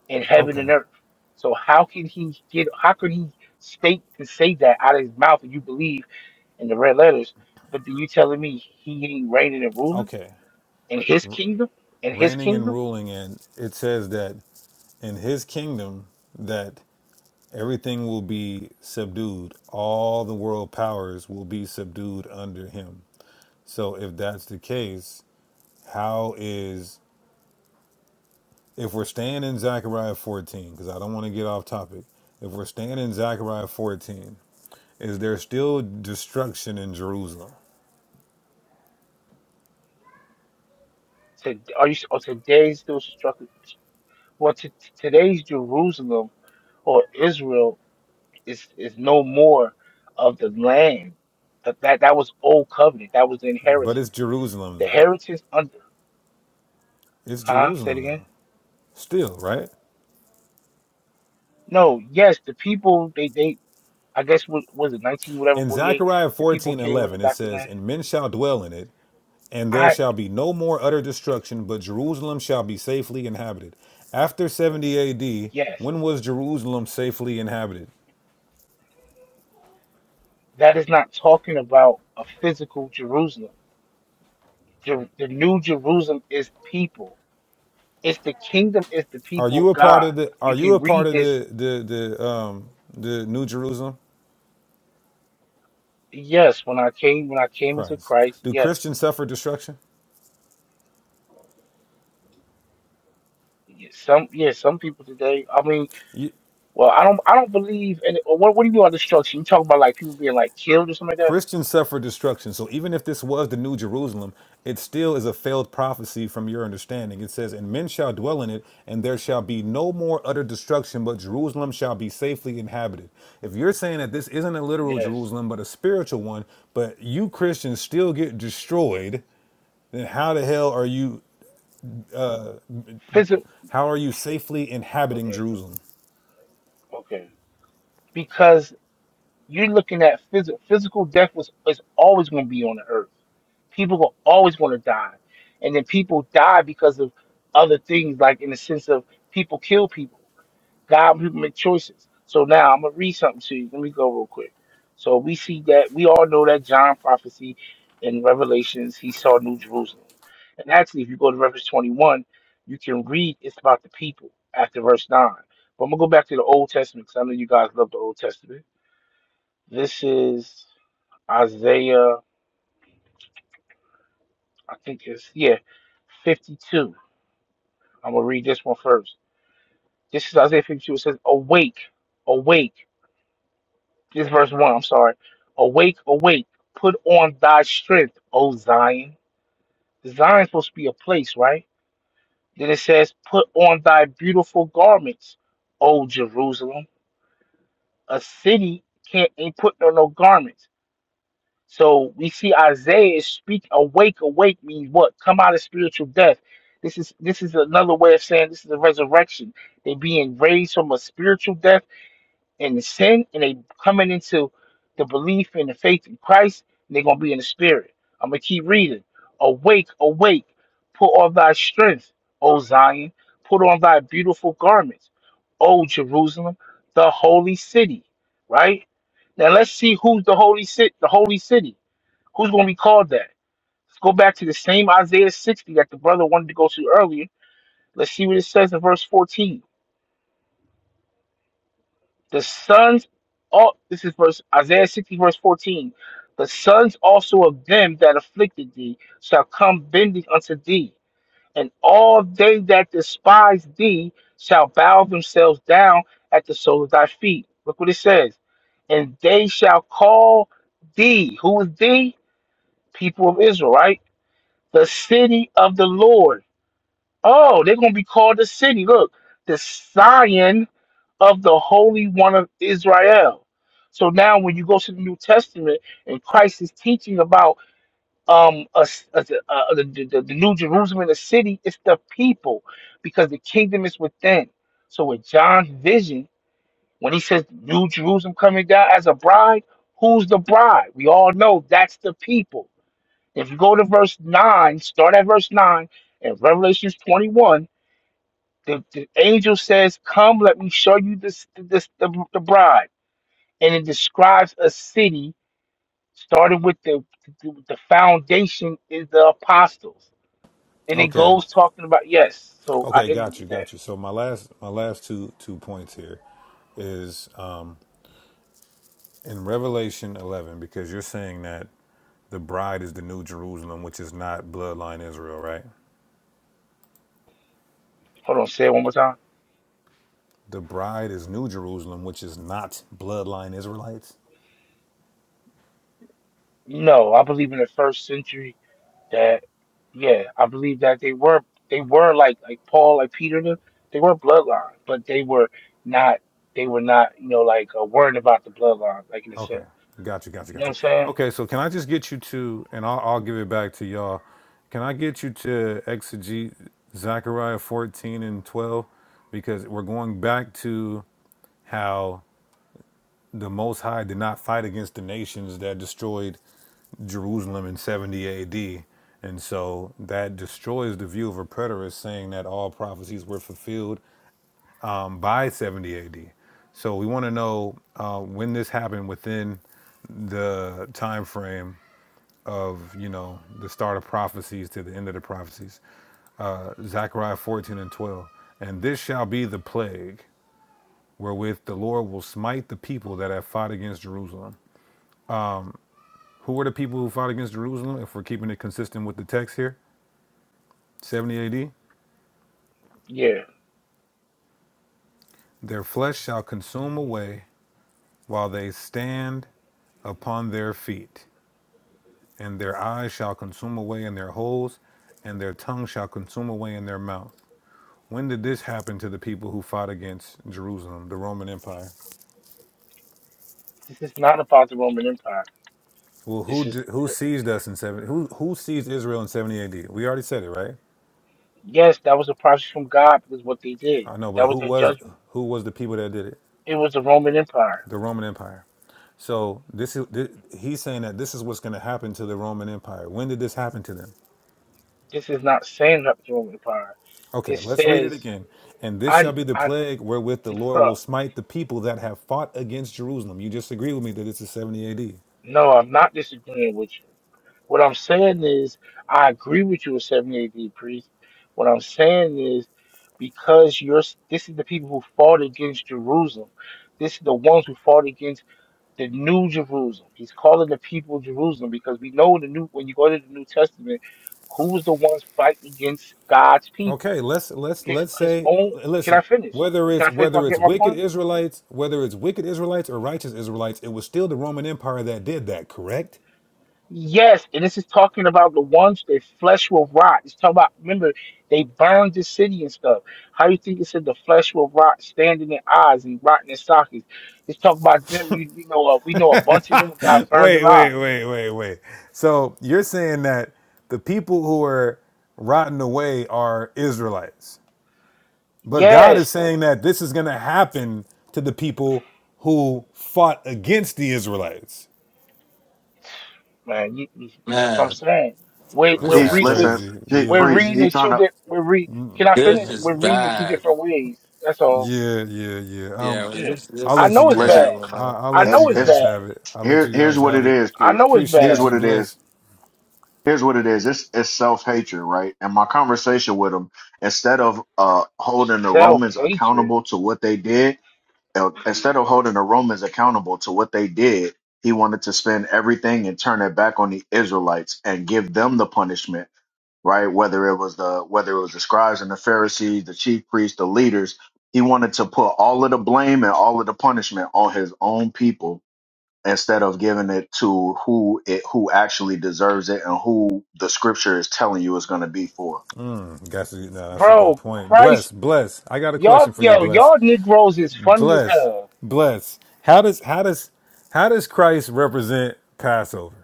in heaven
Okay.
and earth. So how can he get, how could he state and say that out of his mouth and you believe in the red letters, but then you telling me he ain't reigning and ruling
Okay.
in his kingdom, in his
Reigning and
kingdom?
ruling and it says that in his kingdom that everything will be subdued. All the world powers will be subdued under him. So if that's the case, how is if we're staying in Zechariah 14 because I don't want to get off topic. If we're staying in Zechariah 14 is there's still destruction in Jerusalem.
To, are you, or today's still struck, well, t- today's Jerusalem or Israel It's is no more of the land. That, that that was old covenant. That was the
But it's
inheritance.
Jerusalem
The
though.
heritage under
It's
huh? Say it
Jerusalem
again.
though. Still, right?
No, yes, the people they they I guess what was it nineteen whatever
In
forty eight.
Zechariah
The people
fourteen
came and they
eleven, it
got the
says,
land.
And men shall dwell in it, and there
I
shall be no more utter destruction, but Jerusalem shall be safely inhabited. After 70 AD,
yes,
when was Jerusalem safely inhabited?
that is not talking about a physical Jerusalem. Jer- the new Jerusalem is people. It's the kingdom. Is the
Are
people
you
of
a part
God.
of the are
You
you a
can
part
read
of
this.
the the, the um the New Jerusalem?
Yes, when I came when I came into
Christ.
Christ.
Do
Yes,
Christians suffer destruction?
Yeah, Some yeah, some people today. I mean,
You,
well, I don't I don't believe in or What what do you mean by destruction? You talking about like people being like killed or something like that?
Christians suffer destruction. So even if this was the New Jerusalem, it still is a failed prophecy from your understanding. It says, And men shall dwell in it, and there shall be no more utter destruction, but Jerusalem shall be safely inhabited. If you're saying that this isn't a literal
Yes.
Jerusalem, but a spiritual one, but you Christians still get destroyed, then how the hell are you
Physical.
how are you safely inhabiting
Okay.
Jerusalem?
Okay. Because you're looking at physical physical death was is always going to be on the earth. People will always want to die, and then people die because of other things, like in the sense of people kill people. God, people make choices. So now I'm gonna read something to you. Let me go real quick. So we see that we all know that John prophecy in Revelations he saw New Jerusalem, and actually if you go to Revelation 21, you can read it's about the people after verse nine. But I'm gonna go back to the Old Testament because I know you guys love the Old Testament. This is Isaiah, I think it's yeah, 52. I'm gonna read this one first. This is Isaiah 52. It says, "Awake, awake." This is verse one. I'm sorry. Awake, awake! Put on thy strength, O Zion. Zion's supposed to be a place, right? Then it says, "Put on thy beautiful garments, O Jerusalem." A city can't ain't putting on no garments. So we see Isaiah is speak awake, awake means what? Come out of spiritual death. This is this is another way of saying this is a resurrection. They're being raised from a spiritual death in the sin and they coming into the belief and the faith in Christ, and they're gonna be in the spirit. I'm gonna keep reading. Awake, awake, put on thy strength, O Zion, put on thy beautiful garments, O Jerusalem, the holy city. Right? Now let's see who's the holy city the holy city. Who's gonna be called that? Let's go back to the same Isaiah 60 that the brother wanted to go to earlier. Let's see what it says in verse 14. The sons, all this is verse Isaiah 60 verse 14. The sons also of them that afflicted thee shall come bending unto thee, and all they that despise thee shall bow themselves down at the sole of thy feet. Look what it says. And they shall call thee, who is thee? People of Israel, right? The city of the Lord. Oh, they're gonna be called the city. Look, the Zion of the Holy One of Israel. So now, when you go to the New Testament and Christ is teaching about um a, a, a- the, uh, the, the New Jerusalem, the city, it's the people because the kingdom is within. So with John's vision, when he says New Jerusalem coming down as a bride, who's the bride? We all know that's the people. If you go to verse nine, start at verse nine in Revelations twenty-one, the, the angel says, "Come, let me show you this, this the, the bride." and it describes a city starting with the the foundation is the apostles, and it
Okay.
goes talking about yes. So I
Okay,
ended
got
with
you,
that.
got you. So my last my last two two points here is in Revelation 11, because you're saying that the bride is the new Jerusalem, which is not bloodline Israel, right?
Hold on, say it one more time.
The bride is new Jerusalem, which is not bloodline Israelites.
No, I believe in the first century that yeah, I believe that they were they were like like Paul, like Peter, and them, they were bloodline, but they were not they were not you know like uh, worried about the bloodline like in a
Okay,
sense.
got you, got you,
You know
got
what I'm
you.
saying?
Okay, so can I just get you to, and I'll, I'll give it back to y'all. Can I get you to exegete Zechariah 14 and 12? Because we're going back to how the Most High did not fight against the nations that destroyed Jerusalem in 70 AD. And so that destroys the view of a preterist saying that all prophecies were fulfilled um, by 70 AD. So we want to know uh, when this happened within the time frame of you know the start of prophecies to the end of the prophecies. Uh, Zechariah 14 and 12. And this shall be the plague wherewith the Lord will smite the people that have fought against Jerusalem. Who were the people who fought against Jerusalem? If we're keeping it consistent with the text here, 70 AD.
Yeah,
Their flesh shall consume away while they stand upon their feet, and their eyes shall consume away in their holes, and their tongue shall consume away in their mouth. When did this happen to the people who fought against Jerusalem, the Roman Empire?
this is not about the Roman Empire.
Well,
This
who
is
did, who seized us in seventy? Who who seized Israel in seventy A.D.? We already said it, right?
Yes, that was a prophecy from God because what they did.
I know, but
That
who
was their
was
judgment.
who was the people that did it?
It was the Roman Empire.
The Roman Empire. So this is thi- he's saying that this is what's going to happen to the Roman Empire. When did this happen to them?
This is not saying that the Roman Empire.
Okay,
It
let's read it
says,
again. And this shall
I,
be the
I,
plague wherewith the Lord will
bruh,
smite the people that have fought against Jerusalem. You just agree with me that it's a 70 AD.
no, I'm not disagreeing with you. What I'm saying is, I agree with you with 70 AD, priest. What I'm saying is, because you're, this is the people who fought against Jerusalem. This is the ones who fought against the new Jerusalem. He's calling the people Jerusalem because we know the new when you go to the New Testament, who was the ones fighting against God's people?
Okay, let's let's
His
let's
his
say
own can I
listen,
finish?
whether
Can
it's
I finish my
whether it's
get my
wicked
point?
Israelites, whether it's wicked Israelites or righteous Israelites, it was still the Roman Empire that did that, correct?
Yes, and this is talking about the ones their flesh will rot. It's talking about remember they burned the city and stuff. How you think it said the flesh will rot, standing in eyes and rotting in sockets? It's talking about them. We, we know uh, we know a bunch of them got burned
Wait, wait,
alive.
wait, wait, wait. So you're saying that the people who are rotting away are Israelites. But God is
Yes,
saying that this is going to happen to the people who fought against the Israelites.
man. You, you, you- that's what I'm
Man,
saying. We're
This
we're,
He
is
man,
re, we're
listen,
crazy.
he,
Yeah,
we're
priest.
reading
yeah,
He
it
trying
two
to
different. We're re. Can I
this
finish?
is
We're reading it two
bad.
different ways. That's all.
yeah, yeah, yeah.
Yeah,
Um,
man, this
I'll
this
I
let
is
know
you
it's
guys.
listen.
bad.
terrible,
I,
man.
I'll
I
let you
know
It's
it's
guys
it's
bad.
have it. I'll let
here.
you
Here's
guys
what
have
it
it.
is,
I
priest.
know it's
Here's
Appreciate
bad.
what
you,
it
bless.
is. Here's what it is. It's it's self hatred, right? And my conversation with him, instead of uh holding the
Self
Romans
hatred,
accountable to what they did, uh, instead of holding the Romans accountable to what they did, he wanted to spend everything and turn it back on the Israelites and give them the punishment, right? Whether it was the whether it was the scribes and the Pharisees, the chief priests, the leaders, he wanted to put all of the blame and all of the punishment on his own people instead of giving it to who it who actually deserves it and who the scripture is telling you it's going to be for.
That's a, no, that's a good
bro.
point.
Christ,
Bless, bless. I got a question
y'all,
for you,
yo,
bless,
y'all Negroes is funny as
bless,
hell.
bless. How does how does how does Christ represent Passover?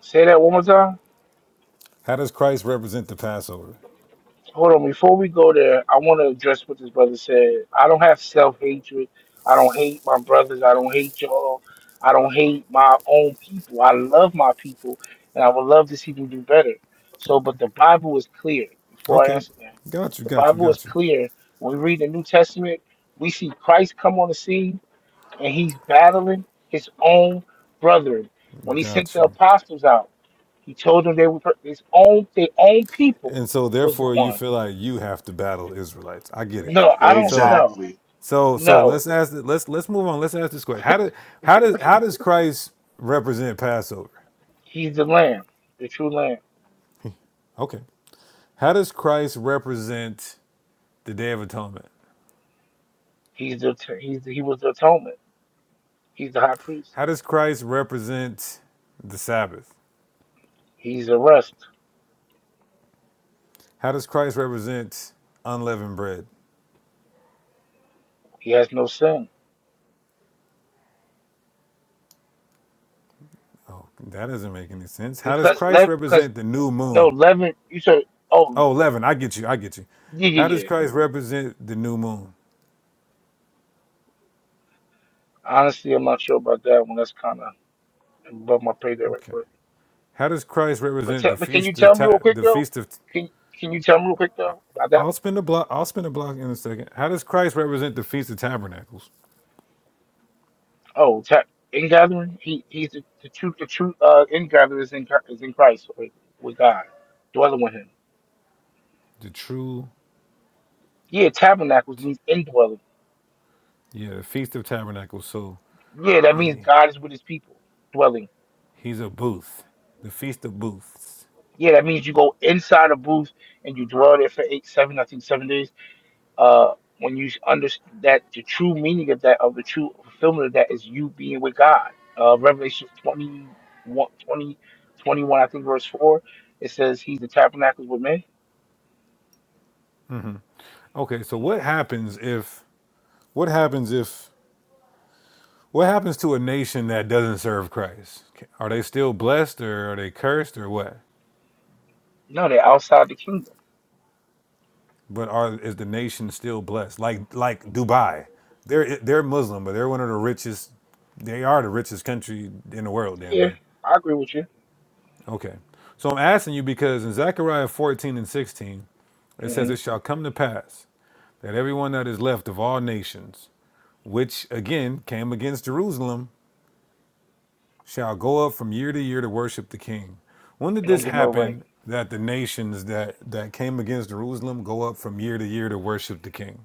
Say that one more time.
How does Christ represent the Passover?
hold on before we go there i want to address what this brother said i don't have self-hatred i don't hate my brothers i don't hate y'all i don't hate my own people i love my people and i would love to see them do better so but
Okay.
the bible is clear before i
Okay.
answer that
Got you,
the
got you,
bible is
got you.
clear when we read the new testament we see christ come on the scene and he's battling his own brethren when he sent
Got
the
you.
apostles out he told them they were his own their own people
And so
was the
therefore you
one
feel like you have to battle Israelites. I get it.
no, I don't
So
know.
Exactly.
so so
No,
let's ask the- let's let's move on. Let's ask this question. How did how does how does Christ represent Passover?
he's the Lamb, the true Lamb.
Okay. How does Christ represent the Day of Atonement?
He's the he's the, he was the atonement. He's the high priest.
How does Christ represent the Sabbath?
He's the rest.
How does Christ represent unleavened bread?
He has no sin
Oh, that doesn't make any sense. How does
because
Christ
le because
represent the new
no
moon?
leaven. You said oh
Oh 11, I get you. I get you.
yeah
How
yeah
does
yeah.
Christ represent the new moon?
Honestly, I'm not sure about that one. That's kind of above my pay there right
Okay.
quick.
How does Christ
But
represent
te-
the
but can you
feast of
tell me real
ta-
quick
the
though?
feast of?
Can can you tell me real quick though about that
I'll
one?
spin a block. I'll spin a block in a second. How does Christ represent the feast of tabernacles?
Oh, ta- in gathering. He he's the, the true the true uh in gathering is in Chri- is in Christ with with God dwelling with him.
The true,
Yeah, tabernacles means indwelling.
yeah, the feast of tabernacles. So
Yeah, that means God is with his people, dwelling.
he's a booth, the feast of booths.
Yeah, that means you go inside a booth and you dwell there for eight, seven, I think seven days. Uh, when you understand that the true meaning of that, of the true fulfillment of that is you being with God. Uh, Revelation twenty one, twenty, twenty one, I think verse 4, it says he's the tabernacles with men.
Okay, so
Yeah.
what happens if? What happens if? What happens to a nation that doesn't serve Christ? Are they still blessed, or are they cursed, or what?
No, they're outside the kingdom.
But are is the nation still blessed? Like like Dubai, they're they're Muslim, but they're one of the richest. They are the richest country in the world, damn
Yeah,
near.
I agree with you.
Okay, so I'm asking you because in Zechariah 14 and 16, it
hmm
says, "It shall come to pass that everyone that is left of all nations, which again came against Jerusalem, shall go up from year to year to worship the King." When did
You don't
this
get no rain.
happen? That the nations that that came against Jerusalem go up from year to year to worship the King.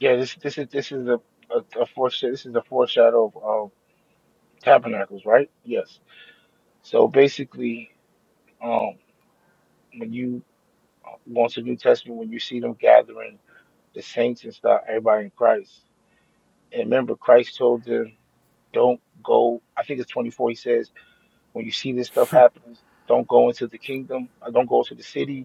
Yeah, this this is this is a a, a foreshadow. This is a foreshadow of um, tabernacles, right? Yes. So basically, um, when you uh, go into New Testament, when you see them gathering the saints and stuff, everybody in Christ. And remember, Christ told them, "Don't go." I think it's twenty four. He says, "When you see this stuff happening, don't go into the kingdom. uh, Don't go to the city.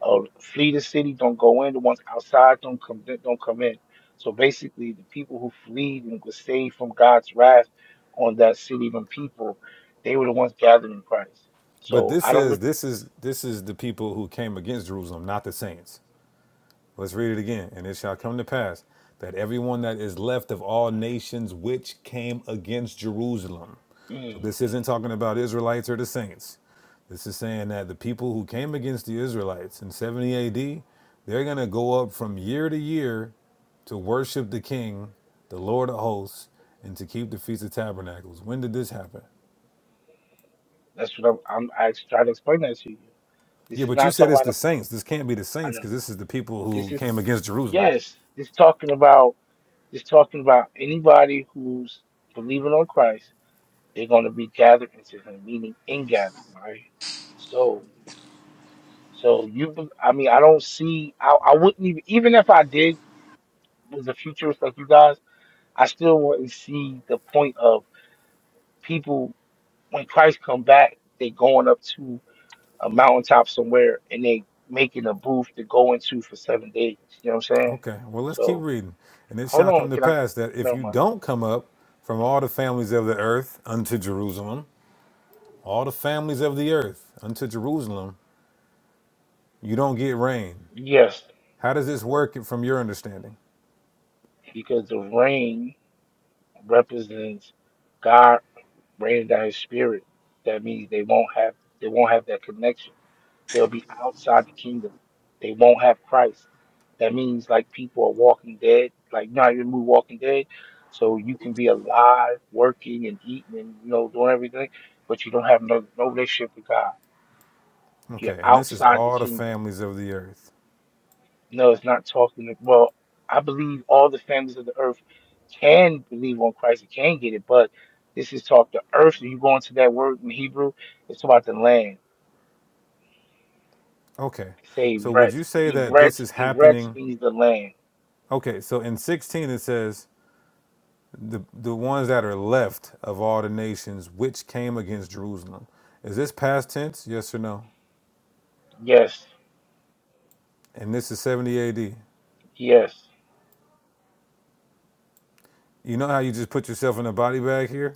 Uh, flee the city, don't go in. The ones outside don't come don't come in. So basically, the people who fleed and were saved from God's wrath on that city and people, they were the ones gathered in Christ.
But
So
this
I don't
says
look.
this is this is the people who came against Jerusalem, not the saints. Let's read it again. And it shall come to pass that everyone that is left of all nations which came against Jerusalem. So
Mm,
this isn't talking about Israelites or the saints. This is saying that the people who came against the Israelites in 70 AD, they're going to go up from year to year to worship the king, the Lord of hosts, and to keep the Feast of Tabernacles. When did this happen?
that's what I'm. I'm I try to explain that to you. This
Yeah,
is
but you
not
said
talking
it's the
about.
saints. This can't be the
A, I
saints
know,
because this is the people
this
who
is
came against Jerusalem.
yes. This talking about. This talking about anybody who's believing on Christ. They're going to be gathered into Him, meaning ingathered, right? So So you, I mean, I don't see. I, I wouldn't even, even if I did was a futurist like you guys, I still wouldn't see the point of people when Christ come back, they going up to a mountaintop somewhere and they making a booth to go into for seven days. You know what I'm saying?
Okay, well, let's keep
So
reading. And it
hold
shall
on,
come to
can I?
pass that if
Never
you
mind.
don't come up from all the families of the earth unto Jerusalem, all the families of the earth unto Jerusalem, you don't get rain.
Yes,
How does this work from your understanding?
because the rain represents God raining down His Spirit. That means they won't have they won't have that connection They'll be outside the kingdom. They won't have Christ. That means like people are walking dead, like not even move walking dead. So you can be alive, working and eating and you know, doing everything, but you don't have no, no relationship with God. You're
Okay, and this is
outside the
all the
kingdom.
families of the earth.
No, it's not talking To, well, I believe all the families of the earth can believe on Christ and can get it, but this is talk the earth. You go into that word in Hebrew, it's about the land.
Okay,
Say
so would
Eretz.
you say that this
Eretz,
is
Eretz
happening?
means the land.
Okay, so in 16 it says, the the ones that are left of all the nations which came against Jerusalem. Is this past tense? Yes or no?
Yes,
And this is 70 AD.
yes.
You know how you just put yourself in a body bag here?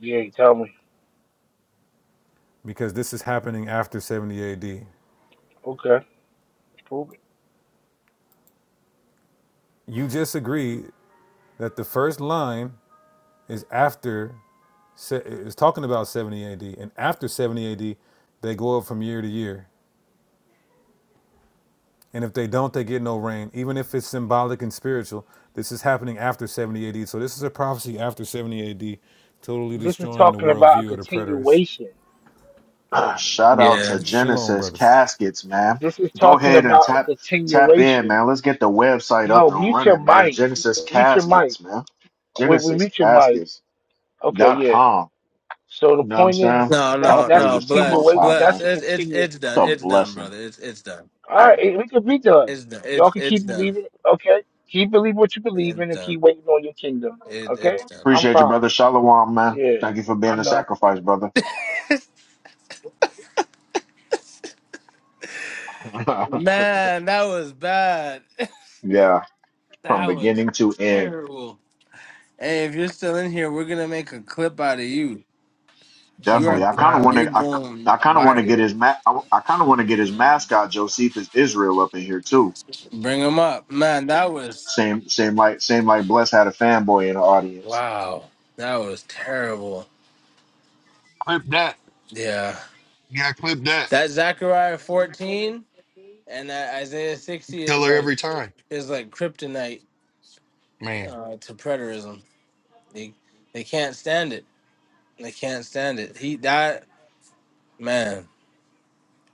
Yeah, you tell me.
Because this is happening after 70 AD.
Okay, prove it.
You just agreed that the first line is after is talking about 70 AD and after 70 AD they go up from year to year. And if they don't, they get no rain, even if it's symbolic and spiritual. This is happening after 70 AD. So this is a prophecy after 70 AD, totally
This is
destroying the
talking about a
worldview of the preterists.
continuation.
Shout out
Yeah.
to
Shalom,
Genesis
brothers.
Caskets, man.
This is
Go
talking
ahead and
about a
tap tap in,
continuation.
man. Let's get the website up
Yo,
and
mute your
running, man.
mic.
Genesis
Mute your mic.
Caskets, man.
We, we
Genesis
mute your mic.
Caskets
Okay,
dot
yeah.
com.
So the
You know what I'm
point is,
saying?
No,
that's
All
no,
that's
no.
praises to the
Bless,
Most
continuate.
High, man.
bless.
That's
It's
to
It's it's
continue.
it's done.
a
It's done,
blessing.
brother. It's it's done.
All
Hey,
right, eh, we could be done.
It's done.
Y'all
It's
can
it's
keep
done.
believing. Okay, keep believing what you believe
It's
in, and
done.
keep waiting on your kingdom.
It,
Okay,
it's done.
I'm
appreciate you,
fine.
brother. Shalom, man.
Yeah,
Thank you for
I
being a
know.
sacrifice, brother.
Man, that was bad.
yeah,
that
from
was
beginning to end,
terrible. Hey, if you're still in here, we're gonna make a clip out of you. You
definitely.
are
I kind of want
Uh,
you're
to. I, I
going
kind of want to get
viral.
his ma- I, I kind of want to get his mascot Josephus Israel up in here too.
Bring them up, man. That was
Same, same like, same like. Bless had a fanboy in the audience.
wow. That was terrible.
clip that.
Yeah,
Yeah, clip that.
that Zechariah fourteen and that Isaiah sixty is
Killer
like
every time,
is like kryptonite
man.
uh, to preterism. They they can't stand it. They can't stand it. He that man.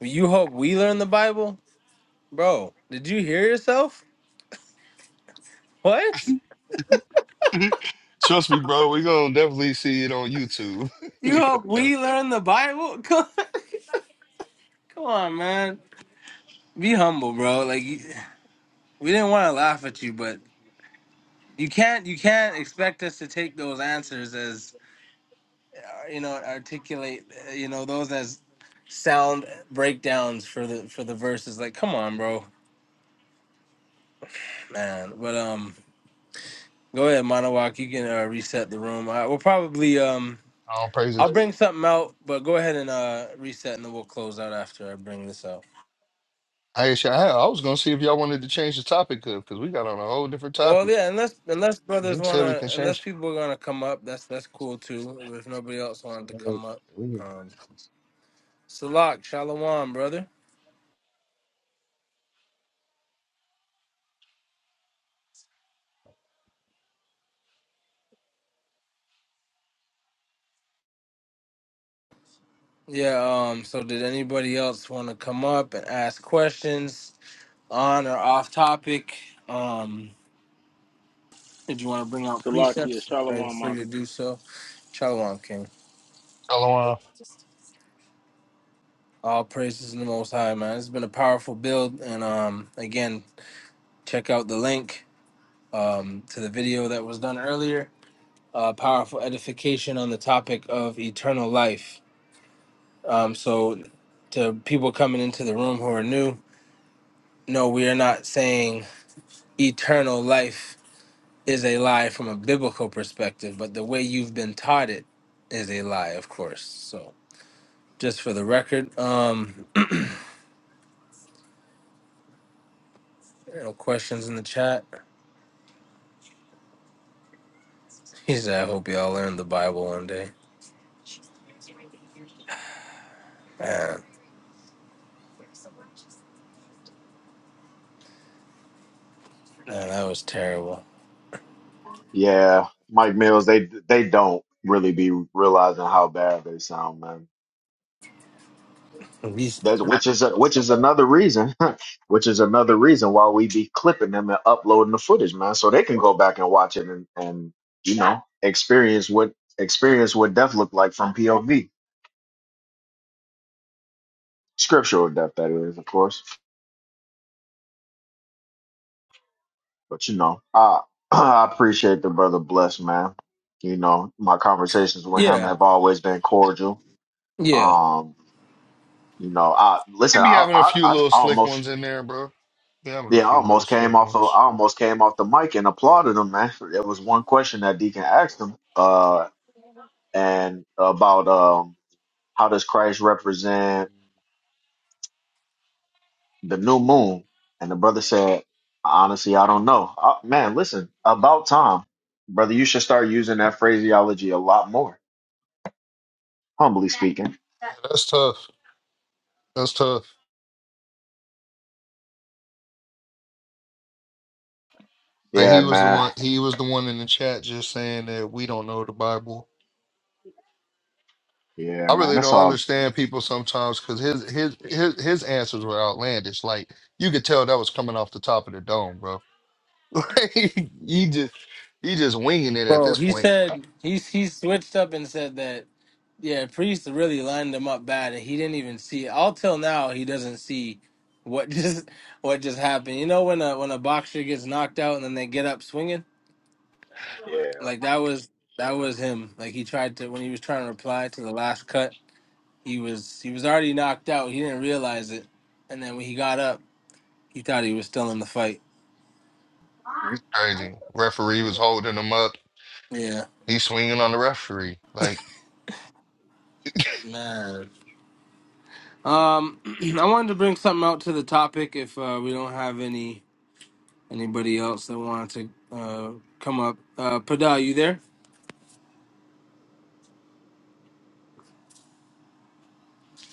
You hope we learn the Bible, bro. Did you hear yourself? What?
Trust me, bro. We're gonna definitely see it on YouTube.
You hope we learn the Bible? Come on, man. Be humble, bro. Like. we didn't want to laugh at you, but you can't you can't expect us to take those answers as uh, you know articulate uh, you know those as sound breakdowns for the for the verses. Like, come on, bro, man. But um, go ahead, Monowalk. You can uh, reset the room. I, we'll probably um.
All
I'll
praises.
bring something out, but go ahead and uh, reset, and then we'll close out after I bring this out.
I actually, I, I was gonna see if y'all wanted to change the topic up because we got on a whole different
Well,
topic.
yeah, unless unless brothers
You said we
wanna,
can
unless
change.
people are gonna come up, that's that's cool too. If nobody else wanted
it.
to
Uh,
come up,
We can
um. Salak, Shalom, brother. Yeah, um, so did anybody else want to come up and ask questions on or off topic? Um, did you want to bring out
Salakia,
precepts? Feel
Shalom,
free
Maka.
to do so. Shalom, King.
follow on.
All praises in the Most High, man. It's been a powerful build, and um, again, check out the link um, to the video that was done earlier. Uh, powerful edification on the topic of eternal life. Um, so, to people coming into the room who are new, No, we are not saying eternal life is a lie from a biblical perspective, but the way you've been taught it is a lie, of course. So, just for the record, um, there are no questions in the chat. He said, "I hope y'all learn the Bible one day." Man, man, that was terrible.
Yeah, Mike Mills. They they don't really be realizing how bad they sound, man.
He's
That which is which is another reason, which is another reason why we be clipping them and uploading the footage, man, so they can go back and watch it and and you know experience what experience what death looked like from POV, scriptural death, that is, of course. But you know, I I appreciate the brother bless, man. You know, my conversations with him
yeah,
have always been cordial.
yeah.
Um, you know, I
They
listen,
be
I
having a
I,
few
I
little slick
almost
ones in there, bro. Be having a
yeah, I
few little
almost came
slick
off of
ones.
I almost came off the mic and applauded him, man. There was one question that Deacon asked him, uh, and about um how does Christ represent the new moon? And the brother said, honestly, I don't know. Uh, man, listen, about time, brother. You should start using that phraseology a lot more humbly speaking.
That's tough. That's tough. Like
Yeah,
he was the
man.
one. He was the one in the chat just saying that we don't know the Bible.
Yeah,
I
man.
really
That's
don't
all.
understand people sometimes because his his his his answers were outlandish. Like you could tell that was coming off the top of the dome, bro. Like, he just he just winging it at
Well,
this
he
point.
said he he switched up and said that. Yeah, Priest really lined him up bad, and he didn't even see. All till now he doesn't see what just what just happened. You know when a when a boxer gets knocked out and then they get up swinging,
Yeah.
like that was that was him. Like he tried to when he was trying to reply to the last cut, he was he was already knocked out. He didn't realize it, and then when he got up, he thought he was still in the fight.
Crazy. Referee was holding him up.
Yeah,
He's swinging on the referee. Like,
man. Um, I wanted to bring something out to the topic if uh, we don't have any. Anybody else that wanted to uh, come up? Uh, Pada, you there?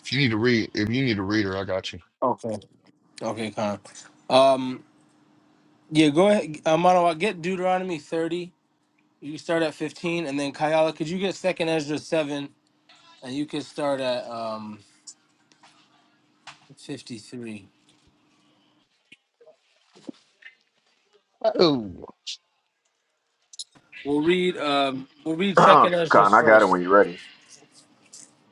if you need to read, if you need a reader, I got you.
Okay. Okay, Khan. Um, yeah, go ahead. Uh, Manawa, get Deuteronomy 30. You can start at 15. And then, Kayala, could you get 2nd Ezra 7? And you can start at um, 53.
Oh.
We'll read um, we'll read 2nd Ezra
Con, I got it
first.
when you're ready.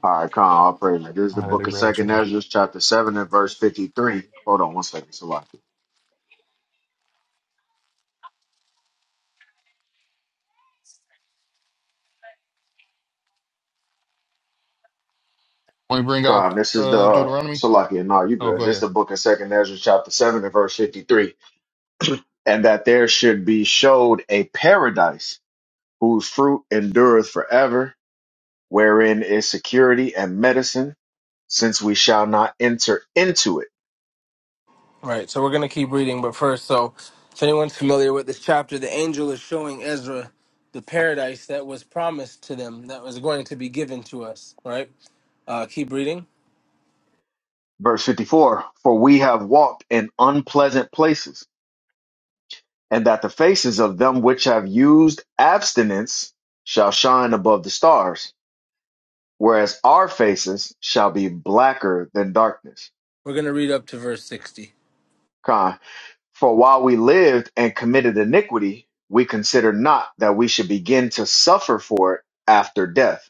All right, Con, all praises. This is the
All right, they
book of
grab
Second
some.
Ezra, chapter 7 and verse 53. Hold on one second, Salaki.
Want to bring out
Con, this is the,
uh,
uh,
Deuteronomy?
Salaki, and no, you
Oh, go
good. This is
ahead.
the book of Second Ezra, chapter 7 and verse 53. And that there should be showed a paradise whose fruit endureth forever, wherein is security and medicine, since we shall not enter into it
Right, so we're going to keep reading, but first, so if anyone's familiar with this chapter, the angel is showing Ezra the paradise that was promised to them, that was going to be given to us, right? Uh, keep reading.
Verse 54 For we have walked in unpleasant places, and that the faces of them which have used abstinence shall shine above the stars, whereas our faces shall be blacker than darkness.
We're going to read up to verse 60.
Con. For while we lived and committed iniquity, we considered not that we should begin to suffer for it after death.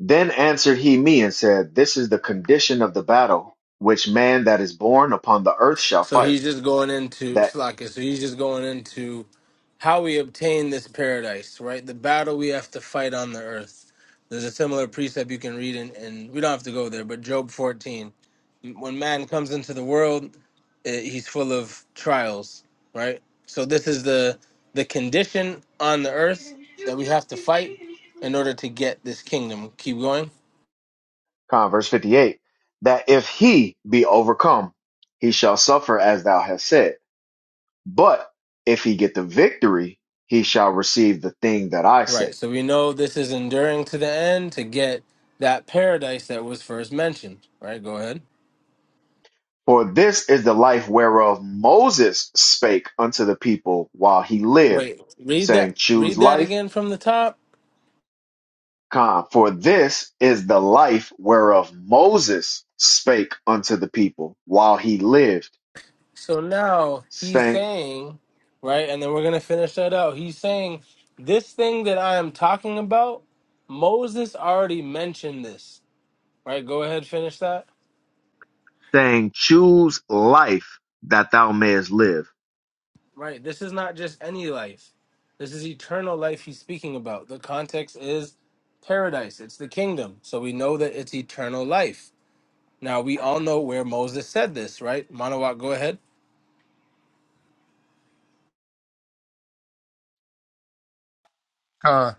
Then answered he me and said, This is the condition of the battle which man that is born upon the earth shall
So
fight
he's just going into
That.
Slakia, so he's just going into how we obtain this paradise, right? The battle we have to fight on the earth. There's a similar precept you can read, in, and we don't have to go there, but Job 14. When man comes into the world, uh, he's full of trials, right? So this is the the condition on the earth that we have to fight in order to get this kingdom. Keep going.
Con, verse 58, that if he be overcome, he shall suffer as thou hast said. But if he get the victory, he shall receive the thing that I
Right.
say.
So we know this is enduring to the end to get that paradise that was first mentioned, right? Go ahead.
For this is the life whereof Moses spake unto the people while he lived,
Wait, read that
saying, Choose
read that
life.
again from the top.
Con, for this is the life whereof Moses spake unto the people while he lived,
So now he's
saying,
saying, right? And then we're going to finish that out. He's saying this thing that I am talking about, Moses already mentioned this Right, go ahead, finish that.
saying Choose life that thou mayest live
Right, this is not just any life. This is eternal life he's speaking about. The context is paradise, it's the kingdom. So we know that it's eternal life. Now, we all know where Moses said this, right? Manawak, go ahead
Uh,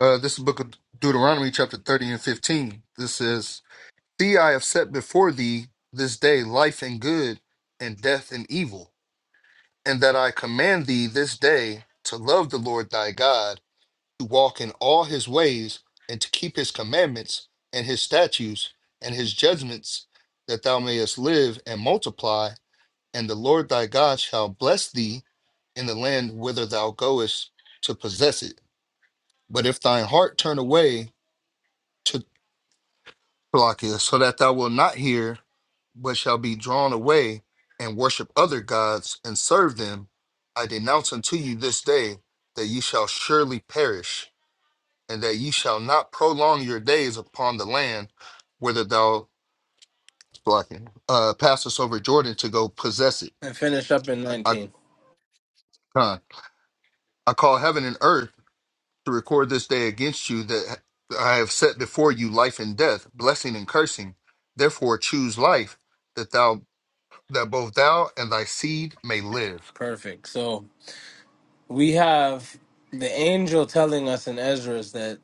uh, this is book of Deuteronomy, chapter 30 and 15. This says, See, I have set before thee this day life and good, and death and evil, and that I command thee this day to love the Lord thy God to walk in all his ways and to keep his commandments and his statutes and his judgments, that thou mayest live and multiply, and the Lord thy God shall bless thee in the land whither thou goest to possess it. But if thine heart turn away to Pelagius, so that thou wilt not hear, but shall be drawn away and worship other gods and serve them, I denounce unto you this day that ye shall surely perish. and that ye shall not prolong your days upon the land whither thou blocking uh passest over Jordan to go possess it.
and finish up in
I
19.
uh, I call heaven and earth to record this day against you that I have set before you life and death, blessing and cursing. Therefore choose life that thou that both thou and thy seed may live.
Perfect. So we have the angel telling us in Ezra's that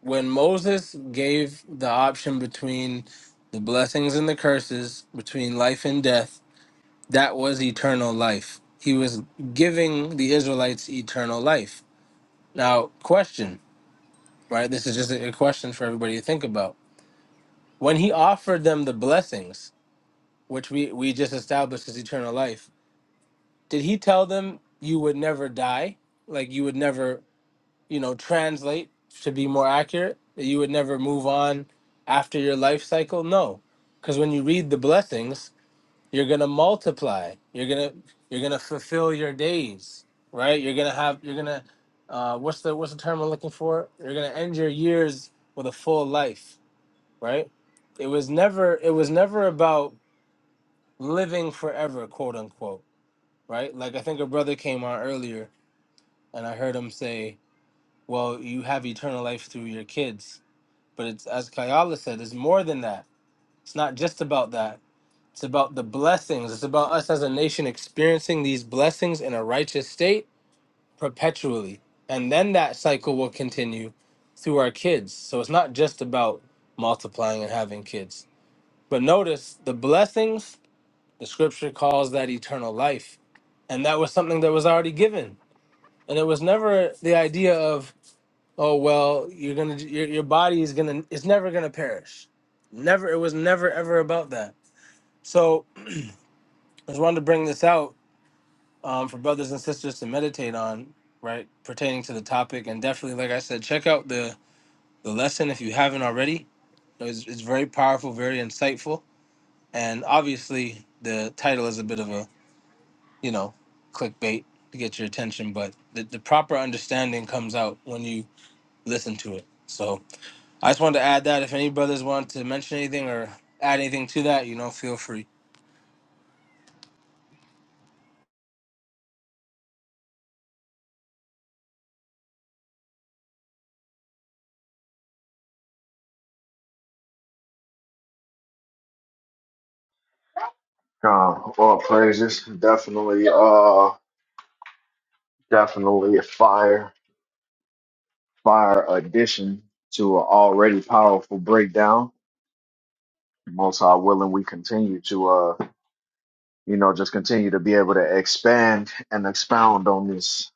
when Moses gave the option between the blessings and the curses, between life and death, that was eternal life. He was giving the Israelites eternal life. Now, question, right? This is just a a question for everybody to think about. When he offered them the blessings, which we, we just established as eternal life, did he tell them you would never die? Like you would never, you know, translate to be more accurate, that you would never move on after your life cycle? No. Because when you read the blessings, You're gonna multiply. You're gonna you're gonna fulfill your days, right? You're gonna have you're gonna uh, what's the what's the term I'm looking for? You're gonna end your years with a full life, right? It was never it was never about living forever, quote unquote, right? Like I think a brother came on earlier and I heard him say, "Well, you have eternal life through your kids," but it's as Kayala said, it's more than that. It's not just about that. It's about the blessings. It's about us as a nation experiencing these blessings in a righteous state perpetually. And then that cycle will continue through our kids. So it's not just about multiplying and having kids. But notice the blessings, the scripture calls that eternal life. And that was something that was already given. And it was never the idea of, oh, well, you're going to, your, your body is going to, it's never going to perish. Never, it was never ever about that. So I just wanted to bring this out um, for brothers and sisters to meditate on, right, pertaining to the topic. And definitely, like I said, check out the the lesson if you haven't already. It's, it's very powerful, very insightful, and obviously the title is a bit of a you know clickbait to get your attention, but the, the proper understanding comes out when you listen to it. So I just wanted to add that. If any brothers want to mention anything or add anything to that, you know, feel free.
God, all praises. Definitely, uh, definitely a fire, fire addition to an already powerful breakdown. Most High willing, we continue to, uh, you know, just continue to be able to expand and expound on this.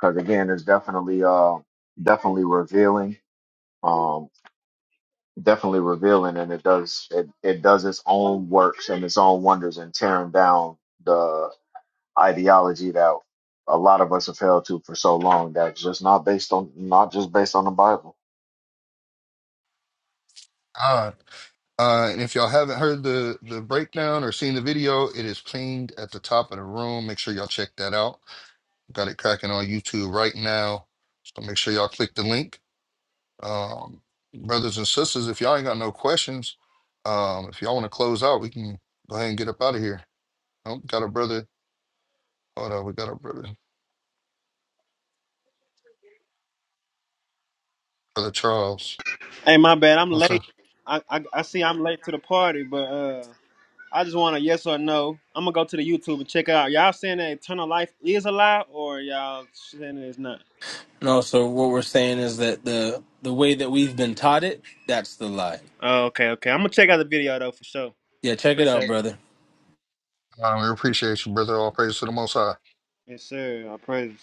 Cause again, it's definitely, uh, definitely revealing, um, definitely revealing and it does, it, it does its own works and its own wonders and tearing down ideology that a lot of us have held to for so long that's just not based on not just based on the Bible.
Ah. Uh, and if y'all haven't heard the, the breakdown or seen the video, it is pinned at the top of the room. Make sure y'all check that out. Got it cracking on YouTube right now. So make sure y'all click the link. Um, brothers and sisters, if y'all ain't got no questions, um, if y'all want to close out, we can go ahead and get up out of here. Oh, got a brother. Hold on, we got a brother, brother Charles.
Hey, my bad. I'm
What's up?
late. I, I I see I'm late to the party, but uh, I just want a yes or no. I'm gonna go to the YouTube and check it out. Y'all saying that eternal life is a lie, or y'all saying it's not?
And also, what we're saying is that the the way that we've been taught it, that's the lie.
Oh, okay, okay. I'm gonna check out the video though for sure.
Yeah, check it
Appreciate
out,
it.
brother.
Um, we appreciate you, brother. All praise to the Most High.
Yes, sir. I praise.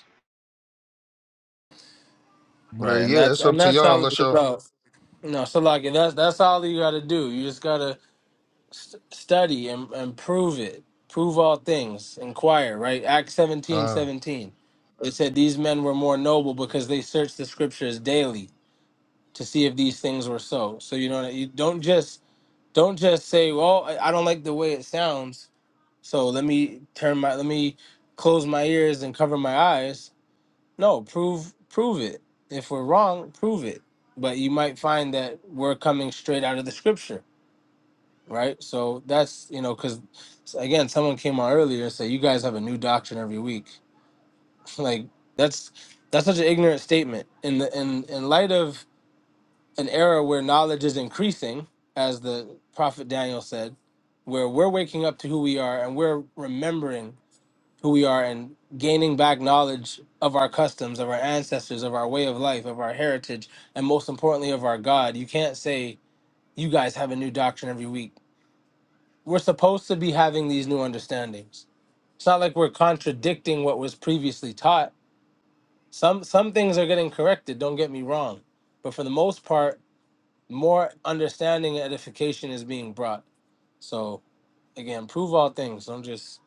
But uh,
Right, and
yeah,
that's
it's up
and
to
that's
y'all.
all it's
Unless y'all,
about. No, so like that's that's all you got to do. You just gotta st- study and, and prove it. Prove all things. Inquire. Right, Acts seventeen
uh,
seventeen. It said these men were more noble because they searched the scriptures daily to see if these things were so. So you know you don't just don't just say, well, I I don't like the way it sounds, so let me turn my let me close my ears and cover my eyes No, prove prove it. If we're wrong, prove it. But you might find that we're coming straight out of the scripture, right? So that's you know, because again, someone came on earlier and said you guys have a new doctrine every week. like that's that's such an ignorant statement. In the in in light of an era where knowledge is increasing, as the prophet Daniel said, where we're waking up to who we are and we're remembering who we are and gaining back knowledge of our customs, of our ancestors, of our way of life, of our heritage, and most importantly, of our God. You can't say you guys have a new doctrine every week. We're supposed to be having these new understandings. It's not like we're contradicting what was previously taught. Some some things are getting corrected, don't get me wrong. But for the most part, more understanding and edification is being brought. So again, prove all things. Don't just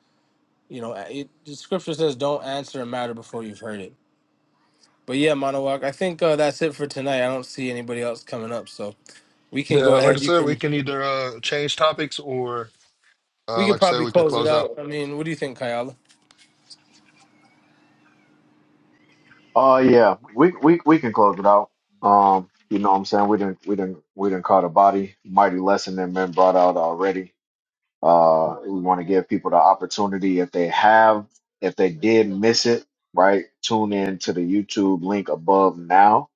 you know, it, the scripture says, "Don't answer a matter before you've heard it." But yeah, Monowak, I think uh, that's it for tonight. I don't see anybody else coming up, so we can
yeah,
go
like I
ahead. You
said, we
can
can either uh change topics or,
we
uh,
could
like I said,
probably
we could
close it
close out.
out. I mean, what do you think, Kayala?
Oh yeah, we we we can close it out. Um, you know what I'm saying? We didn't we didn't we didn't call the body mighty lesson that men brought out already. Uh, we want to give people the opportunity if they have if they did miss it, right? Tune in to the YouTube link above now.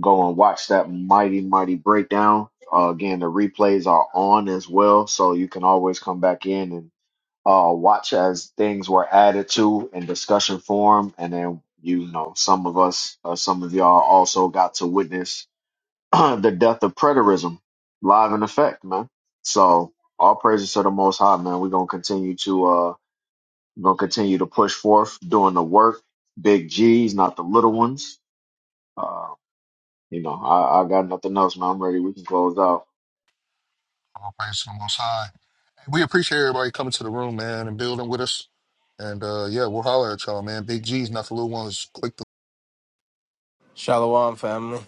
Go and watch that mighty mighty breakdown. Uh, again, the replays are on as well, so you can always come back in and uh, watch as things were added to in discussion form, and then you know some of us, uh, some of y'all also got to witness the death of preterism live in effect, man. So all praises to the Most High, man. We're gonna continue to uh, we're gonna continue to push forth, doing the work, big G's, not the little ones. Uh, you know, I, I got nothing else, man. I'm ready. We can close out.
All praise to the Most High. We appreciate everybody coming to the room, man, and building with us. And uh, yeah, we'll holler at y'all, man. Big G's, not the little ones. Click the
Shalom, family.